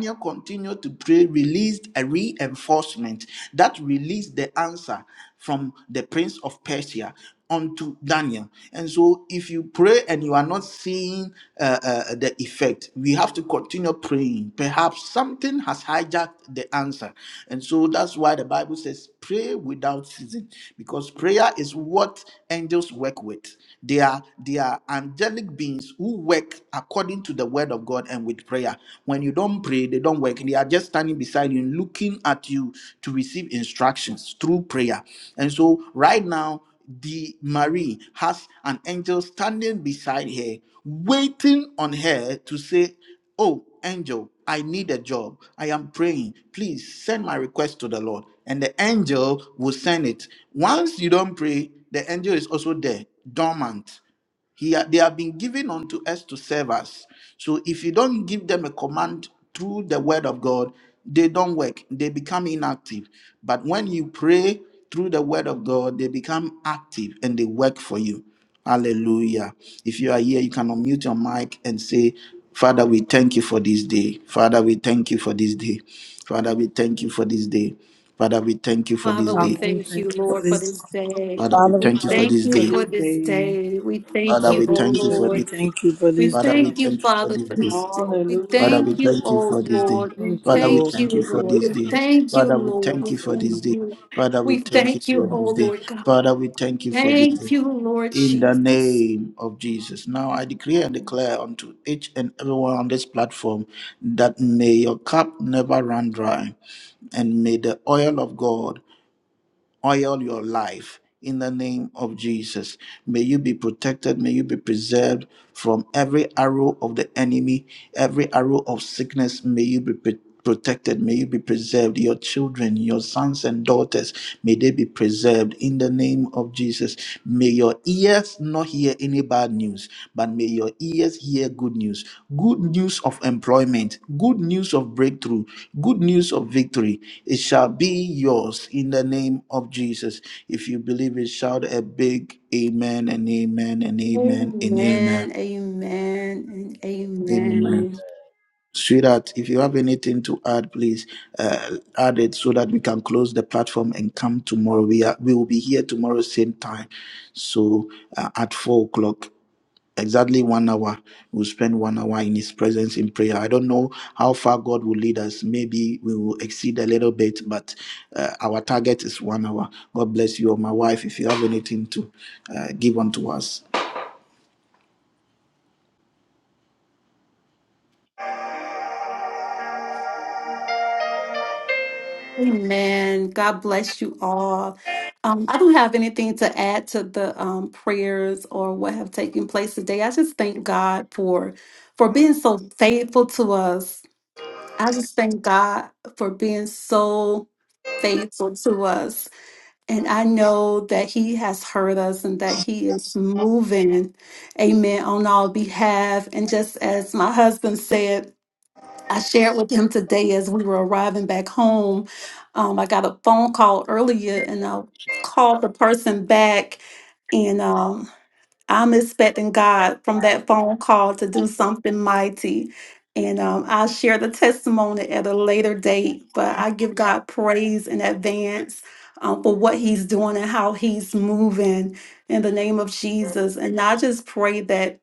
Daniel continued to pray, released a reinforcement that released the answer from the prince of Persia unto Daniel. And so, if you pray and you are not seeing uh, uh, the effect, we have to continue praying. Perhaps something has hijacked the answer. And so, that's why the Bible says, pray without ceasing, because prayer is what angels work with. They are, they are angelic beings who work according according to the word of God and with prayer. When you don't pray, they don't work. They are just standing beside you, looking at you to receive instructions through prayer. And so, right now, the Mary has an angel standing beside her, waiting on her to say, Oh, angel, I need a job. I am praying. Please send my request to the Lord. And the angel will send it. Once you don't pray, the angel is also there, dormant. He, ha- they have been given unto us to serve us. So if you don't give them a command through the word of God, they don't work. They become inactive. But when you pray through the word of God, they become active and they work for you. Hallelujah. If you are here, you can unmute your mic and say, Father, we thank you for this day. Father, we thank you for this day. Father, we thank you for this day. Father, we thank you for this Father, we Father, day. we thank you, thank you for Lord, for this. this day. Father, we Father, we We thank you for thank thank this you you for day. for this this day. day. We thank Father, we you, O thank you Hallelujah. for We this Lord. day. thank you for We this Father, we day. thank you, thank you for Father, this for day. this day. We Hallelujah. Father, we thank you, thank you oh for this day. Lord. We Thank you, Father, we Lord, thank thank you you, for for Lord. this this We day. thank you, Father, we Lord. thank We you for thank this day. day. you. Father, we We thank you thank for you, oh this day. Lord God. Father, we thank you for this day. Thank you, Lord In the Jesus. name of Jesus. Now I declare and declare unto each and everyone on this platform that may your cup never run dry and may the oil of God oil your life in the name of Jesus. May you be protected. May you be preserved from every arrow of the enemy, every arrow of sickness. May you be pre- protected. May you be preserved. Your children, your sons and daughters, may they be preserved in the name of Jesus. May. your your ears not hear any bad news, but may your ears hear good news. Good news of employment, good news of breakthrough, good news of victory. It shall be yours in the name of Jesus. If you believe it, shout a big amen and amen and amen and amen. Amen, amen, and Amen. amen. Sweetheart, if you have anything to add, please uh, add it so that we can close the platform and come tomorrow. We are we will be here tomorrow same time, so uh, at four o'clock exactly one hour. We'll spend one hour in His presence in prayer. I don't know how far God will lead us. Maybe we will exceed a little bit, but uh, our target is one hour. God bless you, my wife. If you have anything to uh, give unto us, Amen. God bless you all. Um, I don't have anything to add to the um, prayers or what have taken place today. I just thank God for for being so faithful to us. I just thank God for being so faithful to us. And I know that He has heard us and that He is moving, amen, on our behalf. And just as my husband said, I shared with him today as we were arriving back home. Um, I got a phone call earlier and I called the person back, and um, I'm expecting God from that phone call to do something mighty. And um, I'll share the testimony at a later date, but I give God praise in advance um, for what He's doing and how He's moving in the name of Jesus. And I just pray that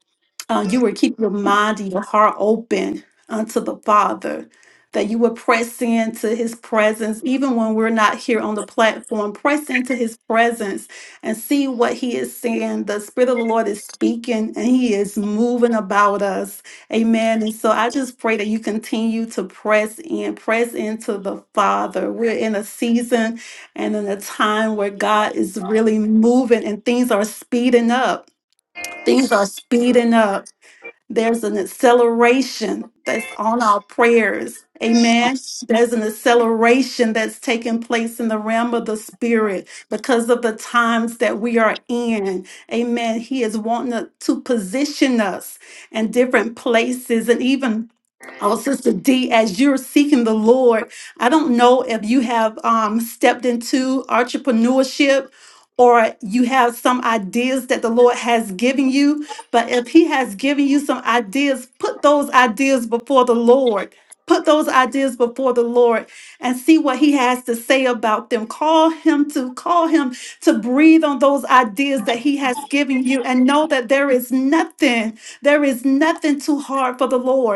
uh, you would keep your mind and your heart open unto the Father, that you would press into His presence, even when we're not here on the platform, press into His presence and see what He is saying. The Spirit of the Lord is speaking and He is moving about us. Amen. And so I just pray that you continue to press in, press into the Father. We're in a season and in a time where God is really moving and things are speeding up. Things are speeding up there's an acceleration that's on our prayers. Amen. There's an acceleration that's taking place in the realm of the spirit because of the times that we are in. Amen. He is wanting to to position us in different places and even Oh, Sister D, as you're seeking the Lord, I don't know if you have um, stepped into entrepreneurship or you have some ideas that the Lord has given you, but if He has given you some ideas, put those ideas before the Lord. Put those ideas before the Lord and see what He has to say about them. Call Him to call Him to breathe on those ideas that He has given you and know that there is nothing, there is nothing too hard for the Lord.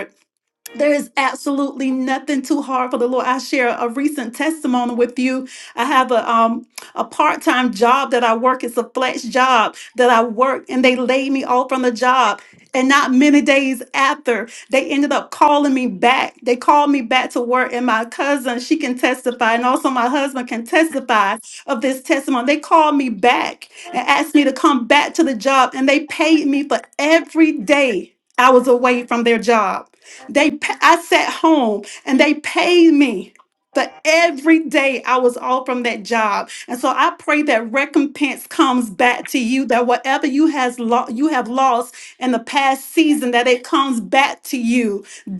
There is absolutely nothing too hard for the Lord. I share a recent testimony with you. I have a um a part-time job that I work. It's a flex job that I work, and they laid me off from the job. And not many days after, they ended up calling me back. They called me back to work, and my cousin, she can testify, and also my husband can testify of this testimony. They called me back and asked me to come back to the job, and they paid me for every day I was away from their job. They, pa- I sat home and they paid me But every day I was off from that job. And so I pray that recompense comes back to you, that whatever you has lo- you have lost in the past season, that it comes back to you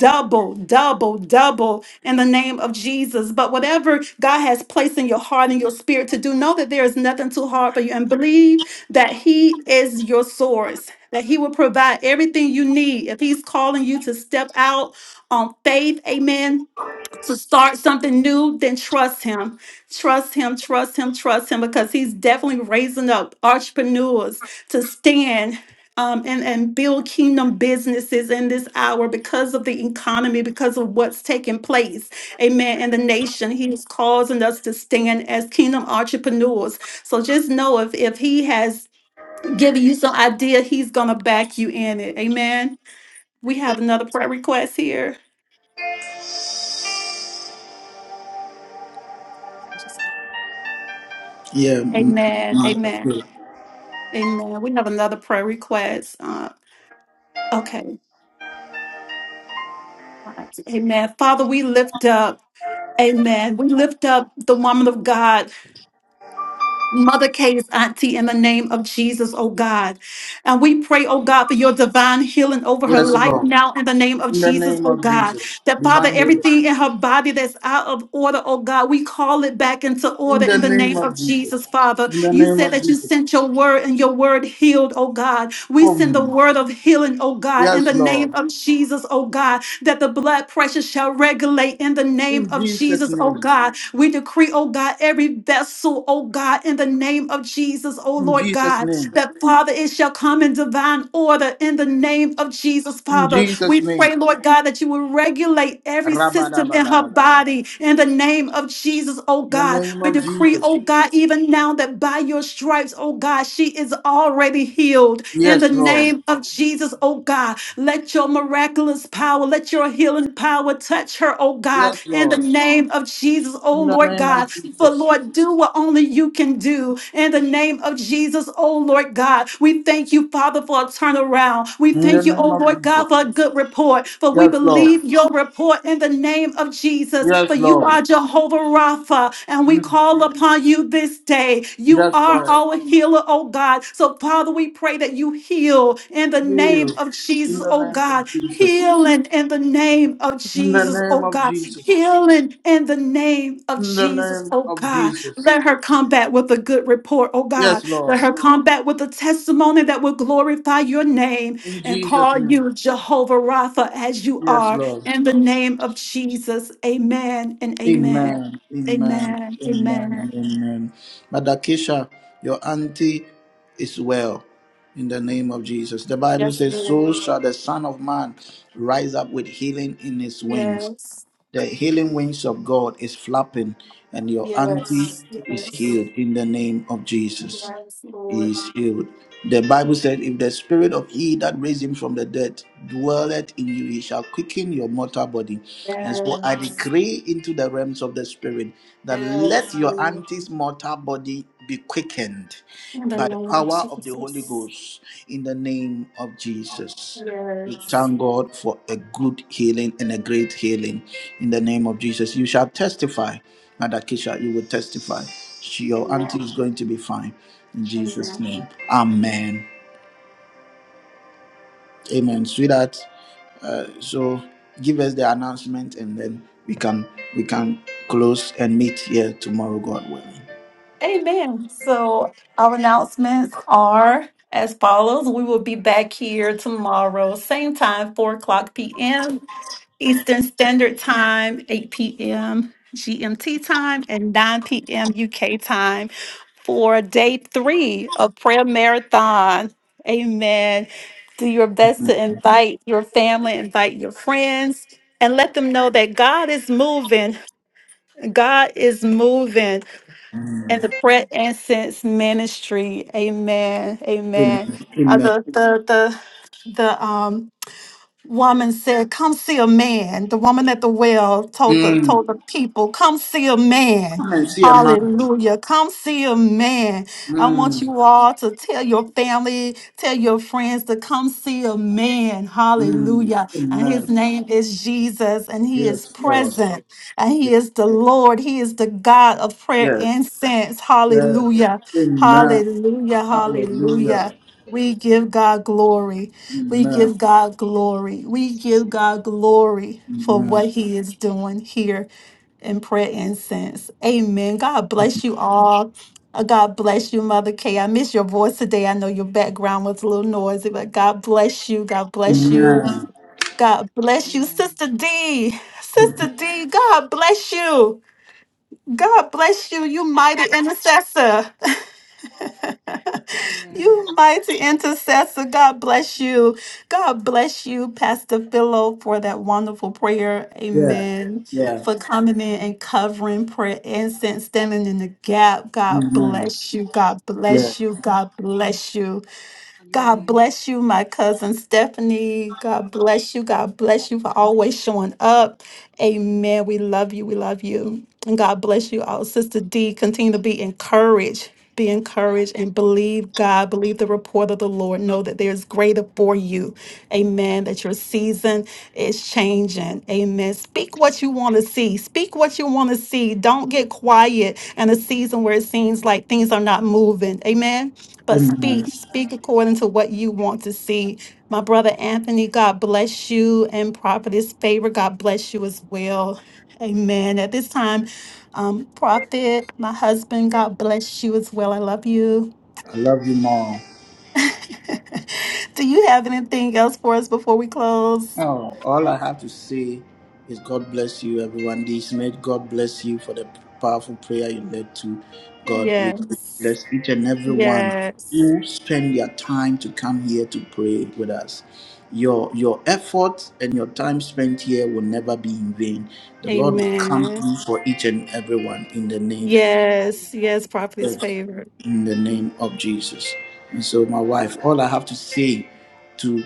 double, double, double in the name of Jesus. But whatever God has placed in your heart and your spirit to do, know that there is nothing too hard for you and believe that He is your source that he will provide everything you need. If he's calling you to step out on faith, amen, to start something new, then trust him. Trust him, trust him, trust him, because he's definitely raising up entrepreneurs to stand. um, and, and build kingdom businesses in this hour because of the economy, because of what's taking place, amen, in the nation. He's causing us to stand as kingdom entrepreneurs. So just know if, if he has giving you some idea. He's going to back you in it. Amen. We have another prayer request here. yeah, m- Amen. mother, Amen. pray. Amen. We have another prayer request. Uh, okay. Amen. Father, we lift up. Amen. We lift up the woman of God. Mother Kay's auntie in the name of Jesus, oh God. And we pray, oh God, for your divine healing over her Yes, life Lord. now in the name of In the Jesus, name oh of God. Jesus. That Father, Divine healing. everything in her body that's out of order, oh God, we call it back into In order the in the name name of of Jesus. Jesus, Father. In the You name said of that you Jesus. sent your word and your word healed, oh God. We send the Come. word of healing, oh God, in the Yes, Lord. name of Jesus, oh God, that the blood pressure shall regulate in the name In of Jesus' Jesus, oh name. God we decree, oh God, every vessel, oh God, in the name of Jesus, oh In Lord Jesus' God, name. that Father, it shall come in divine order in the name of Jesus, In Father. Jesus' We name. pray, Lord God, that you will regulate every system in her Rabadabadabada. body in the name of Jesus, oh In the God. name We of decree, Jesus. oh God, even now that by your stripes, oh God, she is already healed in the Yes, Lord. name of Jesus, oh God. Let your miraculous power, let your healing power touch her, oh God, Yes, in the Lord. name name of Jesus, oh In the Lord name of God. For Jesus. Lord, do what only you can do. In the name of Jesus, oh Lord God. We thank you, Father, for a turnaround. We In the thank you, name oh of Lord God, Jesus. for a good report. For we Yes, Lord. believe your report in the name of Jesus. For Yes, you Lord. are Jehovah Rapha, and we Mm. call upon you this day. You Yes, are Lord. our healer, oh God. So, Father, we pray that you heal in the Heal. name of In Jesus, the oh name of God. Jesus. Healing in the name of In the Jesus, name oh of God. Jesus. Healing in the name of In the Jesus, name oh of God. Jesus. Let her come back with a good report, oh Yes, God. Let Lord. her come back with a testimony that will glorify your name In and Jesus' call name. you Jehovah Rapha as you Yes, are Lord. in the name of Jesus. Amen and amen. Amen. Amen. Amen. Amen. Amen. and Amen. Madakisha, your auntie is well in the name of Jesus. The Bible Yes, says, Lord. So shall the Son of Man rise up with healing in his wings. Yes. The healing wings of God is flapping, and your auntie Yes. is Yes. healed in the name of Jesus. Yes, Lord. is healed. The Bible said, If the spirit of he that raised him from the dead dwelleth in you, he shall quicken your mortal body. And so I Yes. decree into the realms of the spirit that let Yes, your Lord. auntie's mortal body be quickened In the by the name of power of the Holy Jesus. Ghost in the name of Jesus. We Yes. thank God for a good healing and a great healing in the name of Jesus. You shall testify, Mother Kisha, you will testify. She- your Amen. auntie is going to be fine in Jesus' Amen. name. Amen. Amen. Sweetheart, uh, so give us the announcement and then we can we can close and meet here tomorrow, God willing. Amen. So our announcements are as follows. We will be back here tomorrow, same time, 4 o'clock p.m. Eastern Standard Time, 8 p.m. GMT time, and 9 p.m. UK time for day three of Prayer Marathon. Amen. Do your best to invite your family, invite your friends, and let them know that God is moving. God is moving in the prayer incense ministry. Amen. Amen. Amen. Uh, Amen. the the the the um woman said, "Come see a man." The woman at the well told the Mm. told the people, "Come see a man." Come and see a man. Hallelujah. Come see a man. I want Mm. you all to tell your family, tell your friends to come see a man. Mm. Hallelujah. And his Amen. name is Jesus, and he is Yes, God. present, and he is the Lord. He is the God of prayer Yes. incense. Yes. Hallelujah. Amen. Hallelujah. Hallelujah. Hallelujah. We give God glory. We Amen. give God glory. We give God glory for Amen. what he is doing here in prayer incense. Amen. God bless you all. Uh, God bless you, Mother Kay. I miss your voice today. I know your background was a little noisy, but God bless you. God bless you. Amen. God bless you, Amen. Sister D. Sister D, God bless you. God bless you, you mighty intercessor. Amen. you mighty intercessor. God bless you. God bless you, Pastor Philo, for that wonderful prayer. Yeah. Amen. Yeah. For coming Amen. in and covering prayer incense, standing in the gap. God Amen. bless you. God Yeah. bless you. God bless you. God Amen. bless you, my cousin Stephanie. God bless you. God bless you for always showing up. Amen. We love you. We love you. And God bless you all. Sister D, continue to be encouraged. Be Amen. encouraged and believe God, believe the report of the Lord. Know that there's greater for you. Amen. That your season is changing. Amen. Speak what you want to see. Speak what you want to see. Don't get quiet in a season where it seems like things are not moving. Amen but Amen. speak speak according to what you want to see my brother anthony god bless you and prophetess favor god bless you as well amen at this time um prophet my husband god bless you as well i love you I love you, Mom. do you have anything else for us before we close Oh, all I have to say is God bless you, everyone. This night, God bless you for the powerful prayer you led to. God we yes bless each and every one yes who spend their time to come here to pray with us. Your your effort and your time spent here will never be in vain. The Lord will come amen through for each and everyone in the name of yes Amen. yes prophetess God, favor in the name of Jesus. And so, my wife, all I have to say to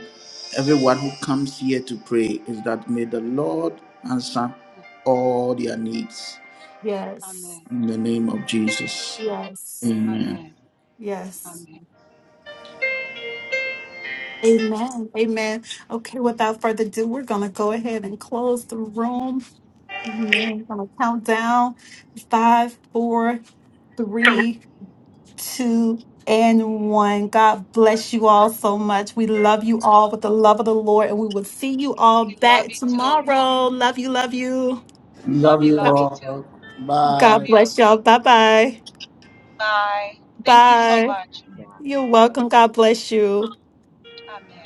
everyone who comes here to pray is that may the Lord answer all their needs yes Amen. in the name of Jesus. yes Amen. Amen. yes Amen. Amen. Amen. Okay, without further ado, we're going to go ahead and close the room. Amen. I'm going to count down five, four, three, two, and one. God bless you all so much. We love you all with the love of the Lord, and we will see you all We love back you too. tomorrow. Love you. Love you. Love Love you, you God love you too. all. Bye. Love God you. bless y'all. Bye bye. Bye. Thank you so Bye. much. You're welcome. God bless you. Amen.